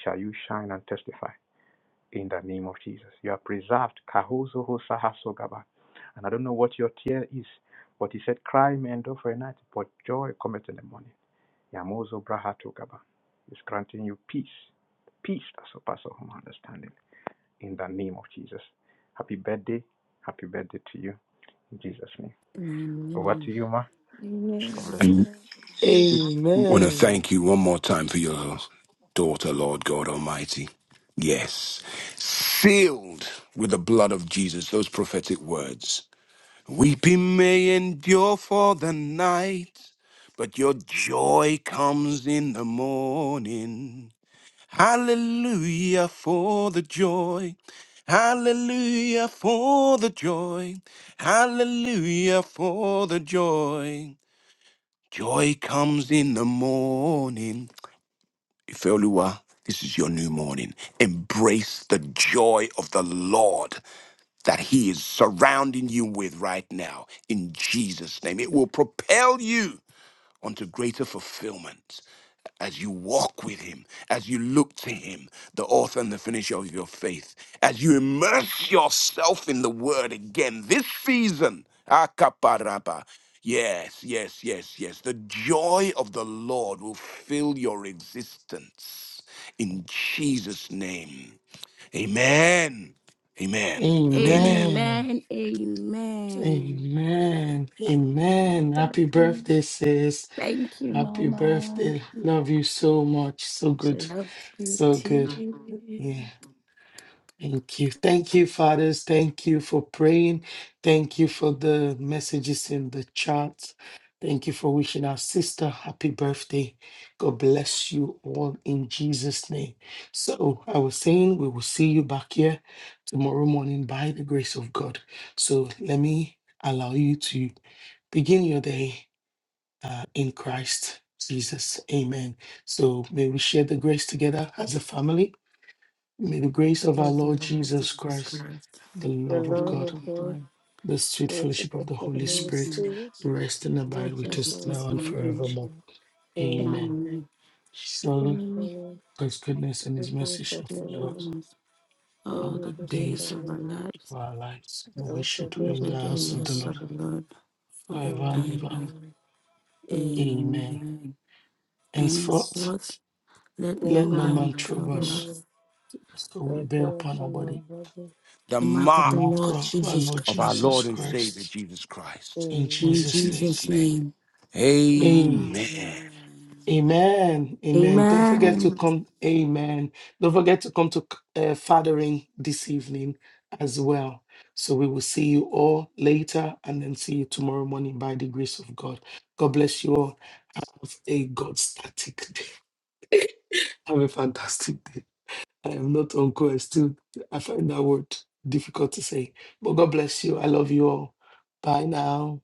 S6: shall you shine and testify. in the name of Jesus. You are preserved. Kahuzo hosa hasogaba. And I don't know what your tear is, but he said, Cry may endure for a night, but joy cometh in the morning. Yamozo brahatogaba. He's granting you peace, peace that surpasses all understanding, in the name of Jesus. Happy birthday. Happy birthday to you. In Jesus' name. Over to
S8: Amen.
S6: you, Ma. God bless
S8: Amen.
S6: you.
S7: And
S8: Thank
S7: want to
S3: Amen.
S7: thank you one more time for your daughter, Lord God Almighty. Yes, sealed with the blood of Jesus, those prophetic words. Weeping may endure for the night but your joy comes in the morning. Hallelujah for the joy. Hallelujah for the joy. Hallelujah for the joy. Joy comes in the morning. Ifeoluwa, this is your new morning. Embrace the joy of the Lord that He is surrounding you with right now. In Jesus' name, it will propel you onto greater fulfillment as you walk with him, as you look to him, the author and the finisher of your faith, as you immerse yourself in the word again this season. Akaparaba. Yes, yes, yes, yes. The joy of the Lord will fill your existence in Jesus' name. Amen. Amen and
S8: you.
S7: amen.
S3: Amen.
S8: Amen. Amen.
S3: Amen.
S8: Thank you,
S3: Amen. Happy
S8: daddy.
S3: birthday, sis.
S8: Thank you,
S3: Happy
S8: mama.
S3: birthday. Love you so much. So good.
S8: Love you
S3: So good.
S8: too.
S3: Yeah. Thank you. Thank you, fathers. Thank you for praying. Thank you for the messages in the chat. Thank you for wishing our sister happy birthday. God bless you all in Jesus' name. So, I was saying we will see you back here tomorrow morning by the grace of God. So, let me allow you to begin your day uh, in Christ Jesus. Amen. So, may we share the grace together as a family. May the grace
S8: The
S3: of our
S8: grace of
S3: Lord
S8: our Lord
S3: Jesus
S8: Jesus
S3: Christ,
S8: Christ,
S3: the
S2: the
S8: the
S3: love of
S2: love
S8: love
S3: God,
S2: of
S8: of
S2: God,
S8: God,
S3: the sweet
S2: the
S3: fellowship of
S2: fellowship
S3: the
S2: of the
S3: Holy
S8: and the
S2: Holy
S3: Spirit
S8: Son,
S2: Spirit,
S3: rest and abide
S2: which
S3: with
S2: is
S3: us
S2: now
S3: now and
S2: and
S8: the Father,
S3: forevermore.
S2: forever.
S3: Amen.
S8: Amen.
S2: Amen.
S3: Surely
S8: Surely,
S2: Surely,
S3: God's goodness and
S2: the
S3: his
S2: Lord
S3: mercy
S8: Christ
S3: shall
S2: shall the
S8: will
S3: follow us
S2: us all
S8: all
S3: all
S2: the
S3: the
S8: the
S2: days of our
S8: days
S3: days
S8: of
S2: life,
S8: our lives,
S3: of our lives, and
S2: and
S3: we
S2: we
S3: should
S2: shall
S8: we
S3: dwell
S8: and
S2: dwell in
S3: in
S8: the
S2: the house
S3: the house
S2: of
S3: of
S2: the
S3: the
S8: goodness
S3: Lord
S2: Lord
S8: of the Lord
S3: forever and ever.
S8: forever.
S2: forevermore. Amen.
S3: Amen.
S8: Amen.
S3: Henceforth,
S8: Henceforth, let
S2: Bless
S8: no
S3: let
S2: the
S3: no
S2: Lord,
S3: man
S8: man
S3: trouble
S8: trouble
S3: us,
S2: forever,
S8: us.
S3: so we
S2: and be
S3: bear upon our
S2: upon our
S3: body
S2: bodies,
S7: The
S8: The mark
S3: the
S8: of the
S7: mark
S2: and
S3: mark
S8: Lord
S3: of our
S8: Jesus
S3: Lord
S2: our
S7: of our
S8: Christ.
S3: Jesus
S7: Lord and
S2: spirit.
S7: Savior
S3: Christ.
S7: Jesus Christ
S3: In
S8: In
S7: in
S2: Amen.
S3: Jesus'
S7: Jesus'
S8: Jesus'
S7: name.
S8: name.
S3: name.
S2: Amen.
S7: Amen.
S8: Amen.
S3: Amen. Amen. Don't forget to
S8: Amen.
S3: come. Amen. Don't forget to come to uh, Fathering this evening as well. So we will see you all later and then see you tomorrow morning by the grace of God. God bless you all. Have a God static day. Have a fantastic day. I am not uncle. I still I find that word difficult to say. But God bless you. I love you all. Bye now.